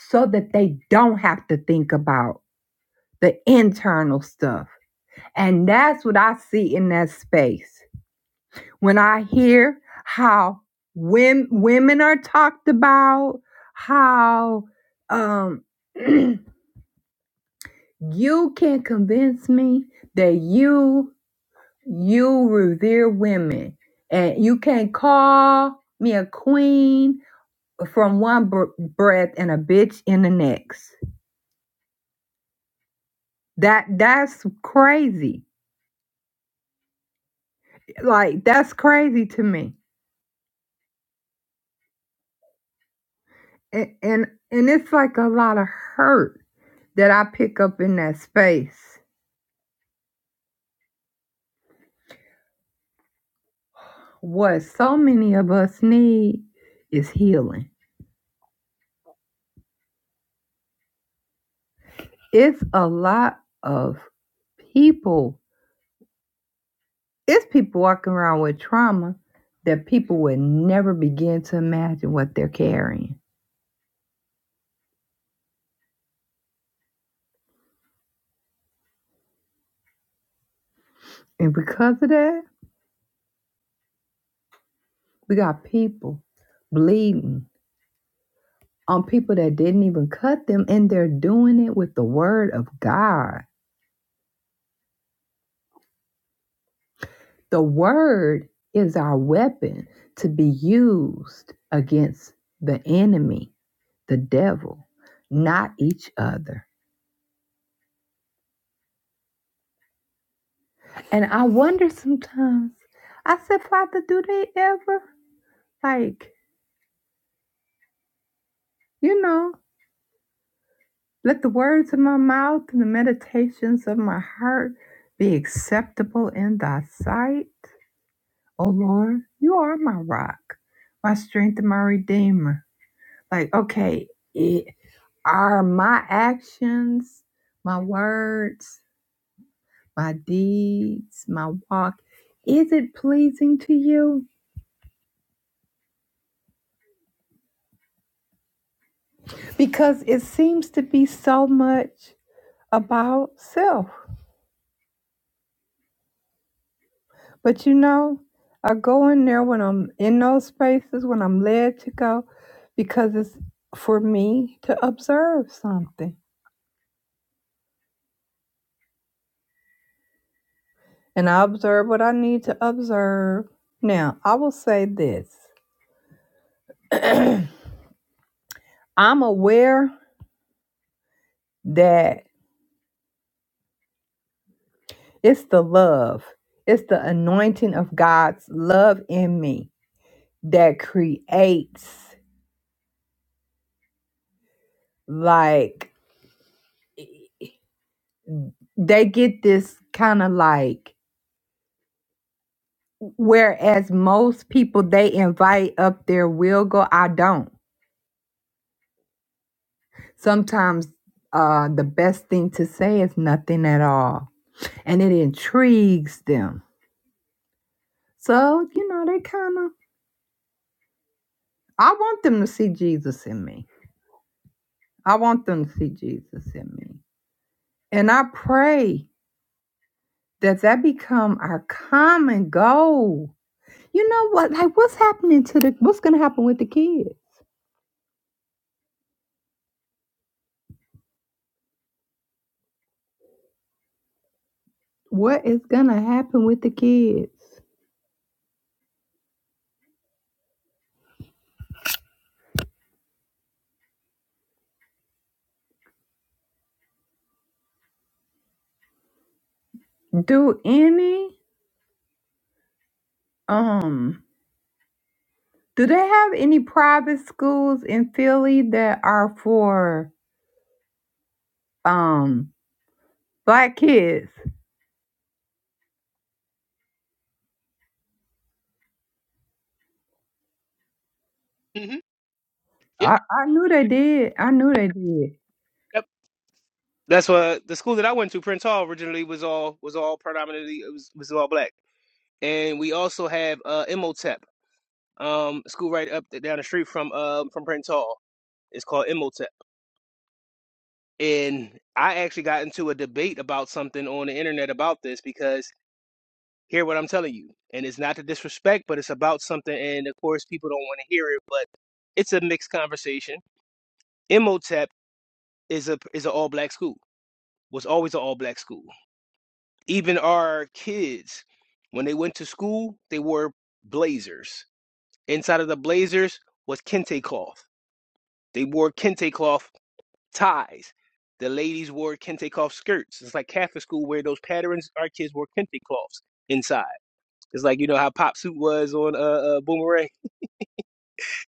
S1: so that they don't have to think about the internal stuff. And that's what I see in that space. When I hear how women, women are talked about, how um, you can convince me that you you revere women and you can call me a queen from one br- breath and a bitch in the next. That that's crazy. Like that's crazy to me and and and it's like a lot of hurt that I pick up in that space. What so many of us need is healing. It's a lot of people. It's people walking around with trauma that people would never begin to imagine what they're carrying. And because of that, we got people bleeding on people that didn't even cut them, and they're doing it with the word of God. The word is our weapon to be used against the enemy, the devil, not each other. And I wonder sometimes, I said, Father, do they ever, like, you know, let the words of my mouth and the meditations of my heart be acceptable in thy sight? Oh Lord, you are my rock, my strength, and my redeemer. Like, okay, it. Are my actions, my words, my deeds, my walk, is it pleasing to you? Because it seems to be so much about self. But you know, I go in there when I'm in those spaces, when I'm led to go, because it's for me to observe something. And I observe what I need to observe. Now, I will say this I'm aware that It's the love. It's the anointing of God's love in me that creates like they get this kind of like whereas most people they invite up their will go I don't. Sometimes uh the best thing to say is nothing at all and it intrigues them. So, you know, they kind of I want them to see Jesus in me. I want them to see Jesus in me. And I pray Does that become our common goal? You know what? Like, what's happening to the? What's gonna happen with the kids? What is gonna happen with the kids? Do any um? Do they have any private schools in Philly that are for um black kids?
S2: Mm-hmm. Yep,
S1: I I knew they did. I knew they did.
S2: yep. That's what the school that I went to, Prince Hall, originally was all was all predominantly it was was all black, and we also have uh Imhotep, um, school right up down the street from um from Prince Hall. It's called Imhotep, and I actually got into a debate about something on the internet about this because. Hear what I'm telling you. And it's not to disrespect, but it's about something. And of course, people don't want to hear it, but it's a mixed conversation. Imhotep is a is an all black school. Was always an all black school. Even our kids, when they went to school, they wore blazers. Inside of the blazers was kente cloth. They wore kente cloth ties. The ladies wore kente cloth skirts. It's like Catholic school where those patterns. Our kids wore kente cloths inside. It's like you know how pop suit was on uh, uh Boomerang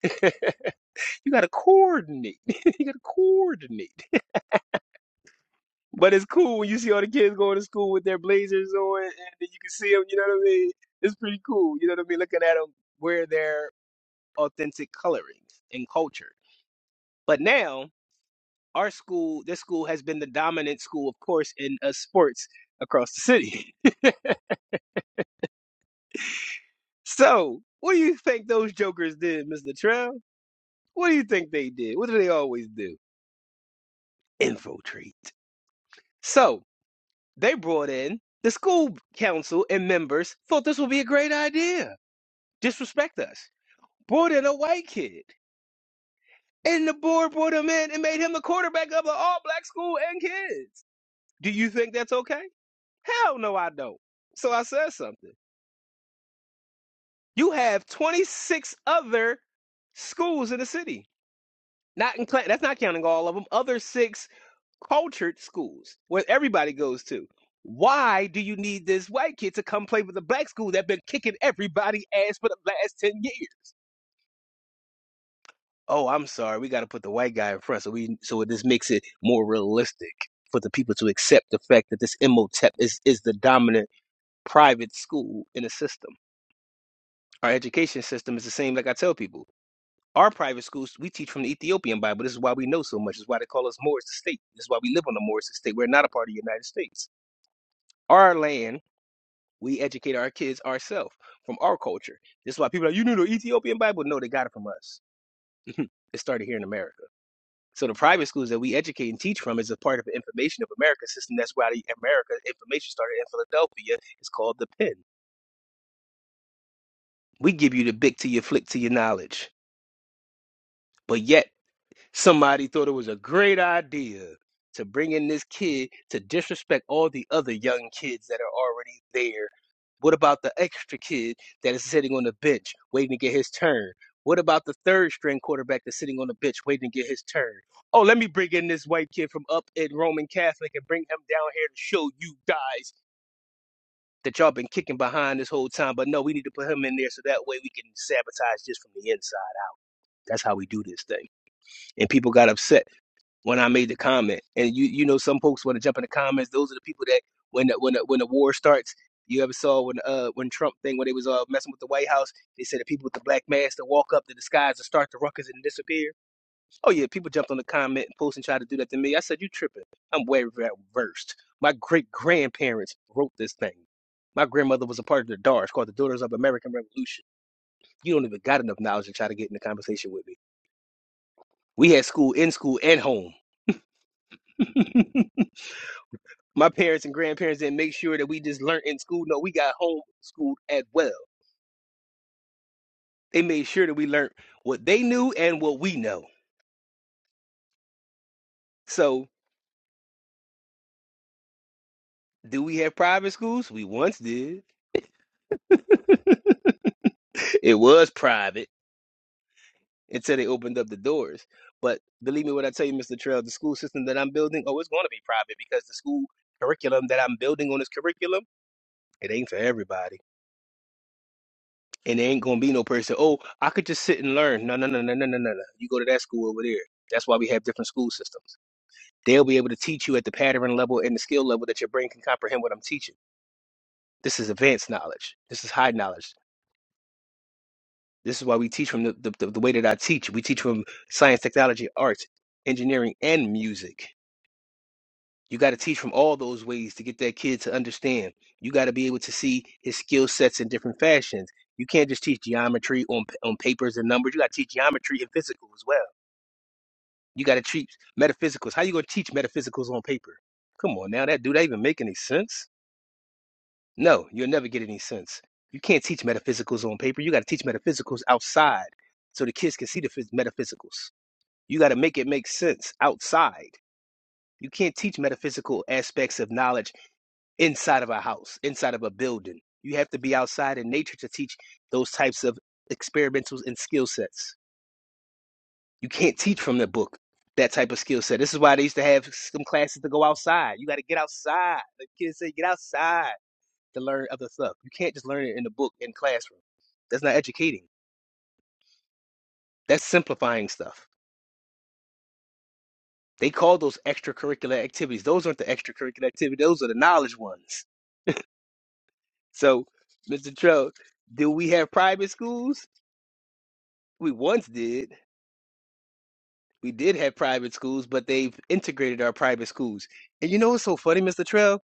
S2: you gotta coordinate. you gotta coordinate. But it's cool when you see all the kids going to school with their blazers on, and then you can see them. You know what I mean? It's pretty cool. You know what I mean? Looking at them wear their authentic colorings and culture. But now our school, this school, has been the dominant school, of course, in uh, sports across the city. So, what do you think those jokers did, Mr. Trail? What do you think they did? What do they always do? Infiltrate. So, They brought in the school council and members thought this would be a great idea. Disrespect us. Brought in a white kid. And the board brought him in and made him the quarterback of an all black school and kids. Do you think that's okay? Hell no, I don't. So I said something. You have 26 other schools in the city. Not in Cla- that's not counting all of them. Other six cultured schools where everybody goes to. Why do you need this white kid to come play with the black school that been kicking everybody ass for the last ten years? Oh, I'm sorry, we got to put the white guy in front so we so this makes it more realistic for the people to accept the fact that this MOTEP is is the dominant private school in the system. Our education system is the same. Like I tell people, our private schools we teach from the Ethiopian Bible. This is why we know so much. This is why they call us Moors the state. This is why we live on the Moors estate. We're not a part of the United States. Our land We educate our kids ourselves from our culture. This is why people are, like, you knew the Ethiopian Bible? No, they got it from us. it started here in America. So the private schools that we educate and teach from is a part of the information of America system. That's why the America information started in Philadelphia. It's called the Penn. We give you the big to your flick to your knowledge. But yet Somebody thought it was a great idea to bring in this kid to disrespect all the other young kids that are already there. What about the extra kid that is sitting on the bench waiting to get his turn? What about the third string quarterback that's sitting on the bench waiting to get his turn? Oh, let me bring in this white kid from up in Roman Catholic and bring him down here to show you guys that y'all been kicking behind this whole time. But no, we need to put him in there so that way we can sabotage this from the inside. That's how we do this thing. And people got upset when I made the comment. And you you know some folks want to jump in the comments. Those are the people that when the, when the, when the war starts, you ever saw when uh when Trump thing when they was uh messing with the White House, they said the people with the black masks that walk up the disguise and start the ruckus and disappear. Oh yeah, people jumped on the comment and post and tried to do that to me. I said you tripping. I'm way versed. My great grandparents wrote this thing. My grandmother was a part of the DARS called the Daughters of American Revolution. You don't even got enough knowledge to try to get in the conversation with me. We had school in school and home. my parents and grandparents didn't make sure that we just learned in school. No, we got homeschooled as well. They made sure that we learned what they knew and what we know. So, do we have private schools? We once did. It was private until they opened up the doors. But believe me when I tell you, Mr. Trail, the school system that I'm building, oh, it's going to be private because the school curriculum that I'm building on this curriculum, it ain't for everybody. And there ain't gonna be no person, oh, I could just sit and learn. No, no, no, no, no, no, no, no. You go to that school over there. That's why we have different school systems. They'll be able to teach you at the pattern level and the skill level that your brain can comprehend what I'm teaching. This is advanced knowledge. This is high knowledge. This is why we teach from the, the, the the way that I teach. We teach from science, technology, arts, engineering, and music. You got to teach from all those ways to get that kid to understand. You got to be able to see his skill sets in different fashions. You can't just teach geometry on on papers and numbers. You got to teach geometry and physical as well. You got to teach metaphysicals. How you going to teach metaphysicals on paper? Come on now, that do that even make any sense? No, you'll never get any sense. You can't teach metaphysicals on paper. You got to teach metaphysicals outside so the kids can see the phys- metaphysicals. You got to make it make sense outside. You can't teach metaphysical aspects of knowledge inside of a house, inside of a building. You have to be outside in nature to teach those types of experimentals and skill sets. You can't teach from the book that type of skill set. This is why they used to have some classes to go outside. You got to get outside. The kids say, get outside to learn other stuff. You can't just learn it in the book in classroom. That's not educating. That's simplifying stuff. They call those extracurricular activities. Those aren't the extracurricular activities. Those are the knowledge ones. So, Mr. Trout, do we have private schools? We once did we did have private schools, but they've integrated our private schools. And you know what's so funny, Mr. Trell?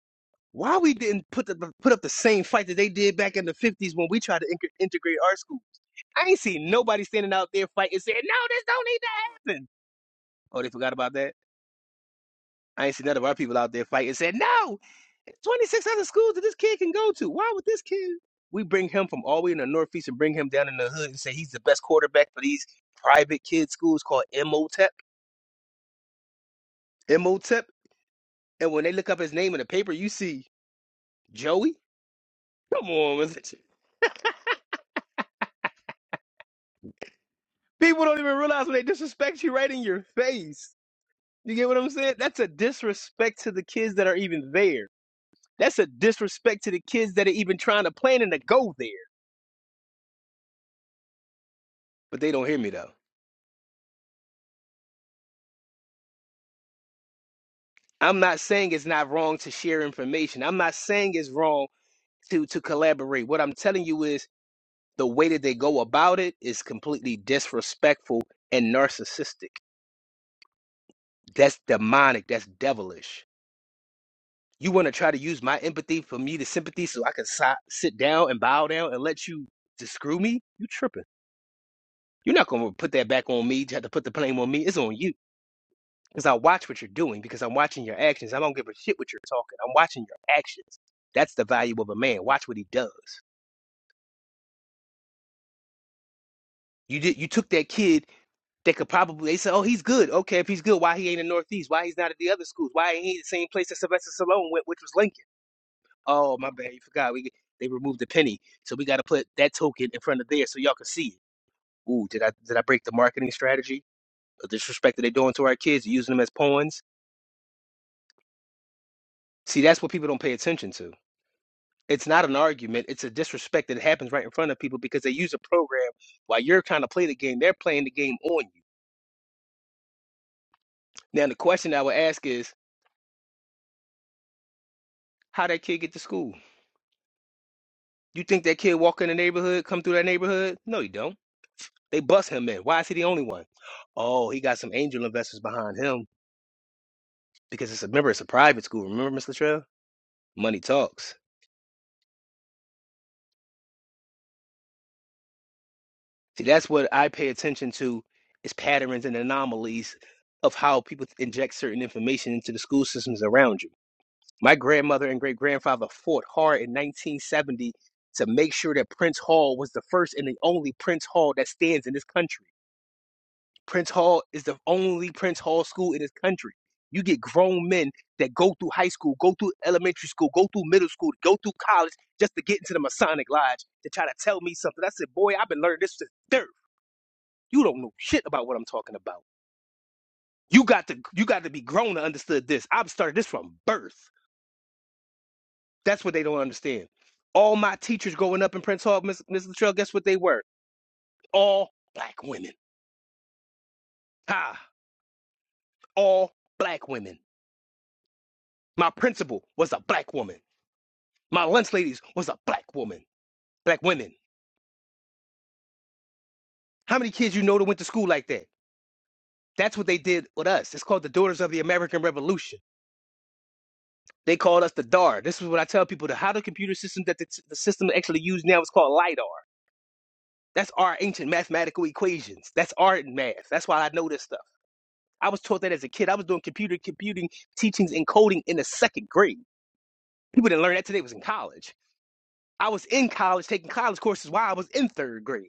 S2: Why we didn't put the put up the same fight that they did back in the fifties when we tried to in- integrate our school? I ain't seen nobody standing out there fighting saying, "No, this don't need to happen." Oh, they forgot about that. I ain't seen none of our people out there fighting saying, "No, twenty six other schools that this kid can go to. Why would this kid?" We bring him from all the way in the northeast and bring him down in the hood and say he's the best quarterback for these private kid schools called MOTEP. MOTEP And when they look up his name in the paper, you see Joey. Come on, man. people don't even realize when they disrespect you right in your face. You get what I'm saying? That's a disrespect to the kids that are even there. That's a disrespect to the kids that are even trying to plan and to go there. But they don't hear me though. I'm not saying it's not wrong to share information. I'm not saying it's wrong to to collaborate. What I'm telling you is the way that they go about it is completely disrespectful and narcissistic. That's demonic. That's devilish. You want to try to use my empathy for me to sympathy so I can si- sit down and bow down and let you to screw me? You tripping. You're not going to put that back on me. You have to put the blame on me. It's on you. Because I watch what you're doing, because I'm watching your actions. I don't give a shit what you're talking. I'm watching your actions. That's the value of a man. Watch what he does. You did. You took that kid that could probably, they said, oh, he's good. Okay, if he's good, why he ain't in Northeast? Why he's not at the other schools? Why ain't he at the same place that Sylvester Stallone went, which was Lincoln? Oh, my bad. You forgot. We they removed the penny, so we got to put that token in front of there so y'all can see it. Ooh, did I did I break the marketing strategy? The disrespect that they're doing to our kids, using them as pawns. See, that's what people don't pay attention to. It's not an argument. It's a disrespect that happens right in front of people because they use a program while you're trying to play the game. They're playing the game on you. Now, the question I would ask is, how that kid get to school? You think that kid walk in the neighborhood, come through that neighborhood? No, you don't. They bust him in. Why is he the only one? Oh, he got some angel investors behind him because it's a, remember it's a private school. Remember, Miss Latrell, money talks. See, that's what I pay attention to is patterns and anomalies of how people inject certain information into the school systems around you. My grandmother and great grandfather fought hard in 1970 to make sure that Prince Hall was the first and the only Prince Hall that stands in this country. Prince Hall is the only Prince Hall school in this country. You get grown men that go through high school, go through elementary school, go through middle school, go through college just to get into the Masonic Lodge to try to tell me something. I said, boy, I've been learning this since third. You don't know shit about what I'm talking about. You got to you got to be grown to understand this. I've started this from birth. That's what they don't understand. All my teachers growing up in Prince Hall, Miss Miss Latrell, guess what they were? All black women. Ha! All black women. My principal was a black woman. My lunch ladies was a black woman, black women. How many kids you know that went to school like that? That's what they did with us. It's called the Daughters of the American Revolution. They called us the DAR. This is what I tell people: the how the computer system that the, the system actually used now is called lidar. That's our ancient mathematical equations. That's art and math. That's why I know this stuff. I was taught that as a kid. I was doing computer computing teachings and coding in the second grade. People didn't learn that today. It was in college. I was in college taking college courses while I was in third grade.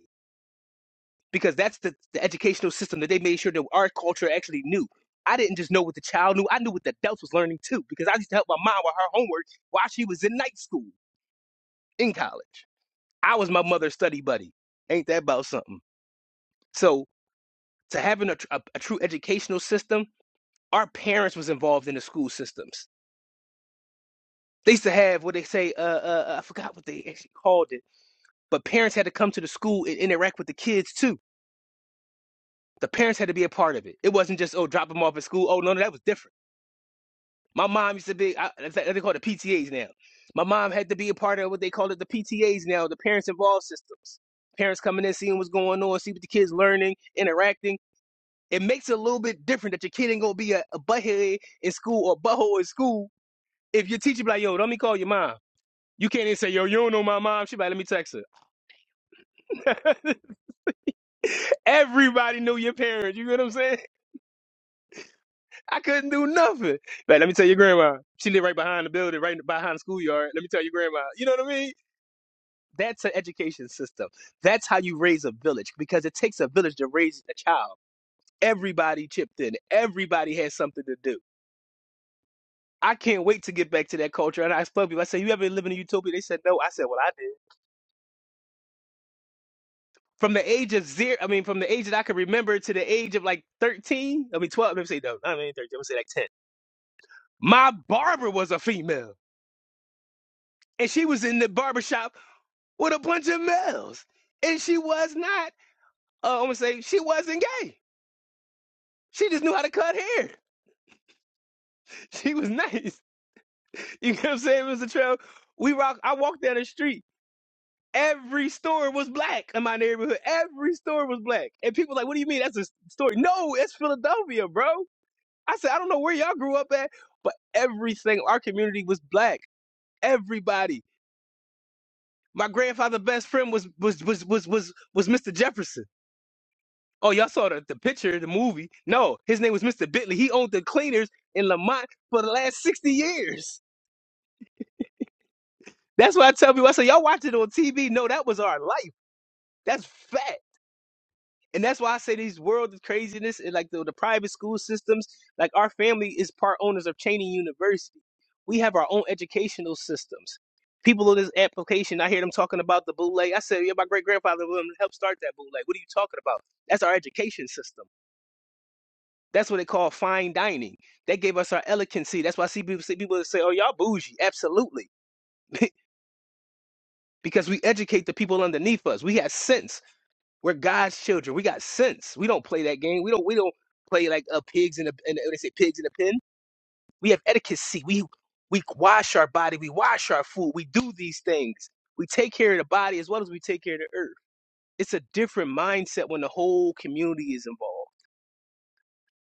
S2: because that's the, the educational system that they made sure that our culture actually knew. I didn't just know what the child knew, I knew what the adults was learning too, because I used to help my mom with her homework while she was in night school in college. I was my mother's study buddy. Ain't that about something? So to having a, tr- a, a true educational system, our parents was involved in the school systems. They used to have what they say, uh, uh, uh, I forgot what they actually called it, but parents had to come to the school and interact with the kids too. The parents had to be a part of it. It wasn't just, oh, drop them off at school. Oh, no, no, that was different My mom used to be, I, in fact, they call it the PTAs now. My mom had to be a part of what they call it the PTAs now, the parents involved systems. Parents coming in, seeing what's going on, see what the kids learning, interacting. It makes it a little bit different that your kid ain't gonna be a, a butthead in school or butthole in school if your teacher be like, yo, let me call your mom. You can't even say, yo, you don't know my mom. She be like, let me text her. Everybody knew your parents. You know what I'm saying? I couldn't do nothing. Like, let me tell your grandma. She lived right behind the building, right behind the schoolyard. Let me tell your grandma. You know what I mean? That's an education system. That's how you raise a village because it takes a village to raise a child. Everybody chipped in. Everybody has something to do. I can't wait to get back to that culture. And I explained to people, I said, You ever live in a utopia? They said, No. I said, Well, I did. From the age of zero, I mean, from the age that I can remember to the age of like 13, I mean, 12, let me say, no, I mean, 13, I'm gonna say like 10. My barber was a female, and she was in the barber shop with a bunch of males. And she was not, uh, I'm gonna say, she wasn't gay. She just knew how to cut hair. She was nice. You know what I'm saying, Mr. Trail? We rock. I walked down the street. Every store was black in my neighborhood. Every store was black. And people like, what do you mean? That's a story. No, it's Philadelphia, bro. I said, I don't know where y'all grew up at, but everything, our community was black. Everybody. My grandfather's best friend was was was was was was Mr. Jefferson. Oh, y'all saw the, the picture, the movie. No, his name was Mr. Bitley. He owned the cleaners in Lamont for the last 60 years. That's why I tell people, I say, y'all watch it on TV. No, that was our life. That's fact. And that's why I say these world of craziness and like the, the private school systems, like our family is part owners of Cheney University. We have our own educational systems. People on this application, I hear them talking about the bootleg. I said, yeah, my great grandfather would help start that bootleg. What are you talking about? That's our education system. That's what they call fine dining. They gave us our elegancy. That's why I see people see people that say, oh, y'all bougie. Absolutely. because we educate the people underneath us. We have sense. We're God's children. We got sense. We don't play that game. We don't. We don't play like uh, pigs in a. and they say pigs in a pen, we have etiquette. We we wash our body. We wash our food. We do these things. We take care of the body as well as we take care of the earth. It's a different mindset when the whole community is involved.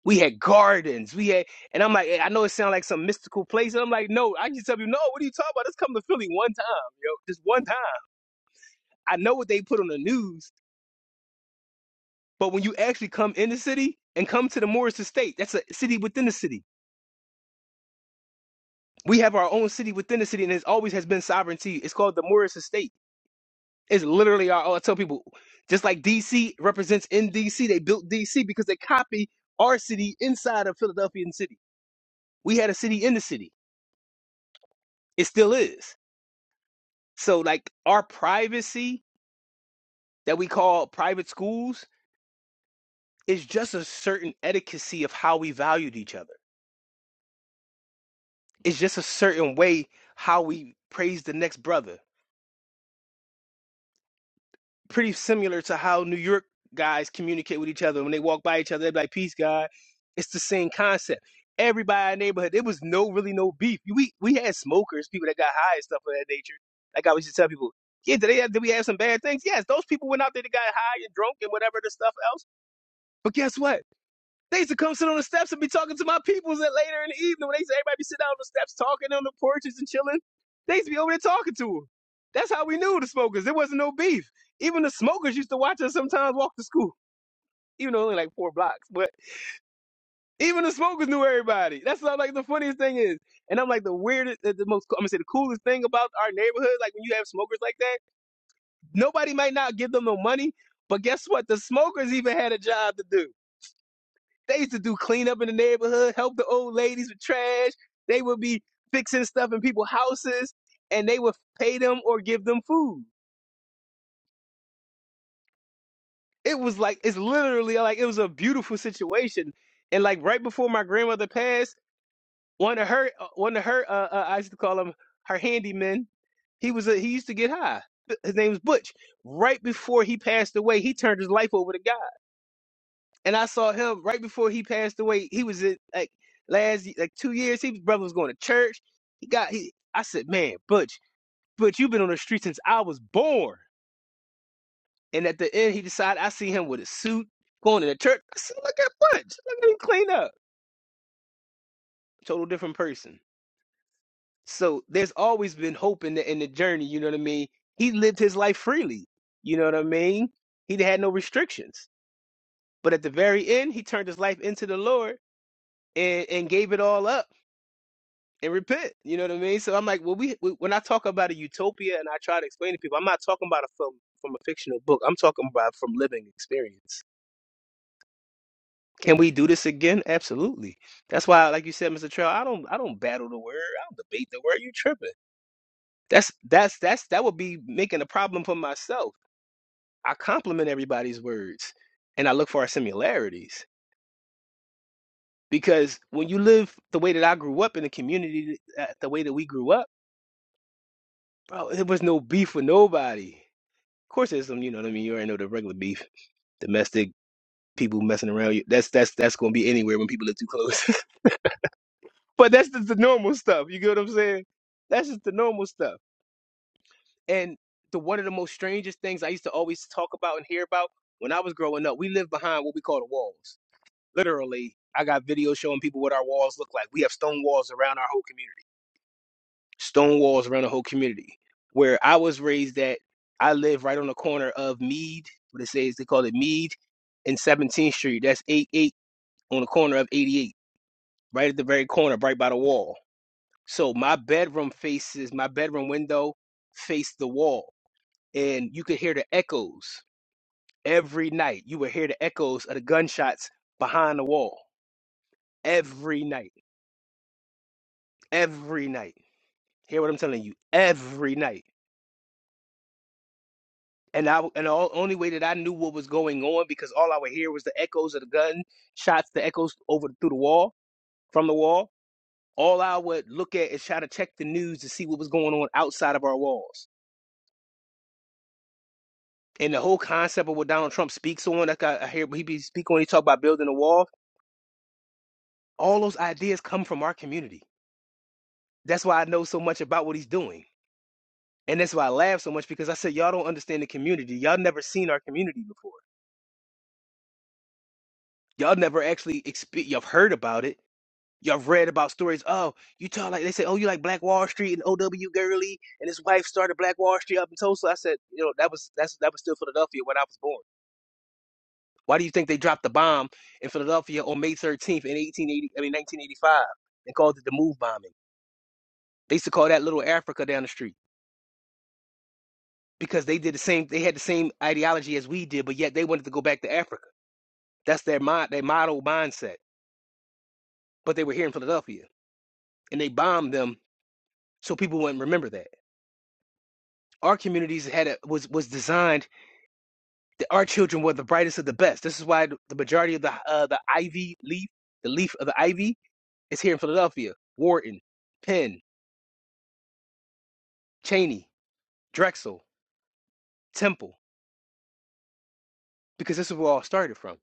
S2: We had gardens. We had, and I'm like, I know it sounds like some mystical place. And I'm like, no, I can tell you, no. What are you talking about? Let's come to Philly one time, yo, just one time. I know what they put on the news, But when you actually come in the city and come to the Morris Estate, that's a city within the city. We have our own city within the city, and it always has been sovereignty. It's called the Morris Estate. It's literally our. I tell people, just like DC represents in DC, they built DC because they copy our city inside of Philadelphian city. We had a city in the city. It still is. So like our privacy that we call private schools is just a certain etiquette of how we valued each other. It's just a certain way how we praise the next brother pretty similar to how New York guys communicate with each other. When they walk by each other, they're like, "Peace, God." It's the same concept. Everybody in the neighborhood, there was no really no beef. We we had smokers, people that got high and stuff of that nature. Like I always used to tell people, yeah, did they have, did we have some bad things? Yes, those people went out there, they got high and drunk and whatever the stuff else. But guess what? They used to come sit on the steps and be talking to my peoples at later in the evening when they used to everybody be sitting out on the steps talking on the porches and chilling. They used to be over there talking to them. That's how we knew the smokers. There wasn't no beef. Even the smokers used to watch us sometimes walk to school, even though only like four blocks. But even the smokers knew everybody. That's what, like the funniest thing is. And I'm like the weirdest, the the most, I'm gonna say the coolest thing about our neighborhood. Like when you have smokers like that, nobody might not give them no money, but guess what? The smokers even had a job to do. They used to do cleanup in the neighborhood, help the old ladies with trash. They would be fixing stuff in people's houses, and they would pay them or give them food. It was like it's literally like it was a beautiful situation. And like right before my grandmother passed, one of her uh, one of her uh, uh, I used to call him her handyman. He was a, he used to get high. His name was Butch. Right before he passed away, he turned his life over to God and I saw him right before he passed away. He was in like last y- like two years. His brother was going to church. He got he. I said, man, Butch, Butch, you've been on the street since I was born. And at the end, he decided I see him with a suit going to the church. I said, look at Butch, look at him clean up. Total different person. So there's always been hope in the in the journey. You know what I mean? He lived his life freely. You know what I mean? He had no restrictions. But at the very end, he turned his life into the Lord and, and gave it all up and repent. You know what I mean? So I'm like, well, we we- when I talk about a utopia and I try to explain to people, I'm not talking about a film from a fictional book. I'm talking about from living experience. Can we do this again? Absolutely. That's why, like you said, Mr. Trail, I don't I don't battle the word. I don't debate the word. You tripping? That's that's that's that would be making a problem for myself. I compliment everybody's words, and I look for our similarities because when you live the way that I grew up in the community, uh, the way that we grew up, bro, there was no beef with nobody course, there's some. You know what I mean. You already know the regular beef, domestic people messing around. You that's that's that's gonna be anywhere when people are too close. but that's just the normal stuff. You get what I'm saying? That's just the normal stuff. And the one of the most strangest things I used to always talk about and hear about when I was growing up, we lived behind what we call the walls. Literally, I got videos showing people what our walls look like. We have stone walls around our whole community stone walls around the whole community. Where I was raised at, I live right on the corner of Mead, what it says, they call it Mead and 17th Street. That's eight eight on the corner of 88, right at the very corner, right by the wall. So my bedroom faces, my bedroom window faced the wall. And you could hear the echoes every night. You would hear the echoes of the gunshots behind the wall every night. Every night. Hear what I'm telling you? Every night. And I and the only way that I knew what was going on because all I would hear was the echoes of the gun shots, the echoes over through the wall from the wall. All I would look at is try to check the news to see what was going on outside of our walls. And the whole concept of what Donald Trump speaks on, like I, I hear he be speak on, he talk about building a wall. All those ideas come from our community. That's why I know so much about what he's doing, and that's why I laugh so much because I said y'all don't understand the community. Y'all never seen our community before. Y'all never actually exp- you've heard about it Y'all read about stories. Oh, you talk like they say. Oh, you like Black Wall Street and O.W. Gurley and his wife started Black Wall Street up in Tulsa. I said, you know, that was that's that was still Philadelphia when I was born. Why do you think they dropped the bomb in Philadelphia on May 13th in 1880? I mean 1985 and called it the Move bombing. They used to call that Little Africa down the street because they did the same. They had the same ideology as we did, but yet they wanted to go back to Africa. That's their mind, their model mindset. But they were here in Philadelphia and they bombed them so people wouldn't remember that. our communities had a, was was designed that our children were the brightest of the best. This is why the majority of the uh, the ivy leaf, the leaf of the ivy, is here in Philadelphia. Wharton, Penn, Cheney, Drexel, Temple, because this is where it all started from.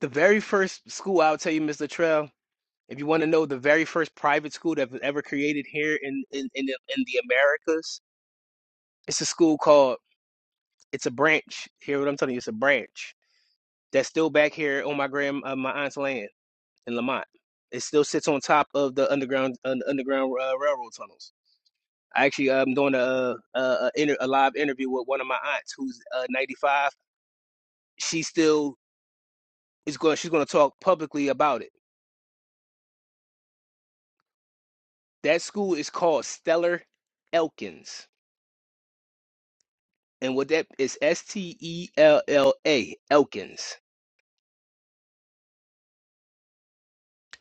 S2: The very first school I'll tell you, Mr. Latrell. if you want to know the very first private school that was ever created here in in in the, in the Americas, it's a school called. It's a branch. Hear what I'm telling you? It's a branch that's still back here on my grand uh, my aunt's land in Lamont. It still sits on top of the underground un, underground uh, railroad tunnels. I actually am um, doing a a, a, inter, a live interview with one of my aunts who's uh, 95. She still is going. She's going to talk publicly about it. That school is called Stellar Elkins, and what that is S T E L L A Elkins.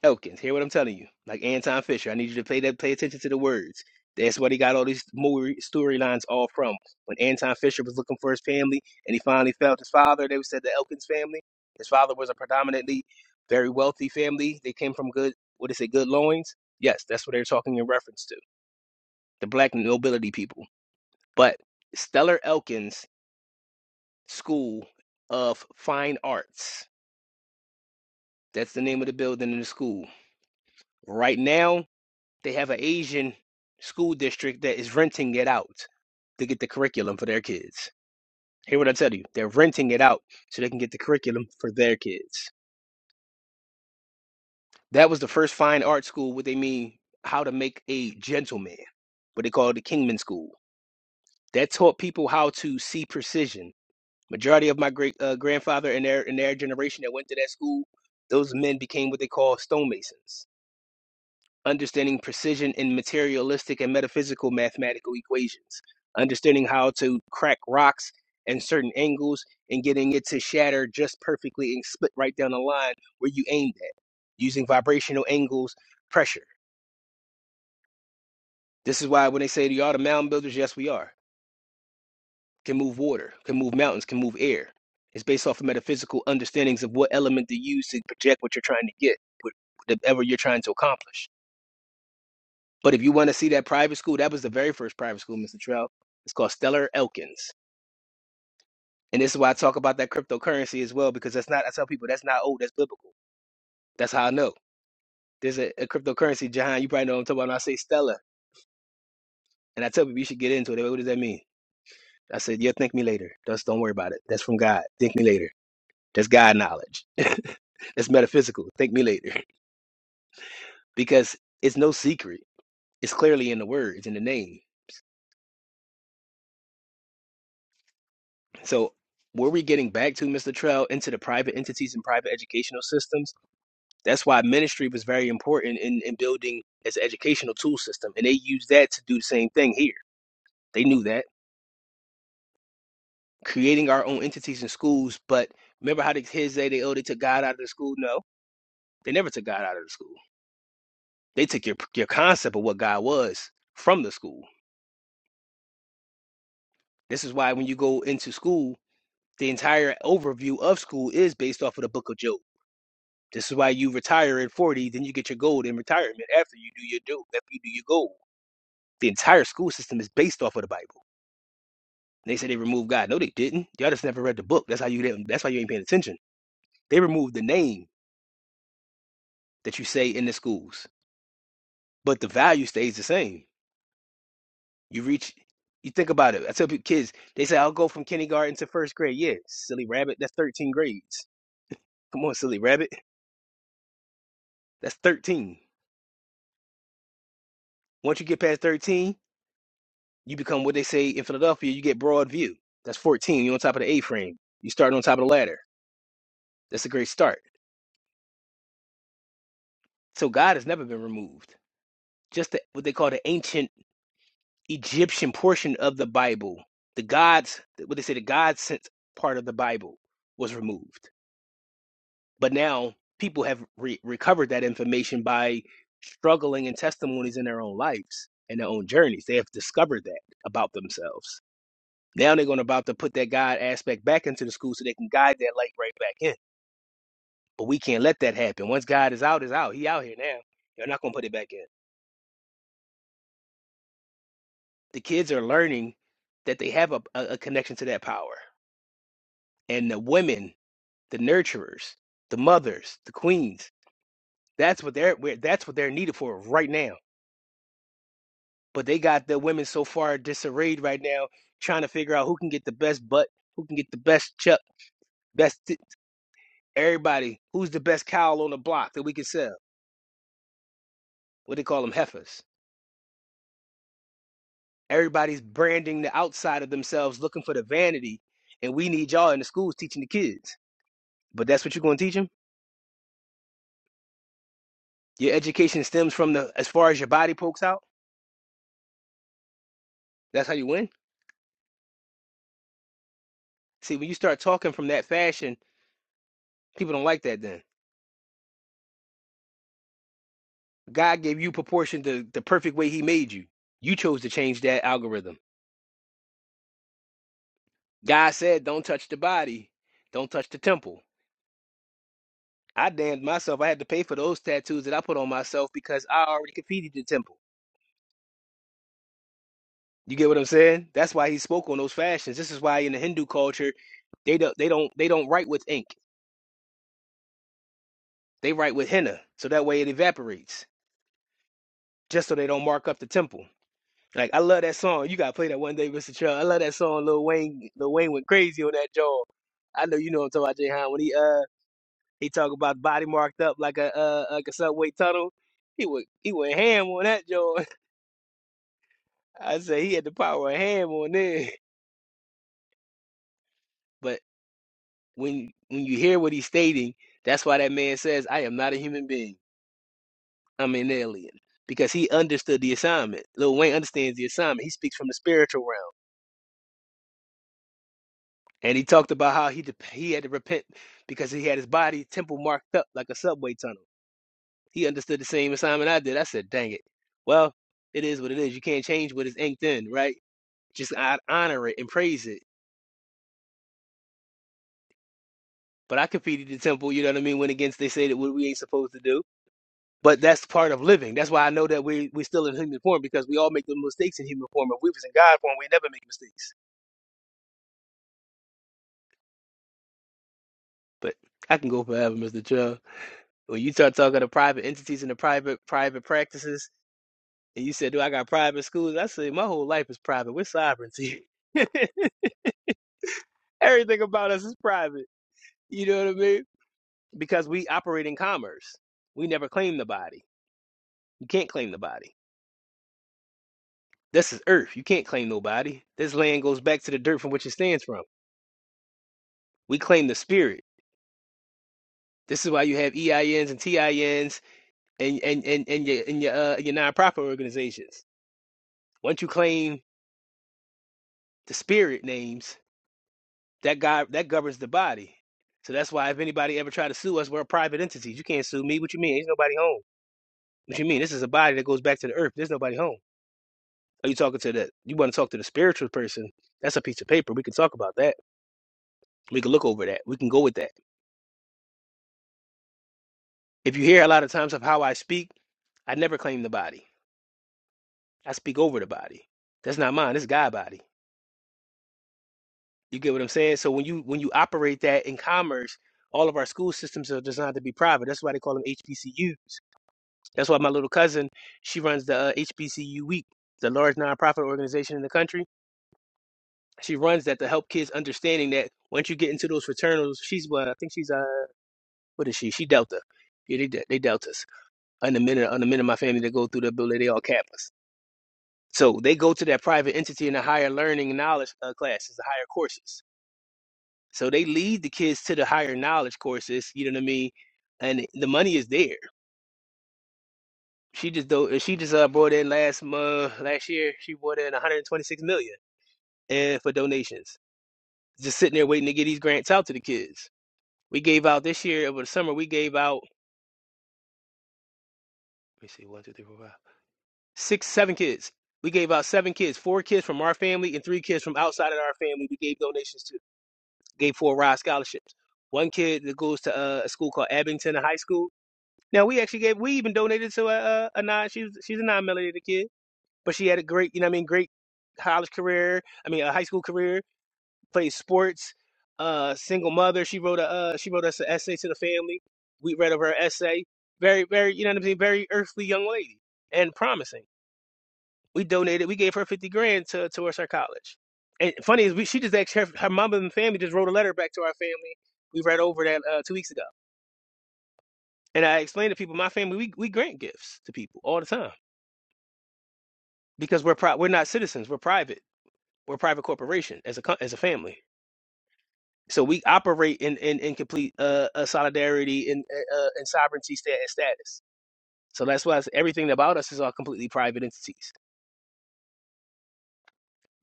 S2: Elkins, hear what I'm telling you. Like Anton Fisher, I need you to pay that pay attention to the words. That's where they got all these movie storylines all from. When Anton Fisher was looking for his family and he finally found his father, they said the Elkins family. His father was a predominantly very wealthy family. They came from good what they say good loins? Yes, that's what they're talking in reference to. The black nobility people. But Stellar Elkins School of Fine Arts. That's the name of the building in the school. Right now, They have an Asian school district that is renting it out to get the curriculum for their kids. Hear what I tell you? They're renting it out so they can get the curriculum for their kids. That was the first fine art school, what they mean, how to make a gentleman, what they call the Kingman School. That taught people how to see precision. Majority of my great uh, grandfather and their and their generation that went to that school, those men became what they call stonemasons understanding precision in materialistic and metaphysical mathematical equations, understanding how to crack rocks and certain angles and getting it to shatter just perfectly and split right down the line where you aimed at, using vibrational angles, pressure. This is why when they say, y'all the mountain builders, yes, we are. Can move water, can move mountains, can move air. It's based off of metaphysical understandings of what element to use to project what you're trying to get, what- whatever you're trying to accomplish. But if you want to see that private school, that was the very first private school, Mr. Trell. It's called Stellar Elkins. And this is why I talk about that cryptocurrency as well, because that's not, I tell people, that's not old, that's biblical. That's how I know. There's a, a cryptocurrency, Jahan, you probably know what I'm talking about. When I say Stellar, and I tell people, you should get into it. They go, What does that mean? I said, yeah, think me later. Just don't worry about it. That's from God. Think me later. That's God knowledge. that's metaphysical. Think me later. Because it's no secret. It's clearly in the word, it's in the name So were we getting back to Mr. Trell into the private entities and private educational systems? That's why ministry was very important in, in building as an educational tool system. And they used that to do the same thing here. They knew that. Creating our own entities and schools, but remember how the kids say they oh they took God out of the school? No. They never took God out of the school. They took your your concept of what God was from the school. This is why when you go into school, the entire overview of school is based off of the book of Job This is why you retire at 40, then you get your gold in retirement after you do your do after you do your gold. The entire school system is based off of the Bible. They said they removed God. No, they didn't. Y'all just never read the book. That's how you didn't, that's why you ain't paying attention. They removed the name that you say in the schools, but the value stays the same. You reach you think about it. I tell people kids, they say I'll go from kindergarten to first grade. Yeah, silly rabbit, that's 13 grades. Come on, silly rabbit. That's 13. Once you get past 13, You become what they say in Philadelphia, you get broad view. That's 14. You're on top of the A frame. You start on top of the ladder. That's a great start. So God has never been removed. Just the, what they call the ancient Egyptian portion of the Bible, the gods, what they say, the God sent part of the Bible was removed. But now people have re- recovered that information by struggling and testimonies in their own lives and their own journeys. They have discovered that about themselves. Now they're going to about to put that God aspect back into the school so they can guide that light right back in. But we can't let that happen. Once God is out, is out. He out here now. You're not going to put it back in. The kids are learning that they have a, a, a connection to that power. And the women, the nurturers, the mothers, the queens, that's what they're where- that's what they're needed for right now. But they got the women so far disarrayed right now, trying to figure out who can get the best butt, who can get the best chuck, best th- everybody, who's the best cowl on the block that we can sell what they call them heifers. Everybody's branding the outside of themselves, looking for the vanity, and we need y'all in the schools teaching the kids. But that's what you're going to teach them. Your education stems from the as far as your body pokes out. That's how you win. See, when you start talking from that fashion, people don't like that. Then God gave you proportion the the perfect way He made you. You chose to change that algorithm. God said, "Don't touch the body, don't touch the temple." I damned myself. I had to pay for those tattoos that I put on myself because I already competed the temple. You get what I'm saying? That's why he spoke on those fashions. This is why in the Hindu culture, they don't they don't they don't write with ink. They write with henna, so that way it evaporates, just so they don't mark up the temple. Like I love that song. You gotta play that one day, Mr. Chubb. I love that song. Lil Wayne, Lil Wayne went crazy on that jaw. I know you know what I'm talking about, Jay Han. When he uh he talk about body marked up like a uh like a subway tunnel, he would he went ham on that jaw. I said he had the power of ham on there. When when you hear what he's stating, that's why that man says, "I am not a human being. I'm an alien." Because he understood the assignment. Lil Wayne understands the assignment. He speaks from the spiritual realm, and he talked about how he dep- he had to repent because he had his body temple marked up like a subway tunnel. He understood the same assignment I did. I said, "Dang it! Well, it is what it is. You can't change what is inked in, right? Just I honor it and praise it." But I competed the temple. You know what I mean? Went against they say that what we ain't supposed to do But that's part of living. That's why I know that we we still in human form because we all make the mistakes in human form. If we was in God form, we never make mistakes. But I can go forever, Mr. Chubb. When you start talking to private entities and the private private practices, and you said, "Do I got private schools?" I say, "My whole life is private. We're sovereignty. Everything about us is private." You know what I mean? Because we operate in commerce. We never claim the body. You can't claim the body. This is earth. You can't claim nobody. This land goes back to the dirt from which it stands from. We claim the spirit. This is why you have E I Ns and T I Ns and and and, and your and your uh, your nonprofit organizations. Once you claim the spirit names, that guy that governs the body. So that's why if anybody ever try to sue us, we're a private entity. You can't sue me. What you mean? Ain't nobody home. What you mean? This is a body that goes back to the earth. There's nobody home. Are you talking to the? You want to talk to the spiritual person? That's a piece of paper. We can talk about that. We can look over that. We can go with that. If you hear a lot of times of how I speak, I never claim the body. I speak over the body. That's not mine. It's God body. You get what I'm saying? So when you when you operate that in commerce, all of our school systems are designed to be private. That's why they call them HBCU. That's why my little cousin, she runs the uh, HBCU Week, the large nonprofit organization in the country. She runs that to help kids understanding that once you get into those fraternals, she's what I think she's uh what is she? She Delta. Yeah, they de- they Deltas. And the men and the men in my family that go through the building, they all Kappas. So they go to that private entity in the higher learning knowledge uh, classes, the higher courses. So they lead the kids to the higher knowledge courses, you know what I mean? And the money is there. She just do she just uh, brought in last month last year, she brought in 126 million and for donations. Just sitting there waiting to get these grants out to the kids. We gave out this year over the summer, we gave out let me see, one, two, three, four, five, six, seven kids. We gave out seven kids, four kids from our family and three kids from outside of our family. We gave donations to gave full ride scholarships. One kid that goes to uh, a school called Abington High School. Now we actually gave we even donated to a a, a non she was she's a non melanated kid, but she had a great you know what I mean great college career. I mean a high school career, played sports. Uh, single mother. She wrote a uh, she wrote us an essay to the family. We read over her essay. Very very you know what I'm saying. Very earthly young lady and promising. We donated. We gave her fifty grand to towards her college. And funny is we she just asked her her mom and family just wrote a letter back to our family. We read over that uh, two weeks ago. And I explained to people, my family, we, we grant gifts to people all the time because we're pri- we're not citizens. We're private. We're a private corporation as a co- as a family. So we operate in in, in complete uh, uh, solidarity and uh, uh, and sovereignty sta- and status. So that's why it's- everything about us is all completely private entities.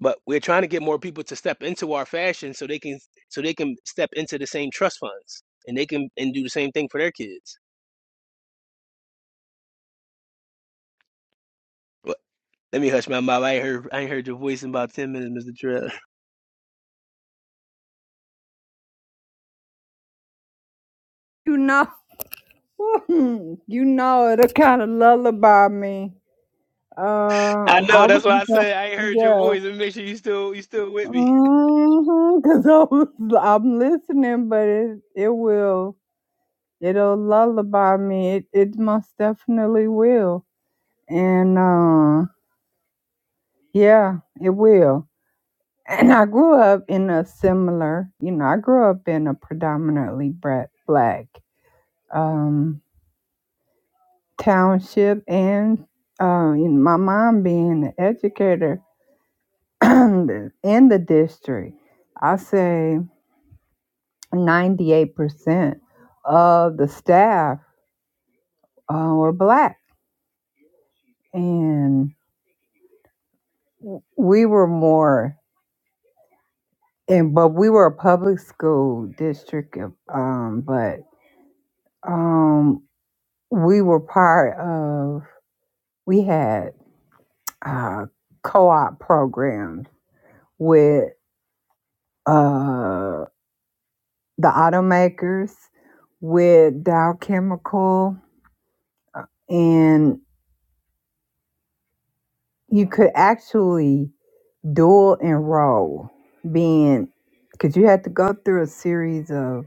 S2: But we're trying to get more people to step into our fashion so they can so they can step into the same trust funds and they can and do the same thing for their kids. But let me hush my mouth. I ain't heard I ain't heard your voice in about ten minutes, Mr. Trill.
S1: You know, you know, it'll kind of lullaby me. Uh,
S2: I
S1: I
S2: know that's why I
S1: was,
S2: said I ain't heard your
S1: yeah.
S2: voice and make sure you still you still with me.
S1: Mm-hmm, Cause I was, I'm listening, but it it will it'll lullaby me. It it most definitely will, and uh, yeah, it will. And I grew up in a similar, you know, I grew up in a predominantly bra- black um township, and uh, you know, my mom being an educator in the district, I say. 98% of the staff uh, were black and we were more and but we were a public school district um but um we were part of we had uh co-op programs with uh the automakers with dow chemical and you could actually dual enroll being because you had to go through a series of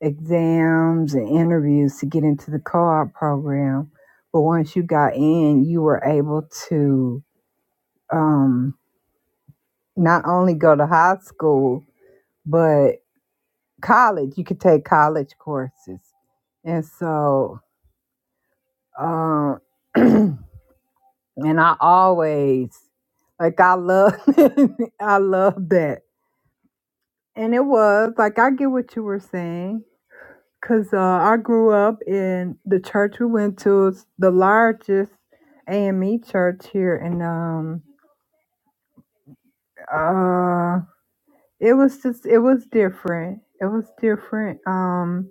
S1: exams and interviews to get into the co-op program but once you got in you were able to um, not only go to high school but college you could take college courses and so um, and i always like i love i love that and it was like i get what you were saying Cause uh, I grew up in the church we went to is the largest AME church here, and um, uh, it was just it was different. It was different. Um,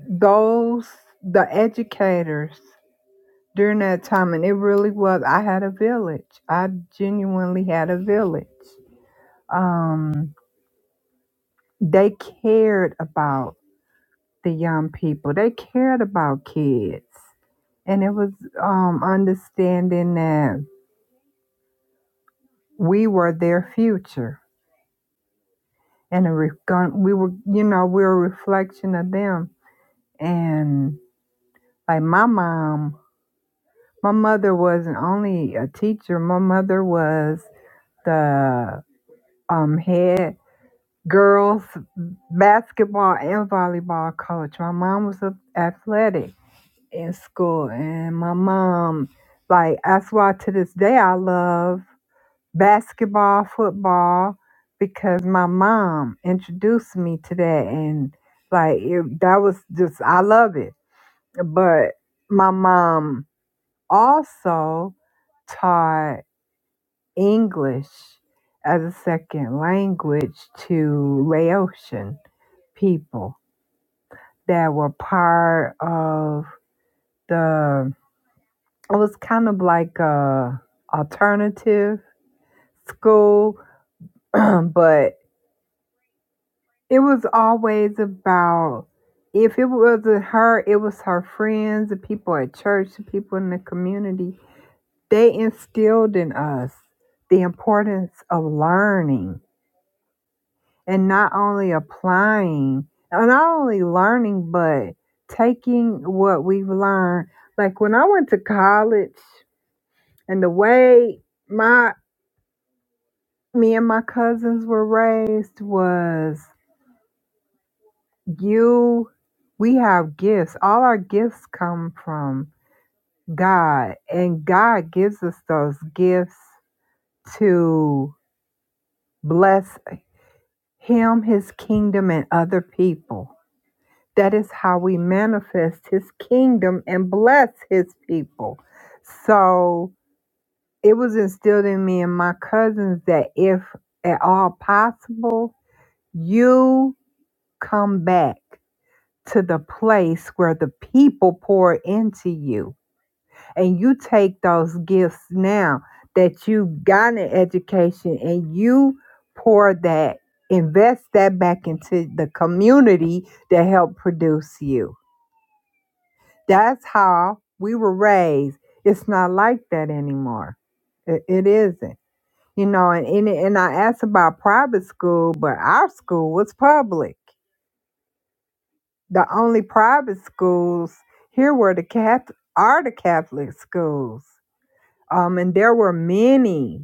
S1: those the educators during that time, and it really was. I had a village. I genuinely had a village. Um, they cared about the young people. They cared about kids and it was um, understanding that we were their future and a re- we were you know we were a reflection of them and like my mom my mother wasn't only a teacher my mother was the um, head girls basketball and volleyball coach my mom was athletic in school and my mom like that's why to this day i love basketball, football, because my mom introduced me to that, and like it, that was just I love it. But my mom also taught English as a second language to Laotian people that were part of the. It was kind of like a alternative school, but It was always about if it wasn't her, it was her friends, the people at church, the people in the community. They instilled in us the importance of learning and not only applying, and not only learning, but taking what we've learned. Like when I went to college, and the way my me and my cousins were raised was You, we have gifts. All our gifts come from God, and God gives us those gifts to bless Him, His kingdom, and other people. That is how we manifest His kingdom and bless His people. So it was instilled in me and my cousins that if at all possible, you come back to the place where the people pour into you and you take those gifts now that you've gotten an education and you pour that, invest that back into the community that helped produce you. That's how we were raised. It's not like that anymore. It, it isn't. You know, and, and and I asked about private school, but our school was public. The only private schools here were the Catholic, are the Catholic schools um, and there were many.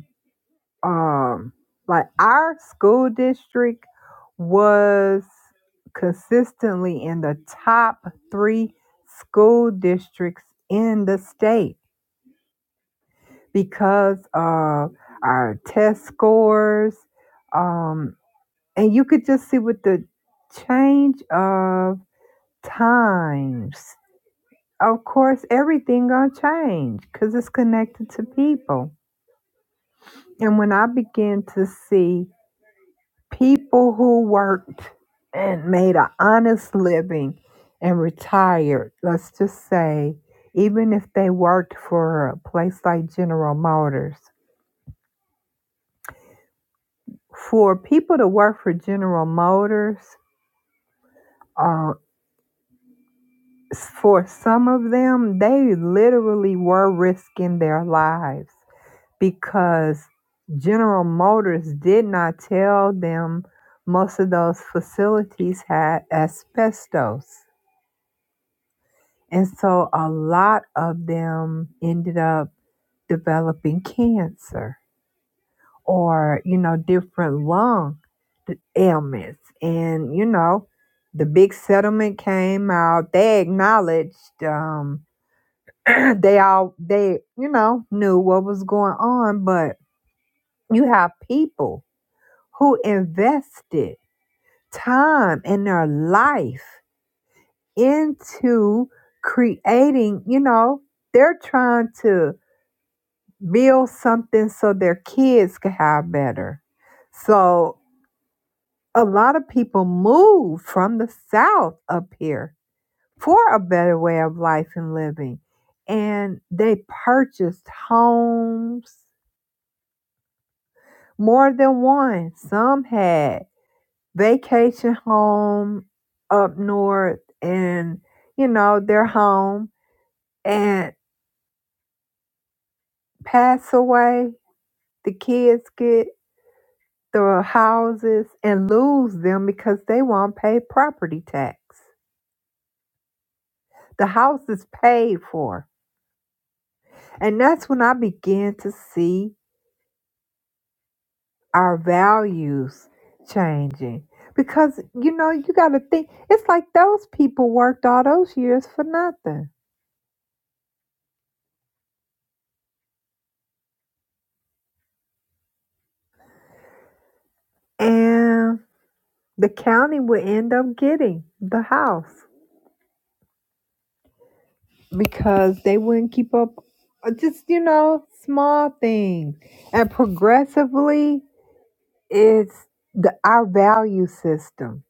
S1: um like our school district was consistently in the top three school districts in the state because of our test scores um and you could just see with the change of times of course everything gonna change because it's connected to people and when i began to see people who worked and made an honest living and retired, let's just say, even if they worked for a place like General Motors, for people to work for General Motors, uh, for some of them, they literally were risking their lives because General Motors did not tell them most of those facilities had asbestos And so a lot of them ended up developing cancer or, you know, different lung ailments. And, you know, the big settlement came out. They acknowledged um, they all, they, you know, knew what was going on. But you have people who invested time and their life into creating, you know, they're trying to build something so their kids could have better. So a lot of people moved from the South up here for a better way of life and living. And they purchased homes, more than one. Some had vacation home up north and, you know, their home and pass away. The kids get the houses and lose them because they won't pay property tax. The house is paid for. And that's when I began to see our values changing. Because, you know, you got to think, it's like those people worked all those years for nothing. And the county would end up getting the house because they wouldn't keep up, uh, just, you know, small things. And progressively, It's the our value system.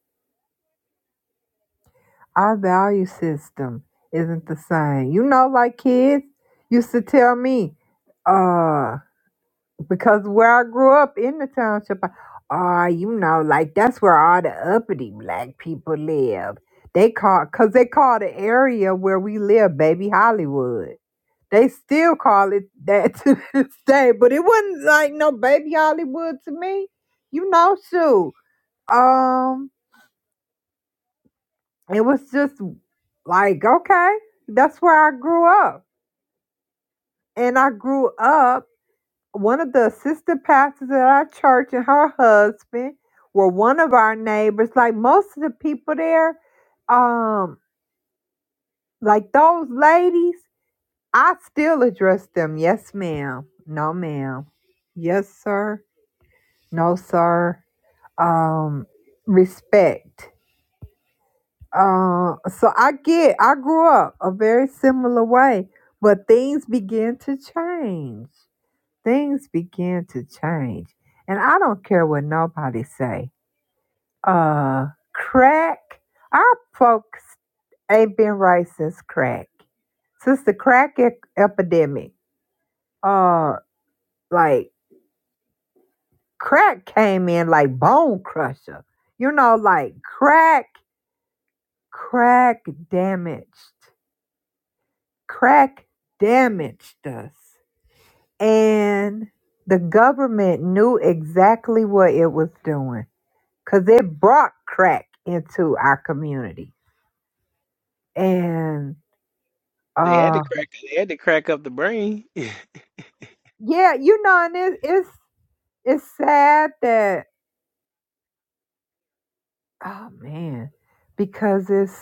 S1: Our value system isn't the same. You know, like kids used to tell me, uh, because where I grew up in the township, I- ah, you know, like that's where all the uppity black people live. They call, cause they call the area where we live, baby Hollywood. They still call it that to this day, but it wasn't like no baby Hollywood to me. You know, shoot. Um, it was just like okay that's where i grew up and i grew up one of the assistant pastors at our church and her husband were one of our neighbors like most of the people there um like those ladies i still address them yes ma'am no ma'am yes sir no sir um respect Uh, so I get, I grew up a very similar way, but things began to change. Things began to change, and I don't care what nobody say. Uh, crack. Our folks ain't been right since crack, since the crack ec- epidemic. Uh, like crack came in like bone crusher. You know, like crack, crack damaged. Crack damaged us. And the government knew exactly what it was doing because it brought crack into our community. And
S2: They had to
S1: uh,
S2: crack. They had to crack up the brain.
S1: yeah, you know, and it, it's it's sad that oh man, because it's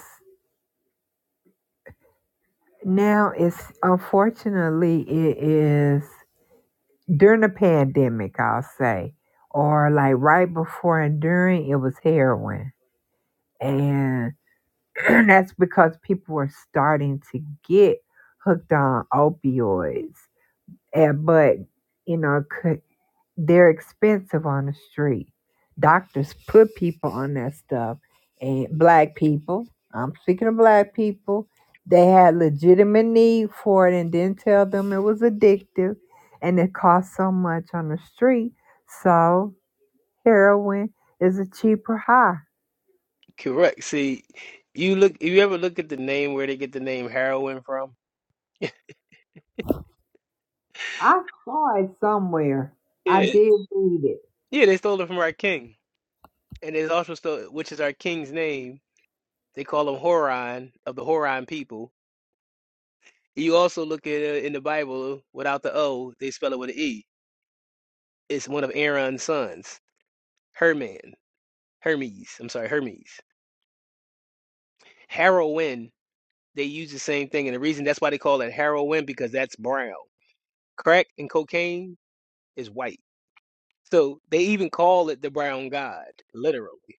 S1: now it's unfortunately it is during the pandemic I'll say, or like right before and during it was heroin and and that's because people were starting to get hooked on opioids. And, but you know, could, they're expensive on the street. Doctors put people on that stuff, and black people. I'm speaking of black people. They had legitimate need for it, and didn't tell them it was addictive, and it cost so much on the street. So heroin is a cheaper high.
S2: Correct. See, you look. If you ever look at the name where they get the name heroin from, yeah,
S1: I saw it somewhere. I did read it.
S2: yeah, they stole it from our king, and it's also still, which is our king's name. They call him Horon of the Horon people. You also look at it in the Bible without the O, they spell it with an E. It's one of Aaron's sons, Herman, Hermes. I'm sorry, Hermes. Heroin. They use the same thing, and the reason that's why they call it heroin because that's brown. Crack and cocaine is white. So they even call it the brown god, literally.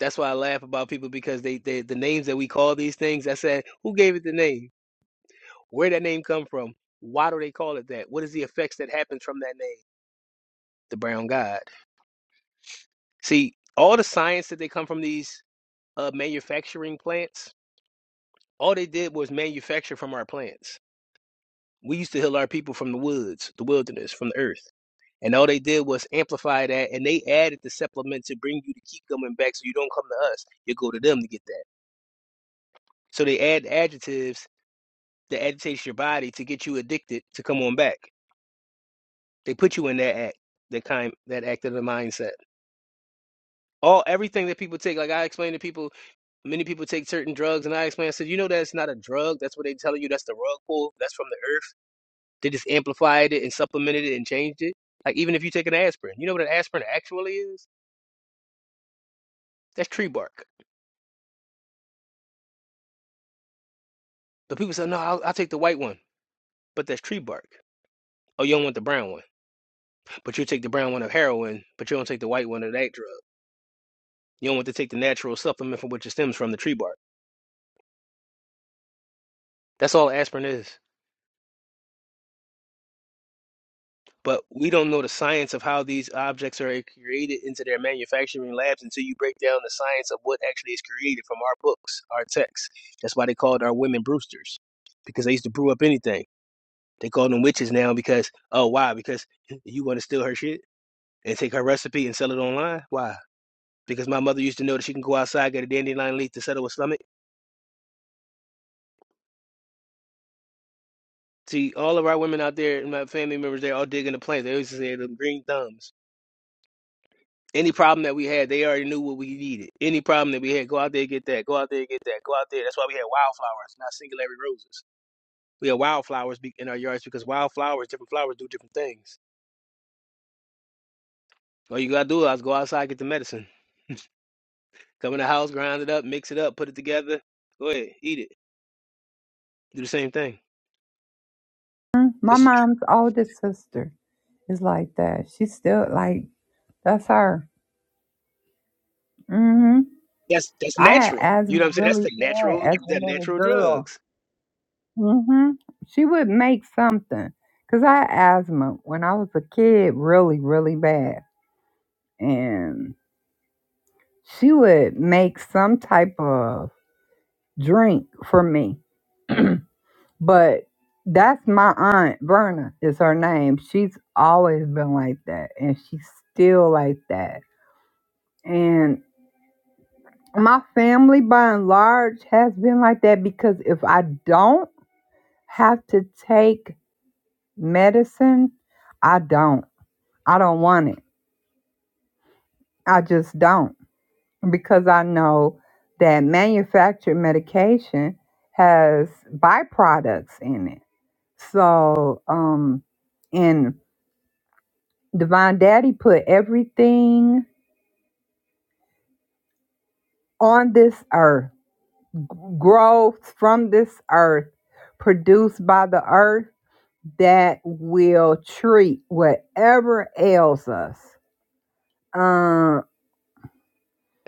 S2: That's why I laugh about people because they, they the names that we call these things. I said, who gave it the name? Where did that name come from? Why do they call it that? What is the effects that happens from that name? The brown god. See, all the science that they come from these uh, manufacturing plants, all they did was manufacture from our plants. We used to heal our people from the woods, the wilderness, from the earth. And all they did was amplify that and they added the supplement to bring you to keep coming back so you don't come to us. You go to them to get that. So they add adjectives that agitates your body to get you addicted to come on back. They put you in that act, that kind that act of the mindset. All everything that people take, like I explained to people, many people take certain drugs and I explained, I said, you know that's not a drug. That's what they telling you, that's the rug pull, that's from the earth. They just amplified it and supplemented it and changed it. Like even if you take an aspirin, you know what an aspirin actually is? That's tree bark. The people say, no, I'll, I'll take the white one, but that's tree bark. Oh, you don't want the brown one, but you take the brown one of heroin, but you don't take the white one of that drug. You don't want to take the natural supplement from which it stems from the tree bark. That's all aspirin is. But we don't know the science of how these objects are created into their manufacturing labs until you break down the science of what actually is created from our books, our texts. That's why they called our women Brewsters, because they used to brew up anything. They call them witches now because, oh, why? Because you want to steal her shit and take her recipe and sell it online? Why? because my mother used to know that she can go outside, get a dandelion leaf to settle her stomach. See, all of our women out there, and my family members, they're all digging the plants. They always say the green thumbs. Any problem that we had, they already knew what we needed. Any problem that we had, go out there and get that. Go out there and get that. Go out there. That's why we had wildflowers, not singularity roses. We had wildflowers be- in our yards because wildflowers, different flowers do different things. All you gotta do is go outside, get the medicine. Come in the house, grind it up, mix it up, put it together. Go ahead, eat it. Do the same thing.
S1: My
S2: This is.
S1: mom's oldest sister is like that. She's still like that's her. hmm
S2: That's that's
S1: I had
S2: natural.
S1: asthma
S2: You know what I'm saying? That's
S1: really
S2: the
S1: bad
S2: natural
S1: as a
S2: the
S1: little
S2: natural
S1: girl.
S2: drugs.
S1: hmm She would make something because I had asthma when I was a kid, really, really bad, and she would make some type of drink for me. But that's my aunt Verna is her name. She's always been like that, and she's still like that. And my family by and large has been like that because if I don't have to take medicine, I don't. I don't want it. I just don't because I know that manufactured medication has byproducts in it. So, um and Divine Daddy put everything on this earth, growth from this earth, produced by the earth that will treat whatever ails us. Um,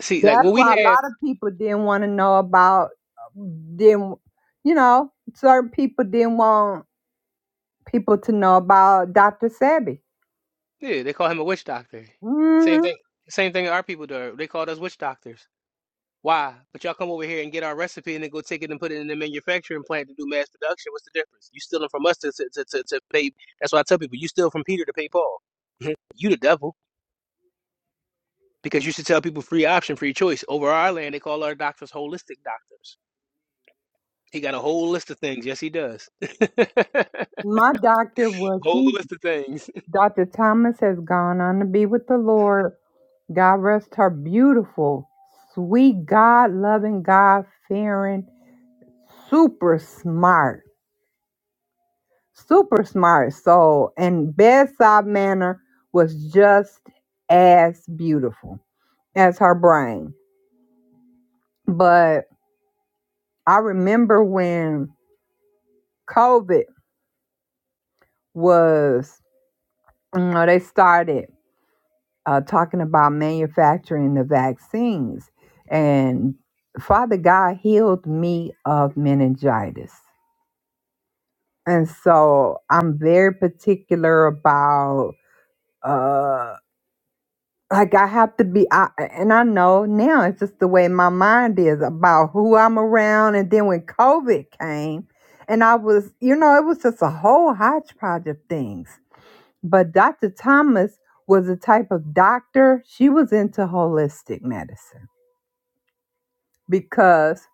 S2: See, like
S1: that's
S2: what
S1: why
S2: we
S1: a
S2: have,
S1: lot of people didn't want to know about didn't you know certain people didn't want people to know about Dr. Sebi.
S2: yeah, they call him a witch doctor. Same
S1: hmm
S2: thing same thing our people do. They called us witch doctors. Why? But y'all come over here and get our recipe and then go take it and put it in the manufacturing plant to do mass production. What's the difference? You stealing from us to to, to, to to pay that's why I tell people you steal from Peter to pay Paul. you the devil. Because you should tell people free option, free choice. Over our land, they call our doctors holistic doctors. He got a whole list of things. Yes, he does.
S1: My doctor was
S2: whole
S1: she
S2: list of things.
S1: Dr. Thomas has gone on to be with the Lord. God rest her beautiful, sweet, God loving, God fearing, super smart. super smart soul, and bedside manner was just as beautiful as her brain. But I remember when COVID was, you know, they started uh, talking about manufacturing the vaccines, and Father God healed me of meningitis. And so I'm very particular about uh. like I have to be, I, and I know now it's just the way my mind is about who I'm around. And then when COVID came, and I was, you know, it was just a whole hodgepodge of things. But Dr. Thomas was a type of doctor, she was into holistic medicine because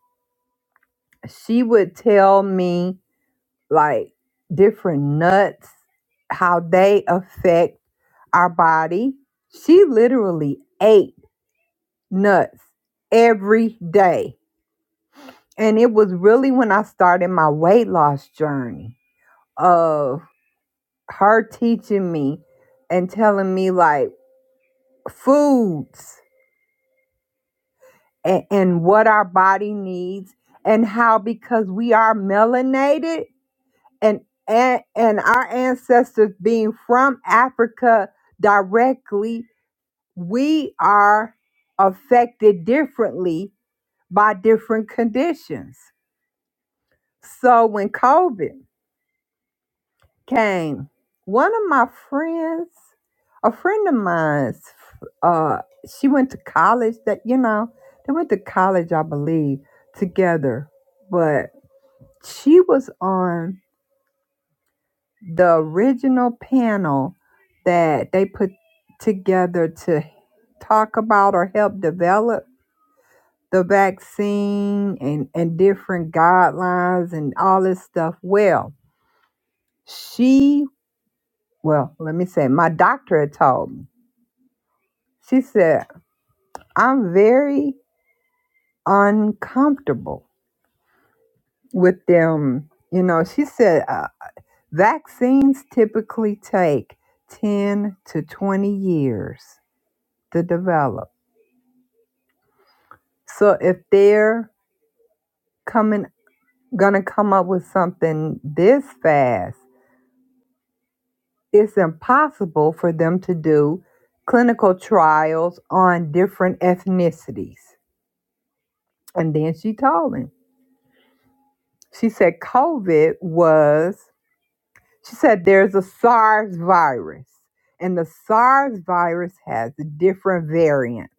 S1: she would tell me like different nuts, how they affect our body. She literally ate. nuts every day. And it was really when I started my weight loss journey of her teaching me and telling me like foods and, and what our body needs and how because we are melanated and, and and our ancestors being from Africa directly, we are affected differently by different conditions. So when COVID came, one of my friends, a friend of mine's, uh, she went to college. That you know, they went to college, I believe, together. But she was on the original panel that they put together to talk about or help develop the vaccine and and different guidelines and all this stuff. Well, she. Well, let me say, my doctor had told me. She said, I'm very uncomfortable with them. You know, she said, uh, vaccines typically take 10 to 20 years to develop. So if they're coming, gonna come up with something this fast, it's impossible for them to do clinical trials on different ethnicities. And then she told me. She said COVID was, she said there's a SARS virus, and the SARS virus has different variants.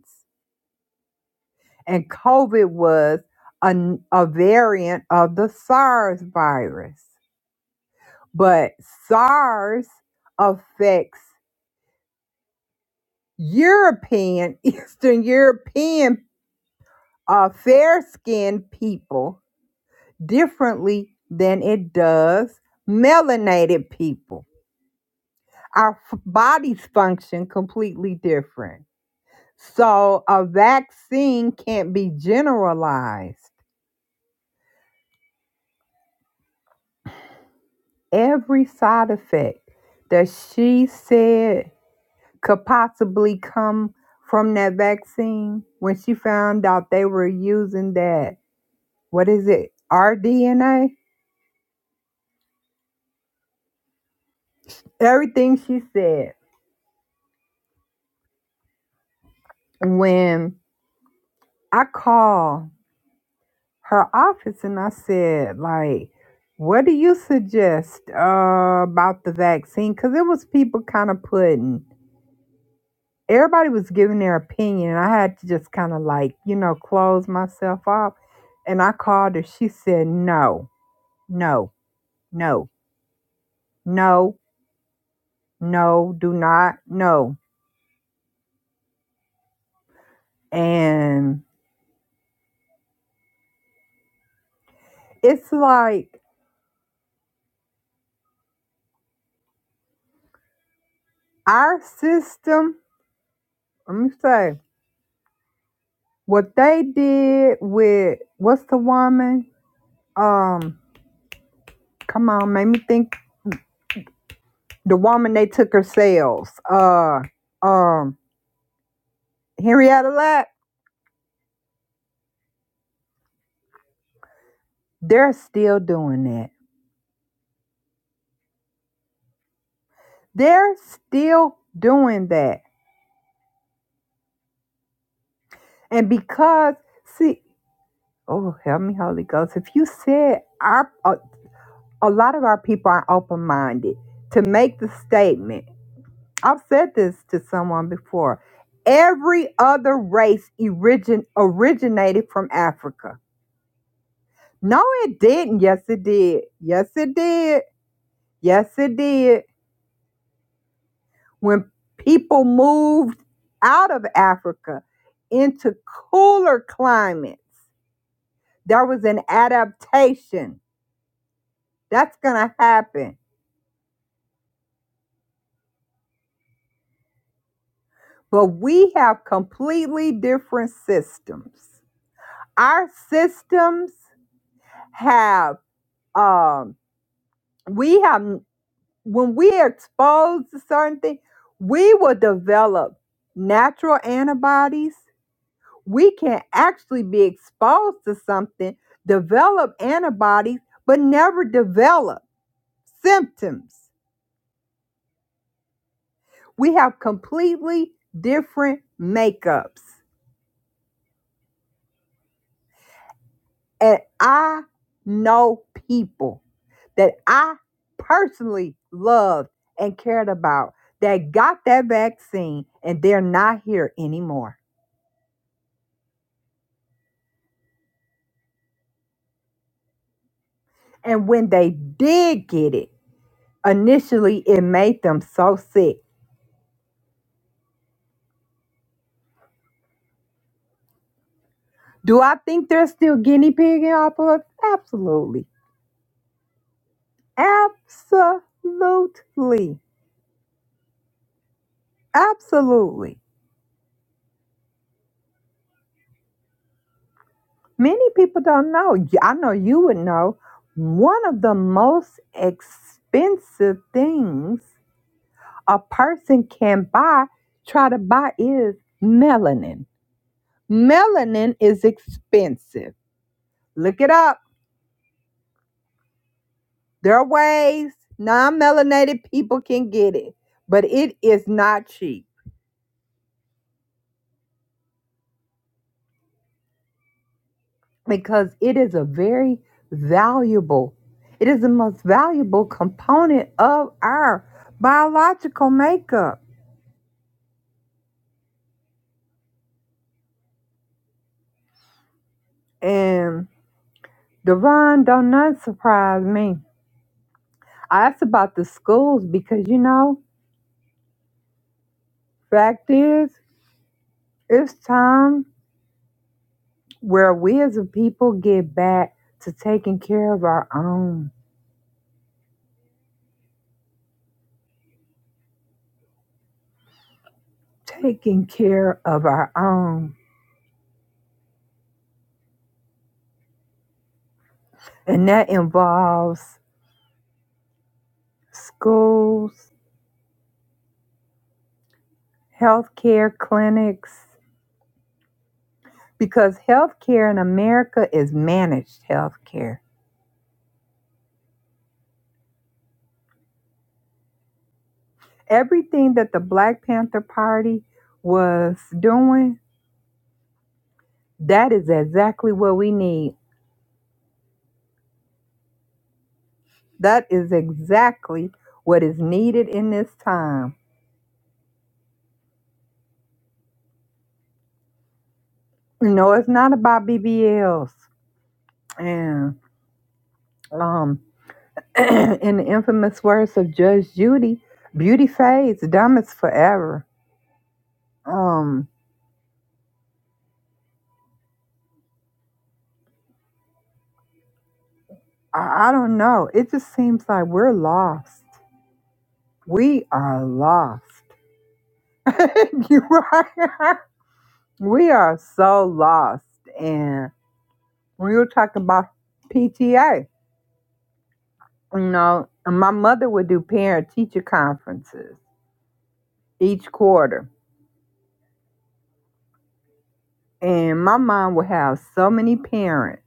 S1: And COVID was a a variant of the SARS virus. But SARS affects European, Eastern European, uh, fair skinned people differently than it does melanated people. our f- bodies function completely different. So a vaccine can't be generalized. Every side effect that she said could possibly come from that vaccine when she found out they were using that, what is it, RDNA? Everything she said when I call her office and I said, like, what do you suggest uh, about the vaccine? Because it was people kind of putting, everybody was giving their opinion. And I had to just kind of like, you know, close myself off. And I called her. She said, no, no, no, no, no, do not, no. And it's like our system, let me say, what they did with, what's the woman? Um, Come on, made me think the woman they took her sales. Uh um Henrietta Lack, they're still doing that. They're still doing that. And because see, oh help me, Holy Ghost. If you said our a, a lot of our people are open minded to make the statement. I've said this to someone before. Every other race origin, originated from Africa. No, it didn't. Yes, it did. Yes, it did Yes, it did. When people moved out of Africa into cooler climates, there was an adaptation. That's going to happen. But we have completely different systems. Our systems have, um, we have, when we are exposed to certain things, we will develop natural antibodies we can actually be exposed to something, develop antibodies, but never develop symptoms. We have completely different makeups. And I know people that I personally loved and cared about that got that vaccine and they're not here anymore. And when they did get it, initially it made them so sick Do I think they're still guinea pigging off of us? Absolutely. Absolutely. Absolutely. Many people don't know. Y- I know you would know. One of the most expensive things a person can buy, try to buy, is melanin. Melanin is expensive. Look it up. There are ways non melanated people can get it, but it is not cheap. because it is a very valuable, it is the most valuable component of our biological makeup. And Devon don't not surprise me. I asked about the schools because you know, fact is, it's time where we as a people get back to taking care of our own, taking care of our own, and that involves schools, healthcare clinics, because healthcare in America is managed healthcare. Everything that the Black Panther Party was doing, that is exactly what we need. That is exactly what is needed in this time. You know, it's not about BBLs. And um, in the infamous words of Judge Judy, beauty fades, dumb is forever. Um, I, I don't know. It just seems like we're lost. We are lost you right. We are so lost. And when you were talking about PTA, you know, my mother would do parent teacher conferences each quarter. And my mom would have so many parents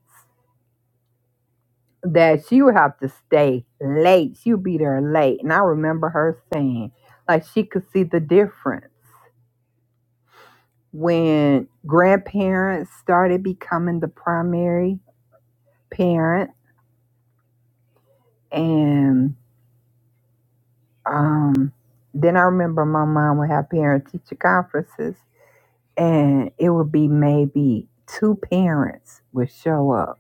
S1: that she would have to stay late. She would be there late. And I remember her saying, like, she could see the difference when grandparents started becoming the primary parent and. Um, then I remember my mom would have parent teacher conferences, and it would be maybe two parents would show up.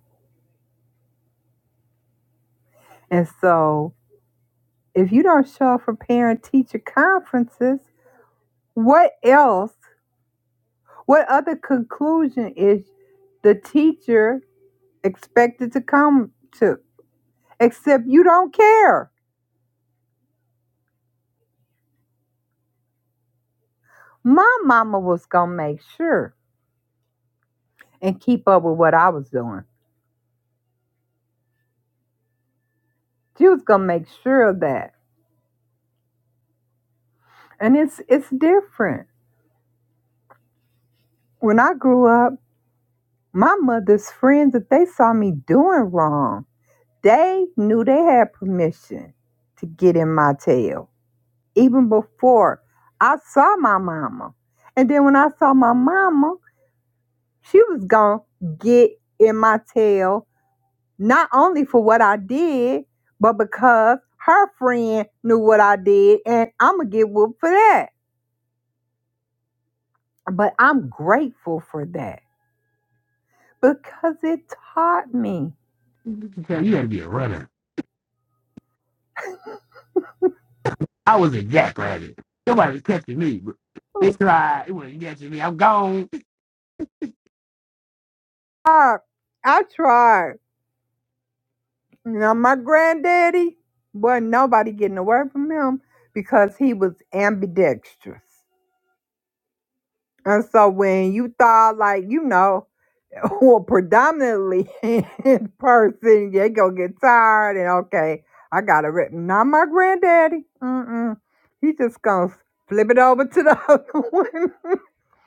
S1: And so, if you don't show up for parent teacher conferences, what else? What other conclusion is the teacher expected to come to? Except you don't care. My mama was gonna make sure and keep up with what I was doing. She was gonna make sure of that. And it's it's different When I grew up, my mother's friends, if they saw me doing wrong, they knew they had permission to get in my tail, even before I saw my mama. And then when I saw my mama, she was going to get in my tail, not only for what I did, but because her friend knew what I did, and I'm going to get whooped for that. But I'm grateful for that because it taught me.
S2: You tell- you had to be a runner. I was a jackrabbit. Nobody was catching me. but They tried. It wasn't catching me. I'm gone.
S1: I, I tried. Now my granddaddy, wasn't nobody getting away from him because he was ambidextrous. And so when you thought like, you know, well predominantly in person, they gonna get tired and okay, I got it written. not my granddaddy. Mm-mm. He just gonna flip it over to the other one.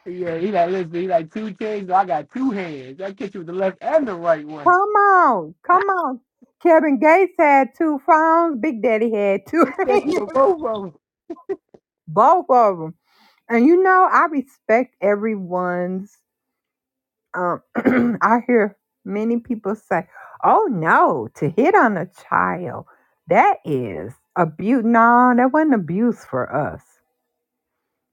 S2: Yeah, he like, listen, he like two chains. So I got two hands. I catch you with the left and the right
S1: Come
S2: one.
S1: on, come on. Kevin Gates had two phones, Big Daddy had two.
S2: It's catch me with both of them.
S1: Both of them. And you know, I respect everyone's. Um, I hear many people say, "Oh no, to hit on a child, that is abuse." No, that wasn't abuse for us.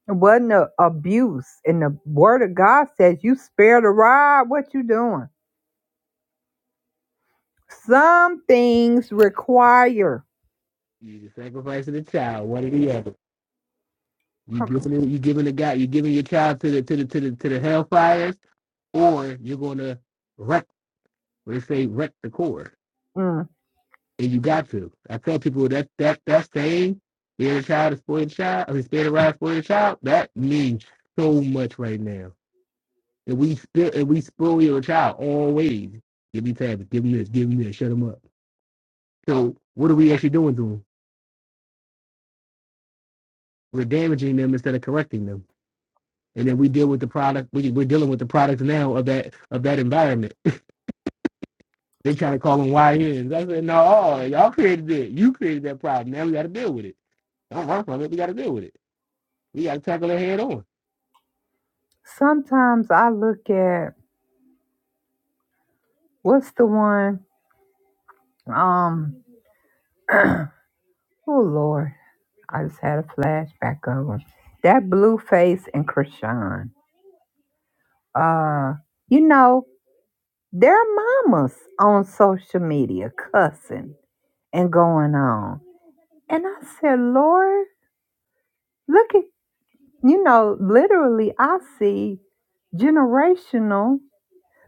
S1: It wasn't a abuse. And the Word of God says, "You spare the rod. What you doing?" Some things require
S2: You are sacrificing the child, one or the other. You
S1: Hurtful.
S2: giving you giving the guy, you giving your child to the to the to the to the hellfires, or you're gonna wreck. They say wreck the core.
S1: Mm.
S2: And you got to. I tell people that that that saying, "Spare the child is spoil the child." I mean, "Spare the rod, spoil the child." That means so much right now. And we still and we spoil your child always. Give me tablets, Give them this. Give them this. Shut them up. So what are we actually doing to them? We're damaging them instead of correcting them. And then we deal with the product. We, we're dealing with the products now of that of that environment. They try to call them YNs. I said, no, oh, y'all created it. You created that problem. Now we got to deal with it. Don't run from it. We got to deal with it. We got to tackle it head on.
S1: Sometimes I look at what's the one? Um, oh Lord, I just had a flashback of him. That Blueface and Krishan. Uh, you know, their mamas on social media cussing and going on. And I said, Lord, look at You know, literally, I see generational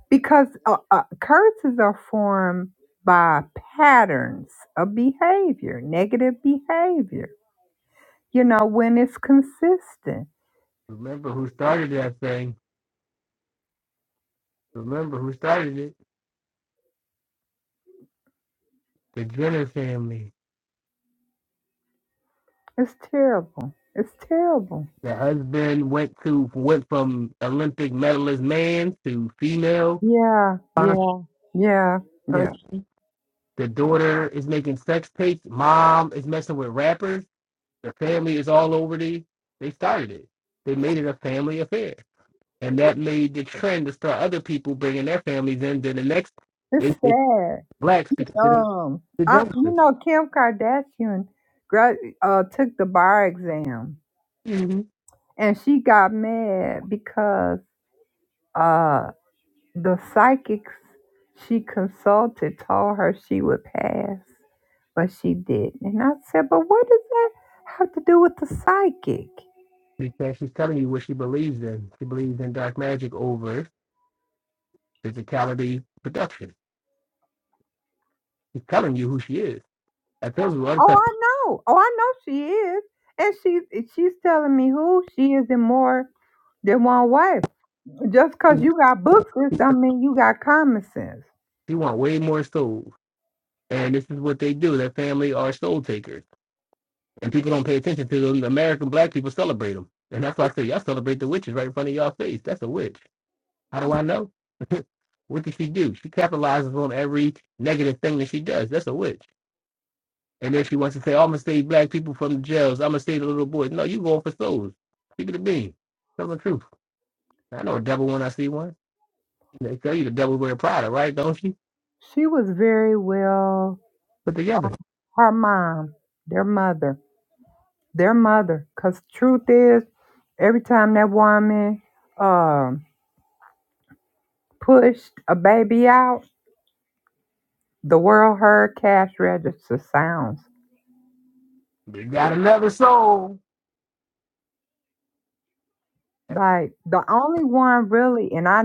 S1: because uh, uh, curses are formed by patterns of behavior, negative behavior. You know, when it's consistent,
S2: Remember who started that thing. Remember who started it. The Jenner family.
S1: it's terrible. It's terrible.
S2: The husband went to went from Olympic medalist man to female
S1: Yeah, yeah, yeah, yeah.
S2: country. The daughter is making sex tapes. Mom is messing with rappers. The family is all over the. They started it. They made it a family affair, and that made the trend to start other people bringing their families in. Then the next,
S1: It's
S2: it, it's
S1: sad.
S2: blacks because it is
S1: Um,
S2: the
S1: I, you
S2: Joneses.
S1: know, Kim Kardashian gra- uh, took the bar exam
S2: Mm-hmm.
S1: and she got mad because uh, The psychics she consulted told her she would pass, but she didn't. And I said, But what does that have to do with the psychic?
S2: because she's telling you what she believes in. She believes in dark magic over physicality production. She's telling you who she is. I tells you all the
S1: Oh,
S2: time,
S1: I know. Oh, I know she is. And she's she's telling me who she is in more than one way. Just
S2: she
S1: because you got books, sense don't mean you got common sense.
S2: she want way more souls. And this is what they do. Their family are soul takers. And people don't pay attention to them. American black people celebrate them. And that's why I say, y'all celebrate the witches right in front of y'all face. That's a witch. How do I know? what did she do? She capitalizes on every negative thing that she does. That's a witch. And then she wants to say, oh, I'm going to save black people from the jails. I'm going to save the little boys. No, you going for souls. Keep it a bean. Tell the truth. I know a devil when I see one. They tell you the devil wear Prada, right? Don't you?
S1: She was very well
S2: Put together.
S1: her mom, their mother. their mother. Cause truth is, every time that woman um pushed a baby out, the world heard cash register sounds.
S2: They got another soul.
S1: Like the only one really, and I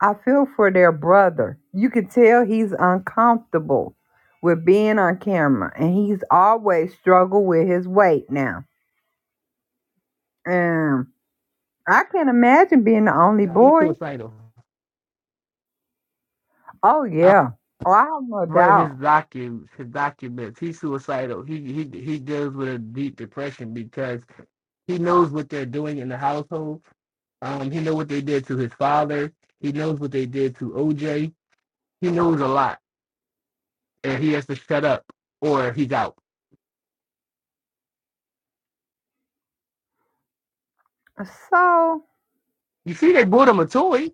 S1: I feel for their brother. You can tell he's uncomfortable with being on camera, and he's always struggled with his weight now. And I can't imagine being the only
S2: Now he's
S1: boy.
S2: suicidal.
S1: Oh
S2: I've
S1: yeah, oh I have no
S2: read his
S1: doubt.
S2: docu his documents. He's suicidal. He he he deals with a deep depression because he knows what they're doing in the household. Um, he knows what they did to his father. He knows what they did to OJ. He knows a lot. and he has to shut up or he's out.
S1: So.
S2: You see, they bought him a toy,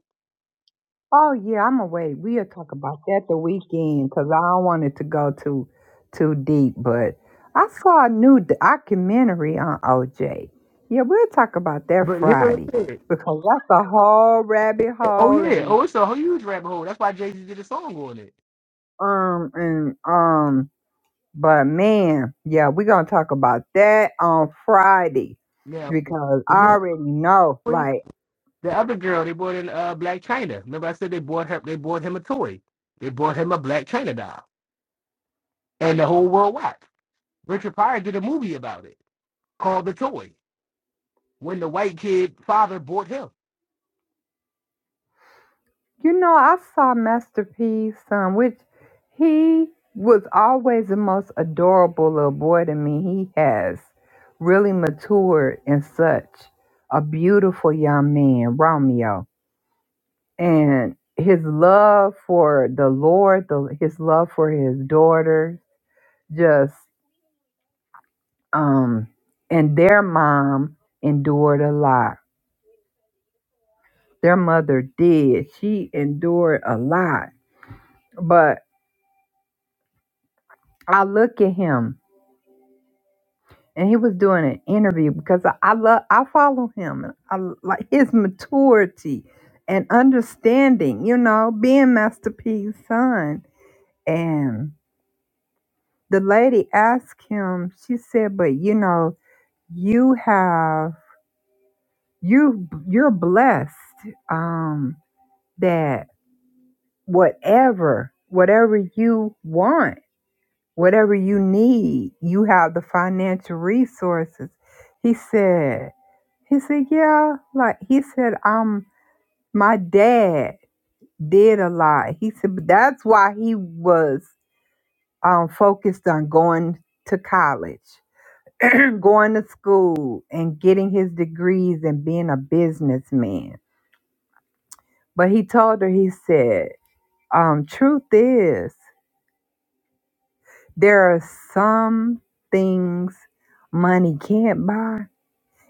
S1: Oh yeah, I'm away. We'll talk about that the weekend because I don't want it to go too too deep. But I saw a new documentary on OJ. Yeah, we'll talk about that
S2: but here's what it
S1: Friday
S2: said.
S1: because that's a whole rabbit
S2: Oh
S1: hole
S2: yeah,
S1: and
S2: oh it's a huge rabbit hole. That's why Jay Z did a song on it.
S1: um and um. But man, yeah, we're gonna talk about that on Friday
S2: Now
S1: because I
S2: remember
S1: already know.
S2: the toy?
S1: Like
S2: The other girl they bought in uh, Black China. Remember I said they bought her, they bought him a toy. They bought him a Black China doll, and the whole world watched. Richard Pryor did a movie about it called The Toy. When the white kid father bought him,
S1: You know, I saw Masterpiece, son. which he was always the most adorable little boy to me. He has really matured and such a beautiful young man, Romeo. And his love for the Lord, the, his love for his daughter, just, um, and their mom endured a lot. Their mother did. She endured a lot. But I look at him and he was doing an interview because I, I love I follow him and I l- like his maturity and understanding, you know, being Master P's son. And the lady asked him, she said, "But you know, you have you you're blessed um, that whatever whatever you want." Whatever you need, you have the financial resources. He said, he said, Yeah, like he said, um, my dad did a lot. He said, but that's why he was um focused on going to college, going to school and getting his degrees and being a businessman. But he told her, he said, um, truth is there are some things money can't buy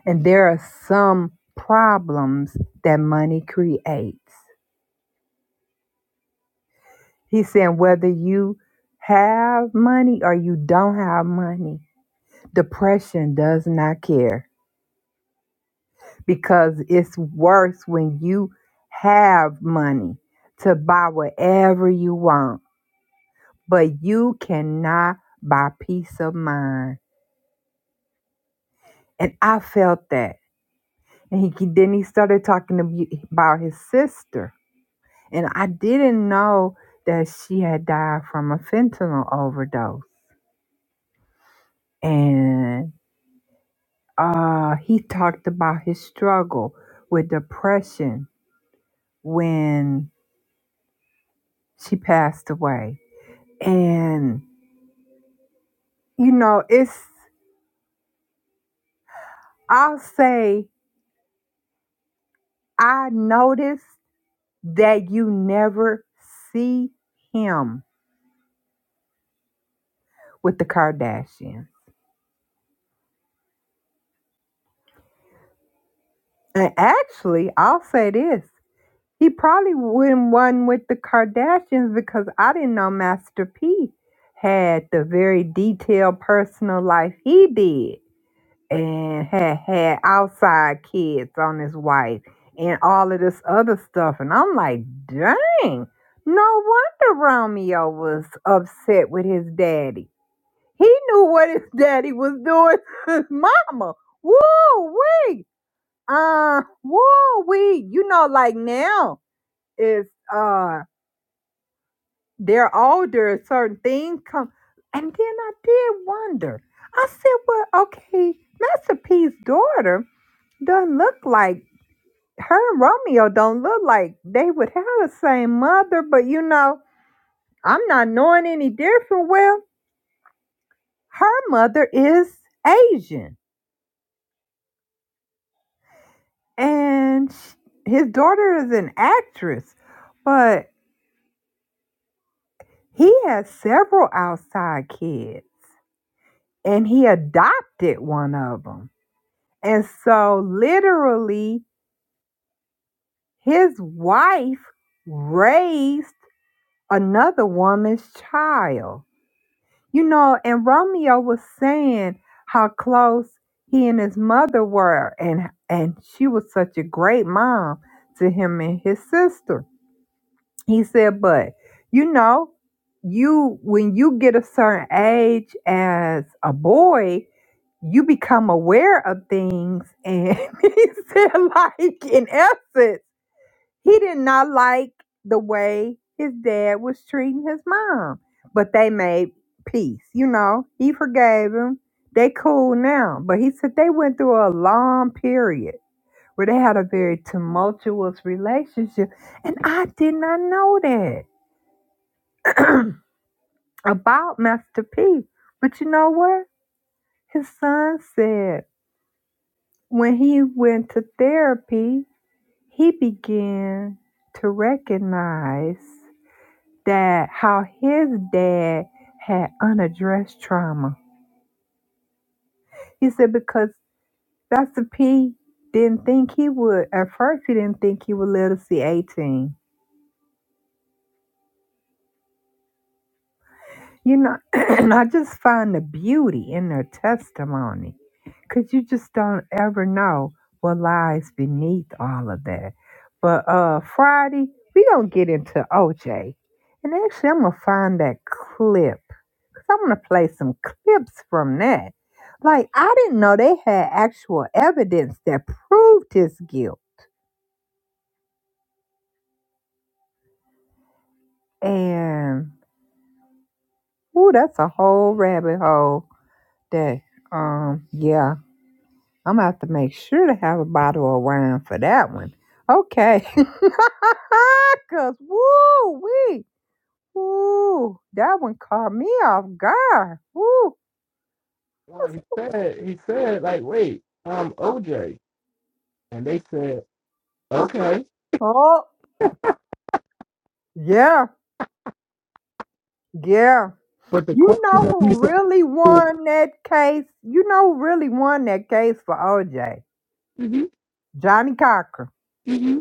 S1: And there are some problems that money creates. He's saying whether you have money or you don't have money, depression does not care because it's worse when you have money to buy whatever you want, but you cannot buy peace of mind. And I felt that. And he then he started talking about his sister And I didn't know that she had died from a fentanyl overdose. And uh, he talked about his struggle with depression when she passed away. And, you know, it's, I'll say, I noticed that you never see him with the Kardashians. And actually, I'll say this He probably wouldn't won with the Kardashians because I didn't know Master P had the very detailed personal life he did and had had outside kids on his wife and all of this other stuff. And I'm like, dang, no wonder Romeo was upset with his daddy. He knew what his daddy was doing to his mama. Woo wee. Uh, woo wee. You know, like now is uh they're older, certain things come and then I did wonder. I said, Well, okay, Master P's daughter doesn't look like her and Romeo don't look like they would have the same mother, but you know, I'm not knowing any different. Well, her mother is Asian and sh- his daughter is an actress, but he has several outside kids and he adopted one of them And so, literally, his wife raised another woman's child. You know, and Romeo was saying how close he and his mother were, and and she was such a great mom to him and his sister. He said, but you know, you when you get a certain age as a boy, you become aware of things. And he said, like in essence, he did not like the way his dad was treating his mom. But they made peace, you know. He forgave him. They cool now. But he said they went through a long period where they had a very tumultuous relationship. And I did not know that. about Master P. But you know what? His son said when he went to therapy, he began to recognize that how his dad had unaddressed trauma. He said because Master P didn't think he would, at first, he didn't think he would let us see 18. You know, and I just find the beauty in their testimony because you just don't ever know what lies beneath all of that. But uh Friday, we going to get into OJ. And actually, I'm going to find that clip because I'm going to play some clips from that. Like, I didn't know they had actual evidence that proved his guilt. And, ooh, that's a whole rabbit hole that, um, yeah. I'm gonna have to make sure to have a bottle of wine for that one. Okay. Cause woo wee. Woo. That one caught me off guard. Woo.
S2: well, he said he said like, wait, I'm OJ, and they said okay,
S1: Oh yeah, yeah.
S2: but the
S1: You
S2: question
S1: know
S2: that he
S1: who
S2: said.
S1: really won that case? You know who really won that case for OJ?
S2: hmm
S1: Johnny Cochran.
S2: hmm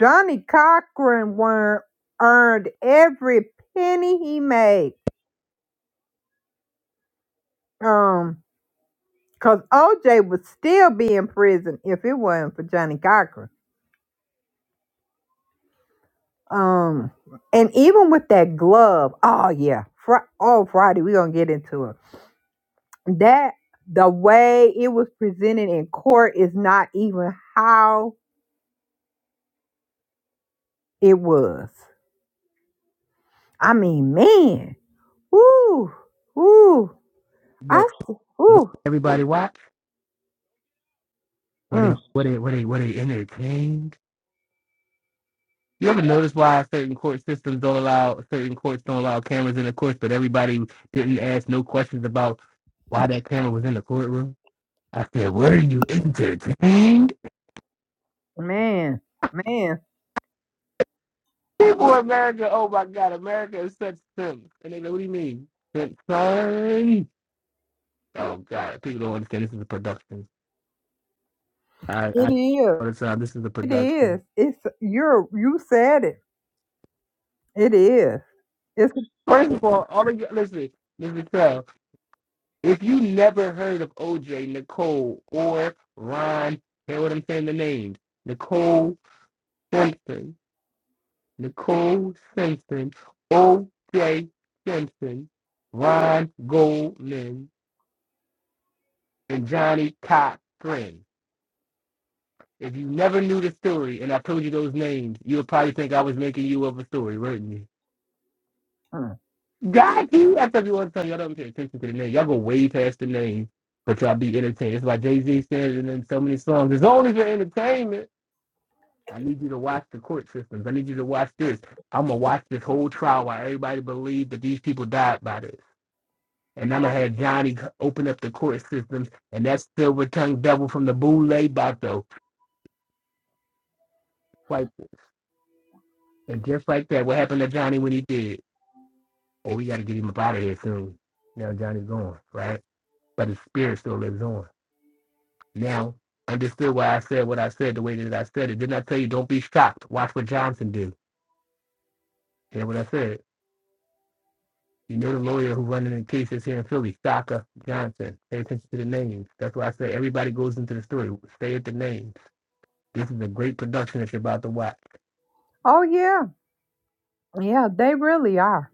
S1: Johnny Cochran won earned every penny he made. Um Cause OJ would still be in prison if it wasn't for Johnny Cochran. Um, and even with that glove, oh yeah, Fri oh Friday we gonna get into it. That the way it was presented in court is not even how it was. I mean, man, woo, woo, I
S2: But
S1: s-
S2: but
S1: woo,
S2: everybody watch where
S1: mm,
S2: they what they what they what they entertained. You ever notice why certain court systems don't allow certain courts don't allow cameras in the courts, but everybody didn't ask no questions about why that camera was in the courtroom? I said, were you entertained?
S1: man, man,
S2: People in America, oh my God, America is such simps. And they go, what do you mean? Simp, Sorry. Oh God, people don't understand this is a production. I,
S1: it
S2: I all
S1: is,
S2: the time, this is a
S1: it
S2: production.
S1: is. It's you're you said it. It is. It's.
S2: First of all, all of you, listen, Mr. Tell, if you never heard of OJ, Nicole, or Ron, hear what I'm saying, the names, Nicole Simpson, Nicole Simpson, OJ Simpson, Ron Goldman, and Johnny Cochran. If you never knew the story and I told you those names, you would probably think I was making you up a story, wouldn't you?
S1: mm.
S2: Got you. I tell you one time, y'all don't pay attention to the name. Y'all go way past the name, but y'all be entertained. It's like Jay Z says and then so many songs. It's only for entertainment. I need you to watch the court systems. I need you to watch this. I'm gonna watch this whole trial while everybody believed that these people died by this. And I'm gonna have Johnny c- open up the court systems, and that silver tongued devil from the Boule Bato. Like, and just like that, what happened to Johnny when he did? Oh, we gotta get him up out of here soon. Now Johnny's gone, right? But his spirit still lives on. Now, understood why I said what I said the way that I said it. Didn't I tell you don't be shocked? Watch what Johnson do. Hear what I said. You know the lawyer who running the cases here in Philly, Shaka Johnson. Pay attention to the names. That's why I say everybody goes into the story. Stay at the names. This is a great production that you're about to watch.
S1: Oh yeah, yeah, they really are.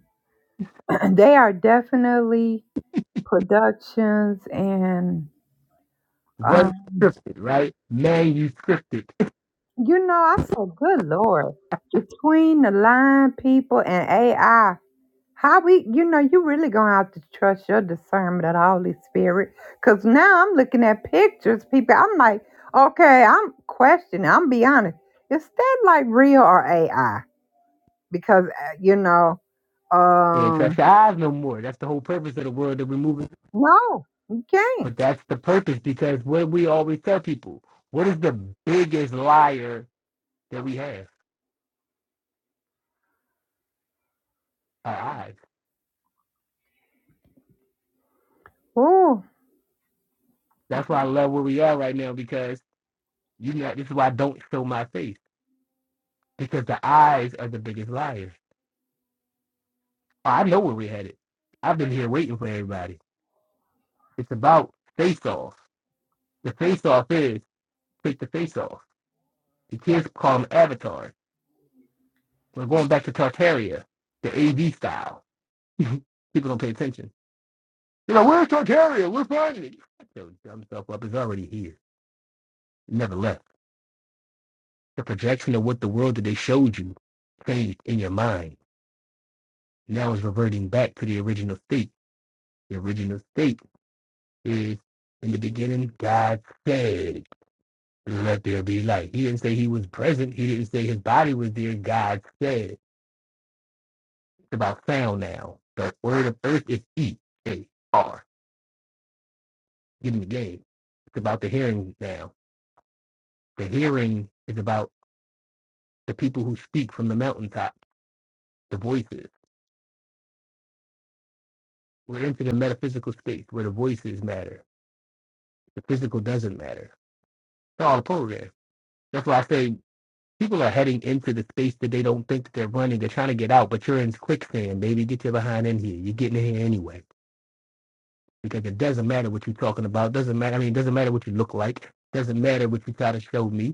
S1: they are definitely productions, and
S2: Very
S1: um,
S2: scripted, right? Man, you scripted.
S1: you know, I said, good lord, between the line people and AI, how we, you know, you really gonna have to trust your discernment of the Holy Spirit, cause now I'm looking at pictures, people. I'm like, okay, I'm questioning. I'm be honest, is that like real or AI? Because uh, you know,
S2: and trust
S1: um,
S2: your eyes no more. That's the whole purpose of the world that we're moving
S1: no, you can't.
S2: But that's the purpose because what we always tell people, what is the biggest liar that we have? Our eyes.
S1: Oh,
S2: That's why I love where we are right now because you know this is why I don't show my face. Because the eyes are the biggest liars. Oh, I know where we're headed. I've been here waiting for everybody. It's about face off. The face off is take the face off. The kids call them avatars. We're going back to Tartaria, the A V style. people don't pay attention. You know, where's Tartaria? We're finding it. He'll jump himself up. It's already here. It never left. The projection of what the world that they showed you changed in your mind. Now it's reverting back to the original state. The original state is in the beginning, God said, Let there be light. He didn't say he was present. He didn't say his body was there. God said. It's about sound now. The word of earth is E A R. Give me the game. It's about the hearing now. The hearing is about the people who speak from the mountaintop, the voices. We're into the metaphysical space where the voices matter. The physical doesn't matter. It's all a program. That's why I say people are heading into the space that they don't think that they're running. They're trying to get out, but you're in quicksand, baby. Get your behind in here. You're getting in here anyway. Because it doesn't matter what you're talking about. Doesn't matter. I mean, it doesn't matter what you look like. Doesn't matter what you try to show me.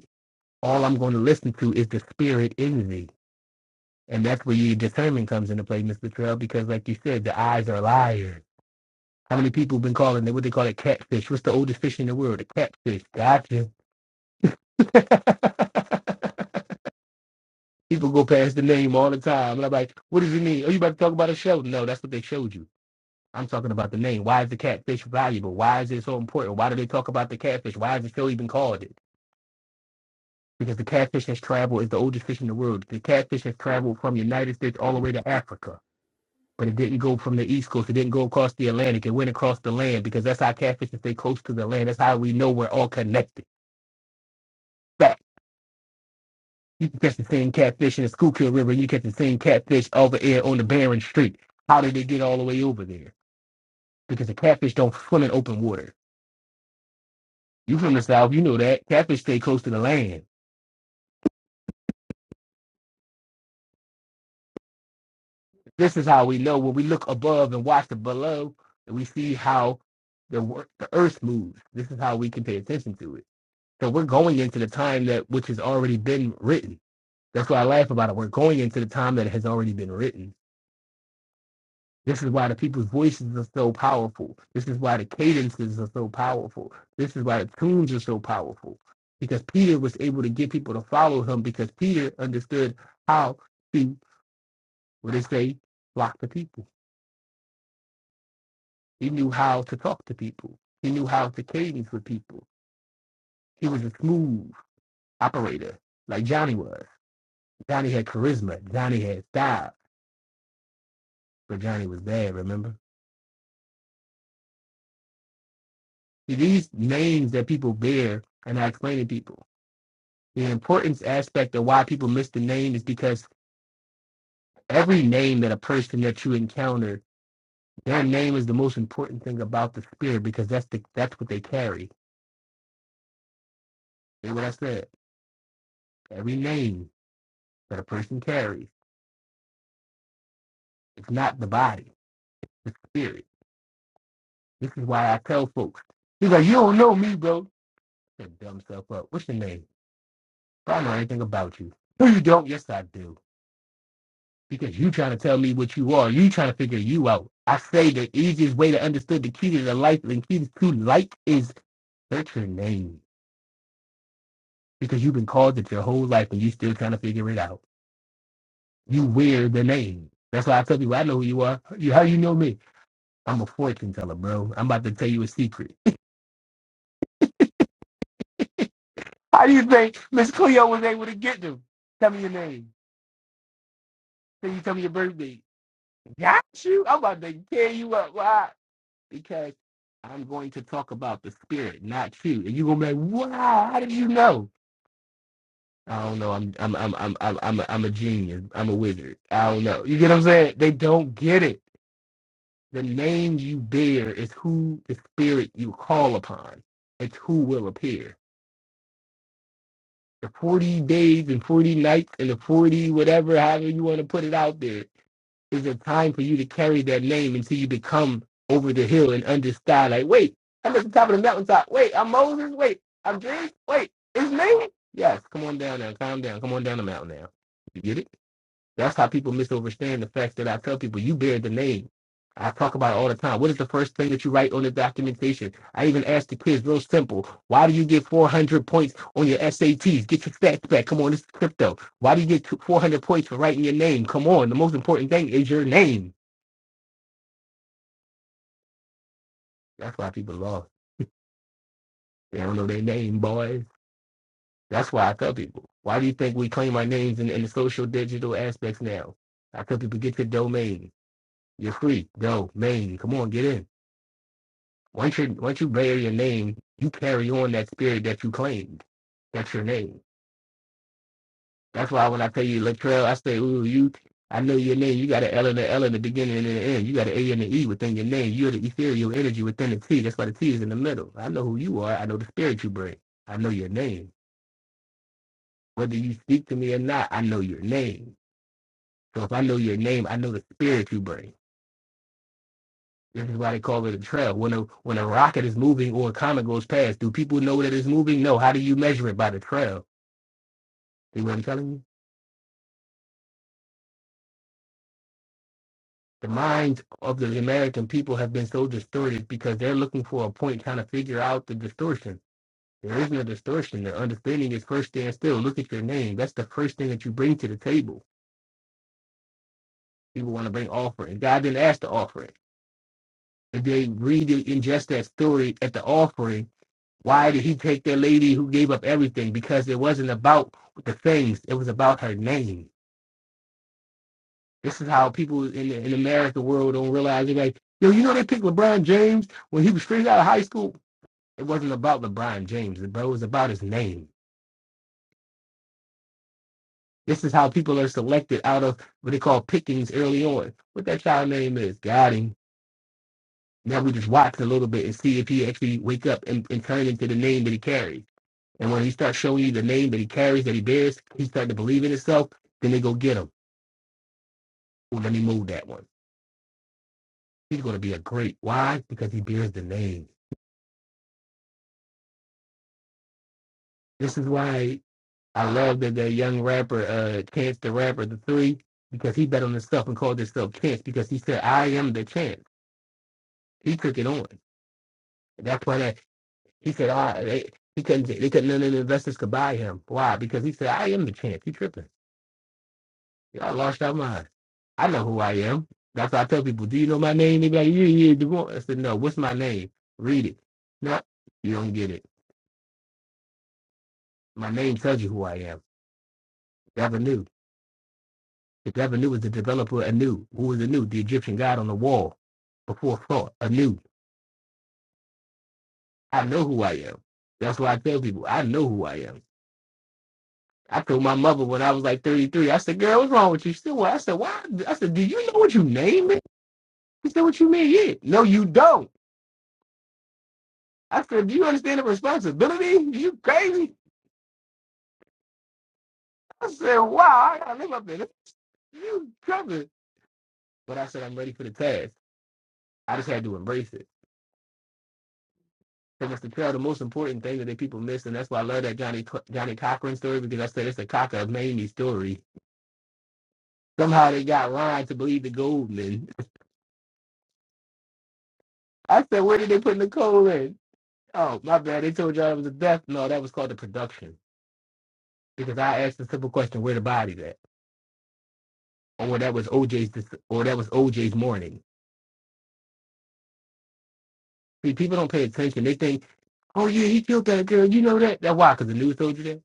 S2: All I'm going to listen to is the spirit in me. And that's where your discernment comes into play, Mr. Trail, because like you said, the eyes are liars How many people have been calling it what they call it catfish? What's the oldest fish in the world? A catfish. Gotcha. people go past the name all the time. And I'm like, what does it mean? Are you about to talk about a show? No, that's what they showed you. I'm talking about the name. Why is the catfish valuable? Why is it so important? Why do they talk about the catfish? Why is the show even called it? Because the catfish has traveled is the oldest fish in the world. The catfish has traveled from the United States all the way to Africa. But it didn't go from the East Coast. It didn't go across the Atlantic. It went across the land because that's how catfish stay close to the land. That's how we know we're all connected back. You can catch the same catfish in the Schuylkill River. You catch the same catfish over here on the Barron Strait. How did they get all the way over there? Because the catfish don't swim in open water. You from the south, you know that catfish stay close to the land. This is how we know when we look above and watch the below, and we see how the the earth moves. This is how we can pay attention to it. So we're going into the time that which has already been written. That's why I laugh about it. We're going into the time that has already been written This is why the people's voices are so powerful. This is why the cadences are so powerful. This is why the tunes are so powerful. Because Peter was able to get people to follow him because Peter understood how to, what they say, flock to people. He knew how to talk to people. He knew how to cadence with people. He was a smooth operator, like Johnny was. Johnny had charisma. Johnny had style. But Johnny was bad, remember? See, These names that people bear, and I explain to people, the importance aspect of why people miss the name is because every name that a person that you encounter, their name is the most important thing about the spirit because that's the that's what they carry. Hear what I said? Every name that a person carries, it's not the body, the spirit. This is why I tell folks. He's like, you don't know me, bro. Shut dumb self up. What's your name? I don't know anything about you. No, you don't. Yes, I do. because you trying to tell me what you are. You trying to figure you out. I say the easiest way to understand the key to the life and the key to life is search your name because you've been called it your whole life and you still trying to figure it out. You wear the name. That's why I tell people I know who you are. You, how you know me? I'm a fortune teller, bro. I'm about to tell you a secret. How do you think Miss Cleo was able to get them? Tell me your name. Then you tell me your birthday. Got you. I'm about to tear you up. Why? because I'm going to talk about the spirit, not you. And you're gonna be like, "Wow, how did you know?" I don't know. I'm I'm I'm I'm I'm I'm a, I'm a genius. I'm a wizard. I don't know. You get what I'm saying? They don't get it. The name you bear is who the spirit you call upon. It's who will appear. the 40 days and 40 nights and the 40 whatever, however you want to put it out there, is a time for you to carry that name until you become over the hill and understand, like, wait, I'm at the top of the mountaintop. Wait, I'm Moses. Wait, I'm this. Wait, it's me. Yes, come on down now. Calm down. Come on down the mountain now. You get it? That's how people misunderstand the facts that I tell people. You bear the name. I talk about it all the time. What is the first thing that you write on the documentation? I even ask the kids real simple. Why do you get 400 points on your SATs? Get your stats back. Come on, this is crypto. Why do you get 400 points for writing your name? Come on, the most important thing is your name. That's why people lost. They don't know their name, boys. That's why I tell people. Why do you think we claim our names in, in the social digital aspects now? I tell people, get your domain. You're free. Domain. Come on, get in. Once you once you bear your name, you carry on that spirit that you claimed. That's your name. That's why when I tell you Latrell, I say, ooh, you I know your name. You got an L and an L in the beginning and in the end. You got an A and an E within your name. You're the ethereal energy within the T. That's why the T is in the middle. I know who you are. I know the spirit you bring. I know your name. Whether you speak to me or not, I know your name. So if I know your name, I know the spirit you bring. This is why they call it a trail. When a when a rocket is moving or a comet goes past, do people know that it's moving? No. How do you measure it by the trail? See what I'm telling you? The minds of the American people have been so distorted because they're looking for a point trying to figure out the distortion. There is no distortion. The understanding is first stand still. Look at your name. That's the first thing that you bring to the table. People want to bring offering. God didn't ask to offer it. If they read it, ingest that story at the offering, why did he take that lady who gave up everything? Because it wasn't about the things. It was about her name. This is how people in the, in the American world don't realize it. Like, yo, you know they picked LeBron James when he was straight out of high school. It wasn't about LeBron James, bro. It was about his name. This is how people are selected out of what they call pickings early on. What that child name is, got him. Now we just watch a little bit and see if he actually wake up and, and turn into the name that he carries. And when he starts showing you the name that he carries, that he bears, he's starting to believe in himself. Then they go get him. Oh, let me move that one. He's going to be a great. Why? Because he bears the name. This is why I love that that young rapper, uh, Chance the Rapper, the three, because he bet on himself and called himself Chance because he said, "I am the Chance." He took it on. That's why that he said, "Ah, oh, they, he couldn't, they couldn't, none of the investors could buy him." Why? Because he said, "I am the Chance." He tripping. Y'all lost our mind. I know who I am. That's why I tell people, "Do you know my name?" They be like, "Yeah, yeah." DeVore. I said, "No. What's my name? Read it." No, you don't get it. My name tells you who I am. Never knew. The devil knew was the developer anew. Who was anew? The Egyptian god on the wall before thought anew. I know who I am. That's why I tell people I know who I am. I told my mother when I was like 33, I said, girl, what's wrong with you? She said, well, I said, why? I said, do you know what you name it? She said, what you mean? Yeah. No, you don't. I said, do you understand the responsibility? You crazy? I said, wow, I got to live up to this. You covered, But I said, I'm ready for the task. I just had to embrace it. Because it's the tell the most important thing that the people miss, and that's why I love that Johnny Johnny Cochran story because I said it's the cock of Mamie story. Somehow they got Ron to believe the Goldman. I said, where did they put Nicole in? Oh, my bad. They told y'all it was a death. No, that was called the production because I asked the simple question, where the body's at, or that was OJ's, dis- or that was OJ's morning. See, people don't pay attention. They think, oh yeah, he killed that girl. You know that? That why? Because the news told you that.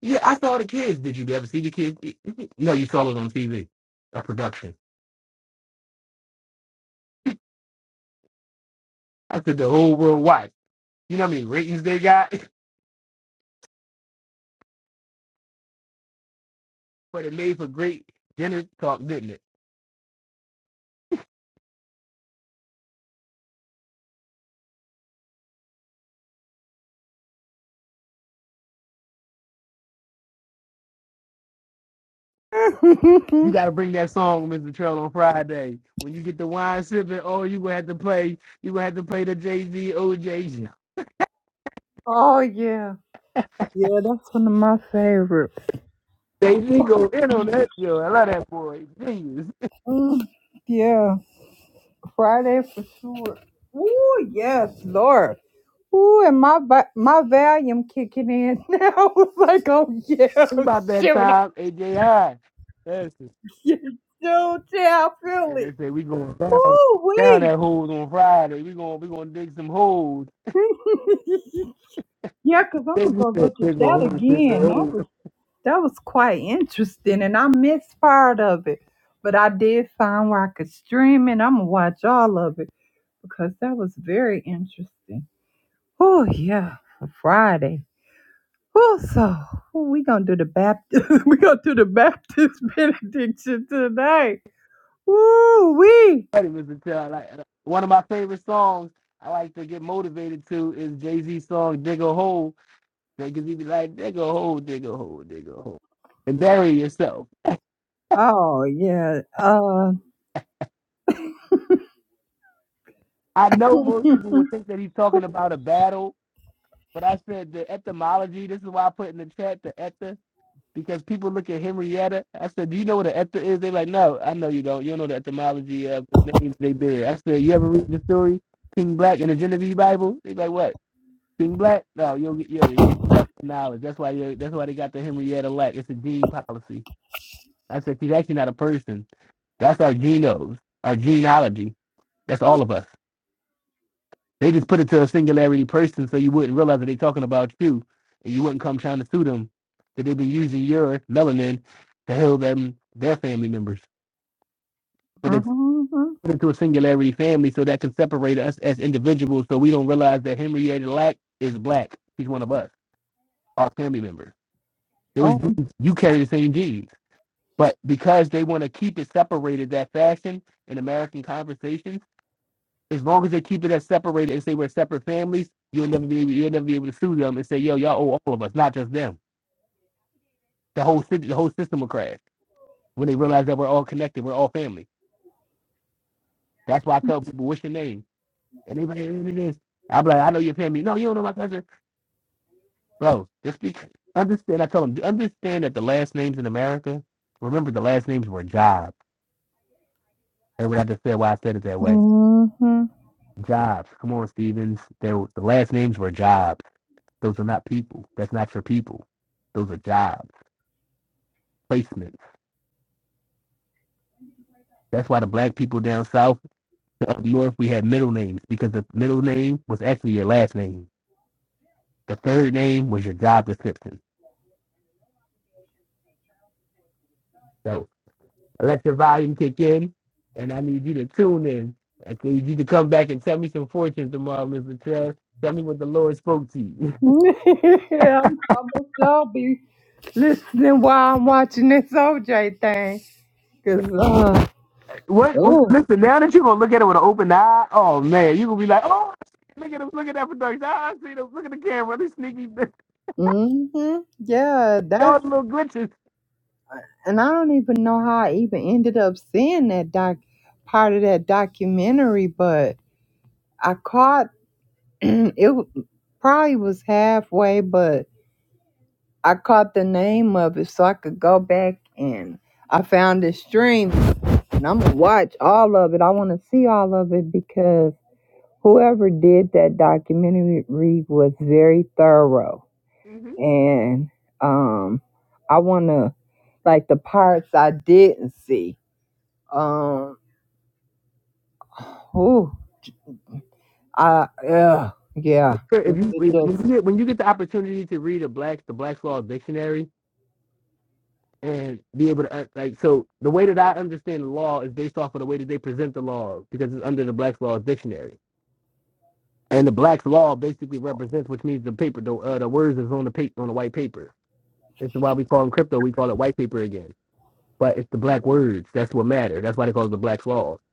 S2: Yeah, I saw the kids. Did you ever see the kids? No, you saw it on TV, a production. After the whole world watch. You know how many ratings they got? But it made for great dinner talk, didn't it? You
S1: oh
S2: gotta bring that song, Mr. Trail, on Friday. When you get the wine sipping, oh, you gonna have to play, you gonna have to play the Jay-Z OJ.
S1: yeah, yeah. That's one of my favorites.
S2: Jay-Z go in on that, yo. I love that boy. Genius.
S1: Mm, yeah, Friday for sure. Oh yes, Lord. Ooh, and my va- my volume kicking in now. I was like, oh yeah,
S2: It's about that
S1: shoot, I
S2: time, AJ High. That's it.
S1: should do tell
S2: And they
S1: Philly.
S2: say we going down
S1: Ooh
S2: down
S1: wait.
S2: that hole on Friday. We going we gonna dig some holes.
S1: yeah, because I'm
S2: They
S1: gonna go
S2: said
S1: look at
S2: dig a
S1: that
S2: hole, dig a
S1: again. I
S2: hole.
S1: was. That was quite interesting, and I missed part of it, but I did find where I could stream and I'm gonna watch all of it because that was very interesting. Oh yeah, for Friday. Oh, so ooh, we gonna do the Baptist. we gonna do the Baptist benediction tonight. Woo wee.
S2: funny, Mr. Chill. like one of my favorite songs. I like to get motivated to is Jay Z's song "Dig a Hole" because he be like, "Dig a hole, dig a hole, dig a hole, and bury yourself."
S1: Oh yeah. Uh.
S2: I know most
S1: mhm.
S2: people would think that he's talking about a battle, but I said the etymology. This is why I put in the chat the ether because people look at Henrietta. I said, "Do you know what an ether is?" They're like, "No, I know you don't. You don't know the etymology of the names they bear." I said, "You ever read the story King Black in the Genevieve Bible?" They like, "What?" King Black? No, you'll get yeah, you get back to knowledge. That's why you that's why they got the Henrietta Lack. It's a gene policy. I said she's actually not a person. That's our genomes, our genealogy. That's all of us. They just put it to a singularity person so you wouldn't realize that they're talking about you and you wouldn't come trying to sue them that they've been using your melanin to heal them their family members. So they
S1: mhm.
S2: put it to a singularity family so that can separate us as individuals so we don't realize that Henrietta Lack is black. She's one of us, our family members. It was
S1: Oh.
S2: jeans. you carry the same jeans. But because they want to keep it separated that fashion in American conversations, as long as they keep it as separated and say we're separate families, you'll never be able, you'll never be able to sue them and say, yo, y'all owe all of us, not just them. The whole city, the whole system will crash when they realize that we're all connected, we're all family. That's why I tell people, what's your name? And they be like, it is. I'm like, I know your family. No, you don't know my cousin, bro. Just be understand. I tell them understand that the last names in America. Remember, the last names were jobs. Everybody just said why I said it that way
S1: hmm
S2: Jobs. Come on, Stevens. They, were- the last names were jobs. Those are not people. That's not your people. Those are jobs, placements. That's why the black people down south, up north, we had middle names because the middle name was actually your last name. The third name was your job description. So let your volume kick in, and I need you to tune in. I need you to come back and tell me some fortunes tomorrow, Mr. Trash. Tell me what the Lord spoke to you.
S1: yeah, I'm almost sure be listening while I'm watching this OJ thing. Cause uh,
S2: What, what?
S1: oh,
S2: Listen, now that you're gonna look at it with an open eye, oh man, you gonna be like, oh, look at him, look at that production. Ah, I see them. Look at the camera, they sneaky,
S1: hmm yeah, that's
S2: y'all little glitches.
S1: and I don't even know how I even ended up seeing that doc part of that documentary, but I caught it. w- Probably was halfway, but I caught the name of it so I could go back and I found the stream and I'm gonna watch all of it. I want to see all of it because. Whoever did that documentary was very thorough,
S2: hmm
S1: and um, I want to like the parts I didn't see. Um, whew, I ugh, yeah,
S2: If
S1: it,
S2: you
S1: it
S2: if, when you
S1: just
S2: get when you get the opportunity to read a black the Black's Law Dictionary, and be able to uh, like so the way that i understand the law is based off of the way that they present the law because it's under the black's law dictionary and the black's law basically represents which means the paper the, uh, the words is on the paper on the white paper it's why we call them crypto we call it white paper again but it's the black words that's what matter that's why they call it the black's law it's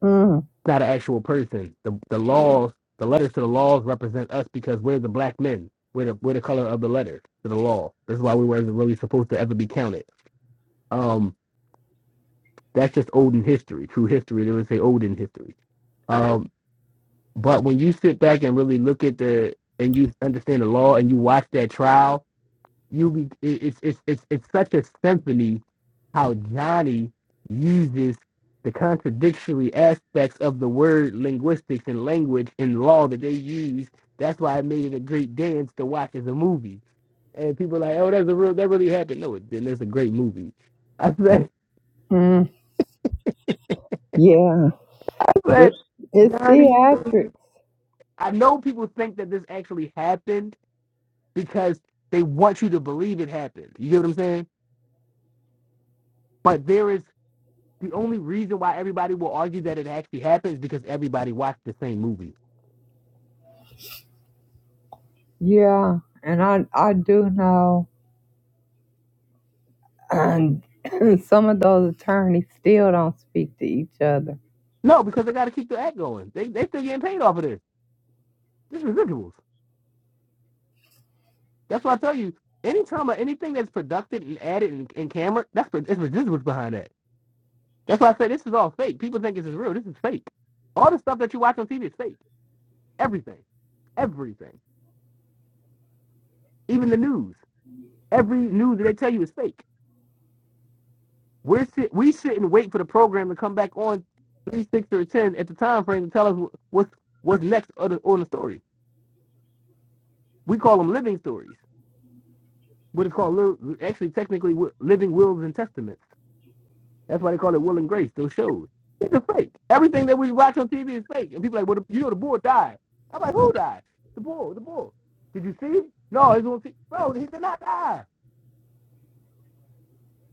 S1: mm,
S2: not an actual person the, the laws the letters to the laws represent us because we're the black men we're the, we're the color of the letter to the law that's why we weren't really supposed to ever be counted um That's just olden history, true history. They would say olden history. Um, but when you sit back and really look at the and you understand the law and you watch that trial, you be it- it's it's it's it's such a symphony how Johnny uses the contradictory aspects of the word linguistics and language and law that they use. That's why I made it a great dance to watch as a movie. And people are like, oh, that's a real that really happened. No, it didn't. It's a great movie. I said,
S1: mm, yeah,
S2: I said
S1: it's it's
S2: Johnny
S1: theatrics,
S2: I know people think that this actually happened because they want you to believe it happened. You get what I'm saying? But there is the only reason why everybody will argue that it actually happened is because everybody watched the same movie.
S1: yeah, and I I do know, and some of those attorneys still don't speak to each other.
S2: No, because they got to keep the act going. They they still getting paid off of this. This is residuals. That's why I tell you. Anytime or anything that's produced and added in, in camera, that's it's residuals behind that. That's why I say this is all fake. People think this is real. This is fake. All the stuff that you watch on TV is fake. Everything. Everything. Even the news. Every news that they tell you is fake. We're sit, we should not wait for the program to come back on three, six, or ten at the time frame to tell us what's what's next on the, on the story. We call them living stories, but it's called actually technically living wills and testaments. That's why they call it Will and Grace. Those shows. It's a fake. Everything that we watch on TV is fake. And people are like, well, the, you know, the bull died. I'm like, who died? The bull. The bull. Did you see? it? No, he's on TV. Bro, he did not die.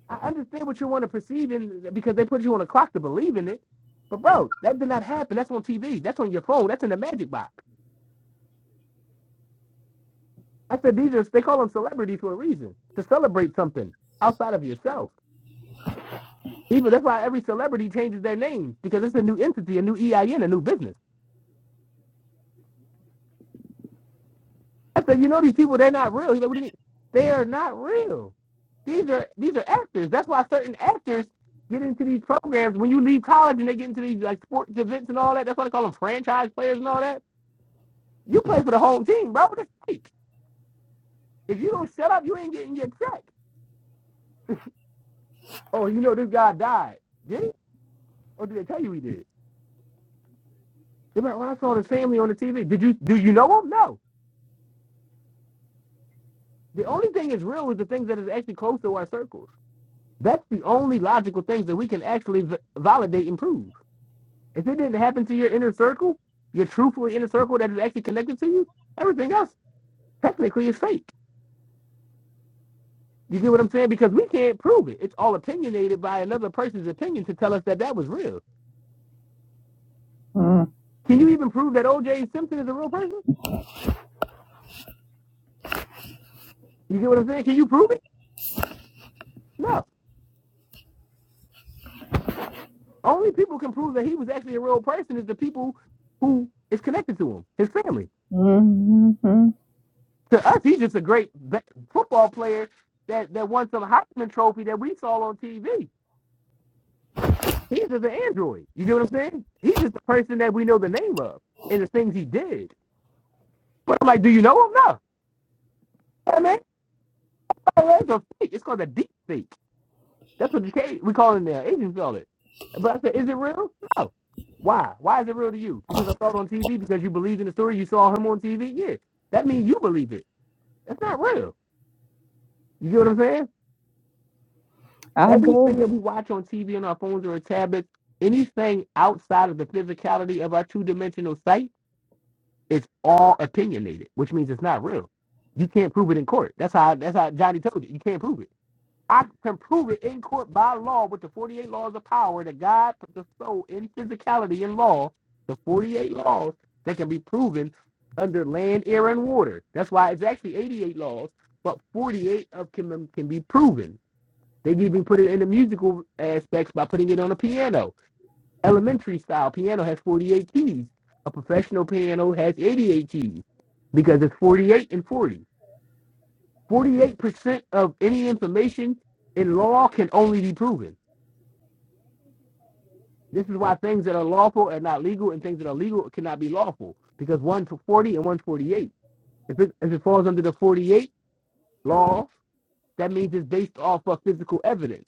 S2: I understand what you want to perceive in because they put you on a clock to believe in it. But bro, that did not happen. That's on TV. That's on your phone. That's in the magic box. I said these are they call them celebrities for a reason to celebrate something outside of yourself. Even that's why every celebrity changes their name because it's a new entity, a new EIN, a new business. I said, you know these people, they're not real. He's like, what do you mean? They are not real. These are these are actors. That's why certain actors get into these programs when you leave college and they get into these like sports events and all that. That's why they call them franchise players and all that You play for the home team, bro. That's right. If you don't shut up, you ain't getting your check. Oh, you know this guy died. Did he? Or did they tell you he did? They're like, well, I saw his family on the TV. Did you do you know him? No. The only thing that's real is the things that is actually close to our circles. That's the only logical things that we can actually v- validate and prove. If it didn't happen to your inner circle, your truthful inner circle that is actually connected to you, everything else technically is fake. You get what I'm saying? Because we can't prove it. It's all opinionated by another person's opinion to tell us that that was real.
S1: Mm,
S2: Can you even prove that O.J. Simpson is a real person? You get what I'm saying? Can you prove it? No. Only people can prove that he was actually a real person is the people who is connected to him, his family.
S1: mm, mm, mm.
S2: To us, he's just a great football player that, that won some Heisman Trophy that we saw on TV. He's just an android. You get what I'm saying? He's just a person that we know the name of and the things he did. But I'm like, do you know him? No. I mean, oh, that's a fake. It's called a deep fake. That's what the case we call it now. Asians call it. But I said, is it real? No. Why? Why is it real to you? Because I saw it on TV. Because you believed in the story. You saw him on TV. Yeah, that means you believe it. That's not real. You get what I'm saying?
S1: I do.
S2: Everything that we watch on TV on our phones or our tablets, anything outside of the physicality of our two-dimensional sight, it's all opinionated, which means it's not real. You can't prove it in court. That's how. That's how Johnny told you. You can't prove it. I can prove it in court by law with the 48 laws of power that God put the soul in physicality in law, the 48 laws that can be proven under land, air, and water. That's why it's actually 88 laws, but 48 of them can be proven. They've even put it in the musical aspects by putting it on a piano. Elementary style piano has 48 keys. A professional piano has 88 keys because it's 48 and 40. 48% of any information in law can only be proven. This is why things that are lawful are not legal and things that are legal cannot be lawful because one's 40 and one's 48. If it, if it falls under the 48 law, that means it's based off of physical evidence.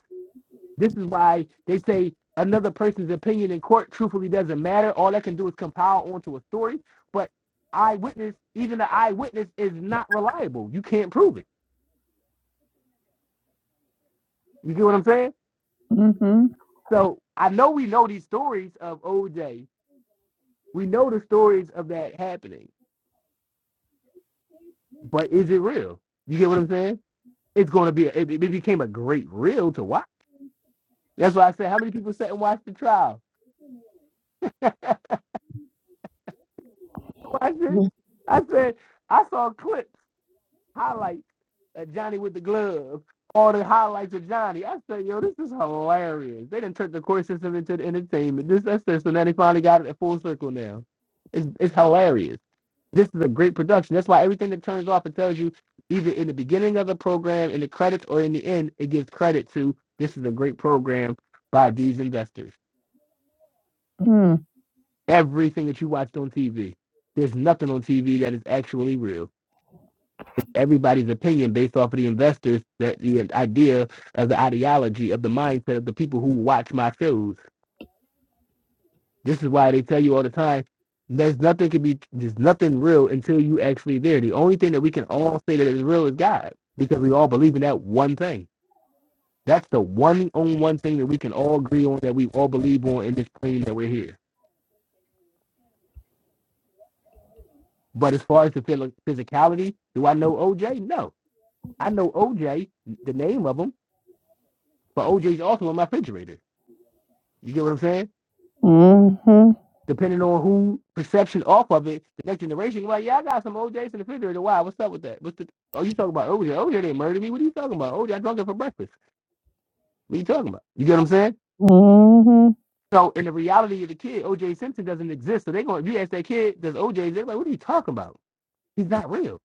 S2: This is why they say another person's opinion in court truthfully doesn't matter. All that can do is compile onto a story. But eyewitness, even the eyewitness is not reliable. You can't prove it. You get what I'm saying?
S1: hmm.
S2: So I know we know these stories of OJ. We know the stories of that happening, but is it real? You get what I'm saying? It's going to be. A, it, it became a great reel to watch. That's why I said, how many people sat and watched the trial? I said, I said, I saw clips highlights of Johnny with the glove, all the highlights of Johnny. I said, yo, this is hilarious. They didn't turn the court system into the entertainment. This that's this, and then they finally got it at full circle now. It's it's hilarious. This is a great production. That's why everything that turns off it tells you either in the beginning of the program, in the credits, or in the end, it gives credit to this is a great program by these investors.
S1: Mm,
S2: Everything that you watched on TV. There's nothing on TV that is actually real. everybody's opinion based off of the investors, that the idea of the ideology of the mindset of the people who watch my shows. This is why they tell you all the time, there's nothing can be, there's nothing real until you actually there. The only thing that we can all say that is real is God, because we all believe in that one thing. That's the one on one thing that we can all agree on that we all believe on in this plane that we're here. But as far as the physicality, do I know OJ? No. I know OJ, the name of him, but OJ's also in my refrigerator. You get what I'm saying?
S1: mhm,
S2: depending on who perception off of it, the next generation, you're like, yeah, I got some OJs in the refrigerator. Why? What's up with that? What's the? Oh, you talking about OJ? OJ didn't murder me. What are you talking about? OJ, I drunk it for breakfast. What are you talking about? You get what I'm saying?
S1: mhm,
S2: So in the reality of the kid, OJ Simpson doesn't exist. So they going, if you ask that kid, does OJ? They're like, what are you talking about? He's not real.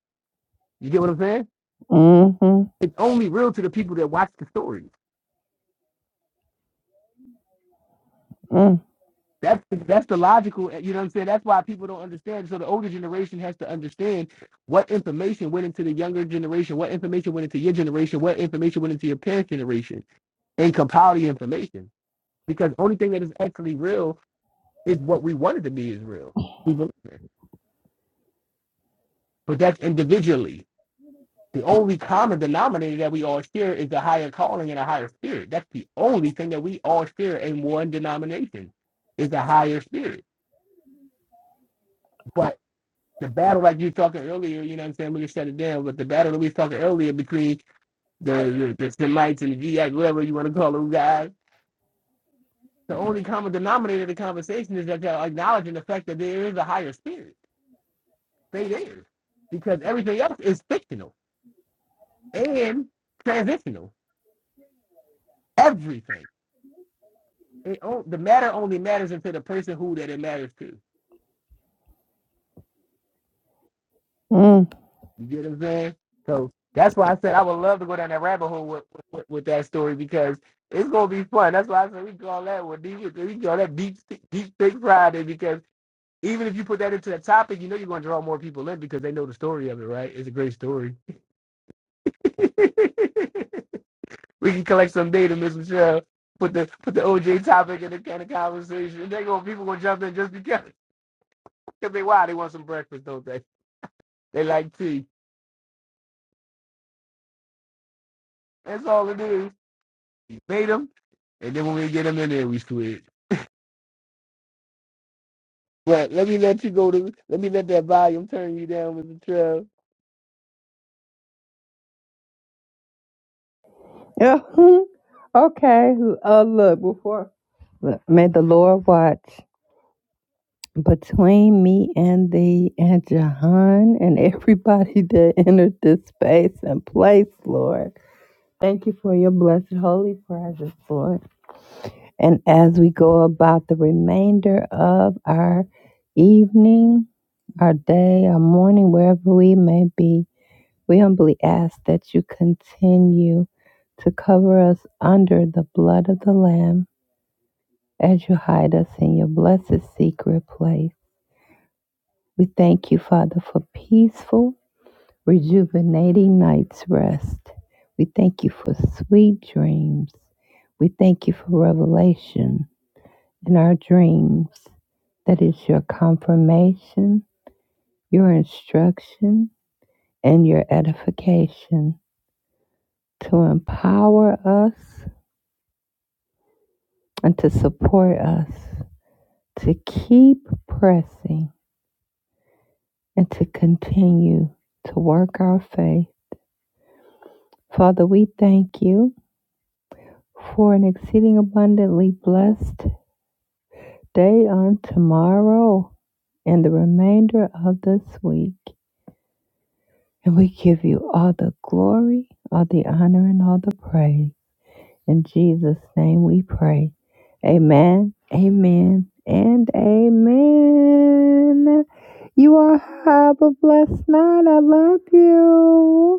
S2: You get what I'm saying?
S1: mhm,
S2: It's only real to the people that watch the stories.
S1: mm,
S2: That's the, that's the logical, eh, you know what I'm saying? That's why people don't understand. So the older generation has to understand what information went into the younger generation, what information went into your generation, what information went into your parents' generation, and compile the information. Because the only thing that is actually real is what we wanted to be is real. We believe it. But that's individually. The only common denominator that we all share is a higher calling and a higher spirit. That's the only thing that we all share in one denomination is a higher spirit But the battle like you were talking earlier, you know what I'm saying? We can shut it down, but the battle that we were talking earlier between the the, the Semites and the GX, whatever you want to call them guys, the only common denominator of the conversation is that they're acknowledging the fact that there is a higher spirit. They there. Because everything else is fictional and transitional. Everything. It, the matter only matters until the person who that it matters to.
S1: mm.
S2: You get what I'm saying? So that's why I said I would love to go down that rabbit hole with, with, with that story because it's gonna be fun. That's why I said we call that one deep, we call that deep deep thick Friday because even if you put that into the topic, you know you're gonna draw more people in because they know the story of it, right? It's a great story. we can collect some data, Miss Michelle. Put the put the OJ topic in the kind of conversation. They go people gonna jump in just because because they why they want some breakfast, don't they? They like tea. That's all it is. made them, and then when we get them in there, we switch. But let me let you go to. Let me let that volume turn you down, Mr. Trev.
S1: Yeah. Hmm. Okay. Uh, look, before look, may the Lord watch between me and the and Jahan and everybody that entered this space and place, Lord. Thank you for your blessed holy presence, Lord. And as we go about the remainder of our evening, our day, our morning, wherever we may be. We humbly ask that you continue to cover us under the blood of the Lamb as you hide us in your blessed secret place. We thank you, Father, for peaceful, rejuvenating night's rest. We thank you for sweet dreams. We thank you for revelation in our dreams that is your confirmation, your instruction, and your edification to empower us and to support us to keep pressing and to continue to work our faith. Father, we thank you for an exceeding abundantly blessed day on tomorrow and the remainder of this week. And we give you all the glory, all the honor, and all the praise. In Jesus' name we pray. Amen, amen, and amen. You all have a blessed night. I love you.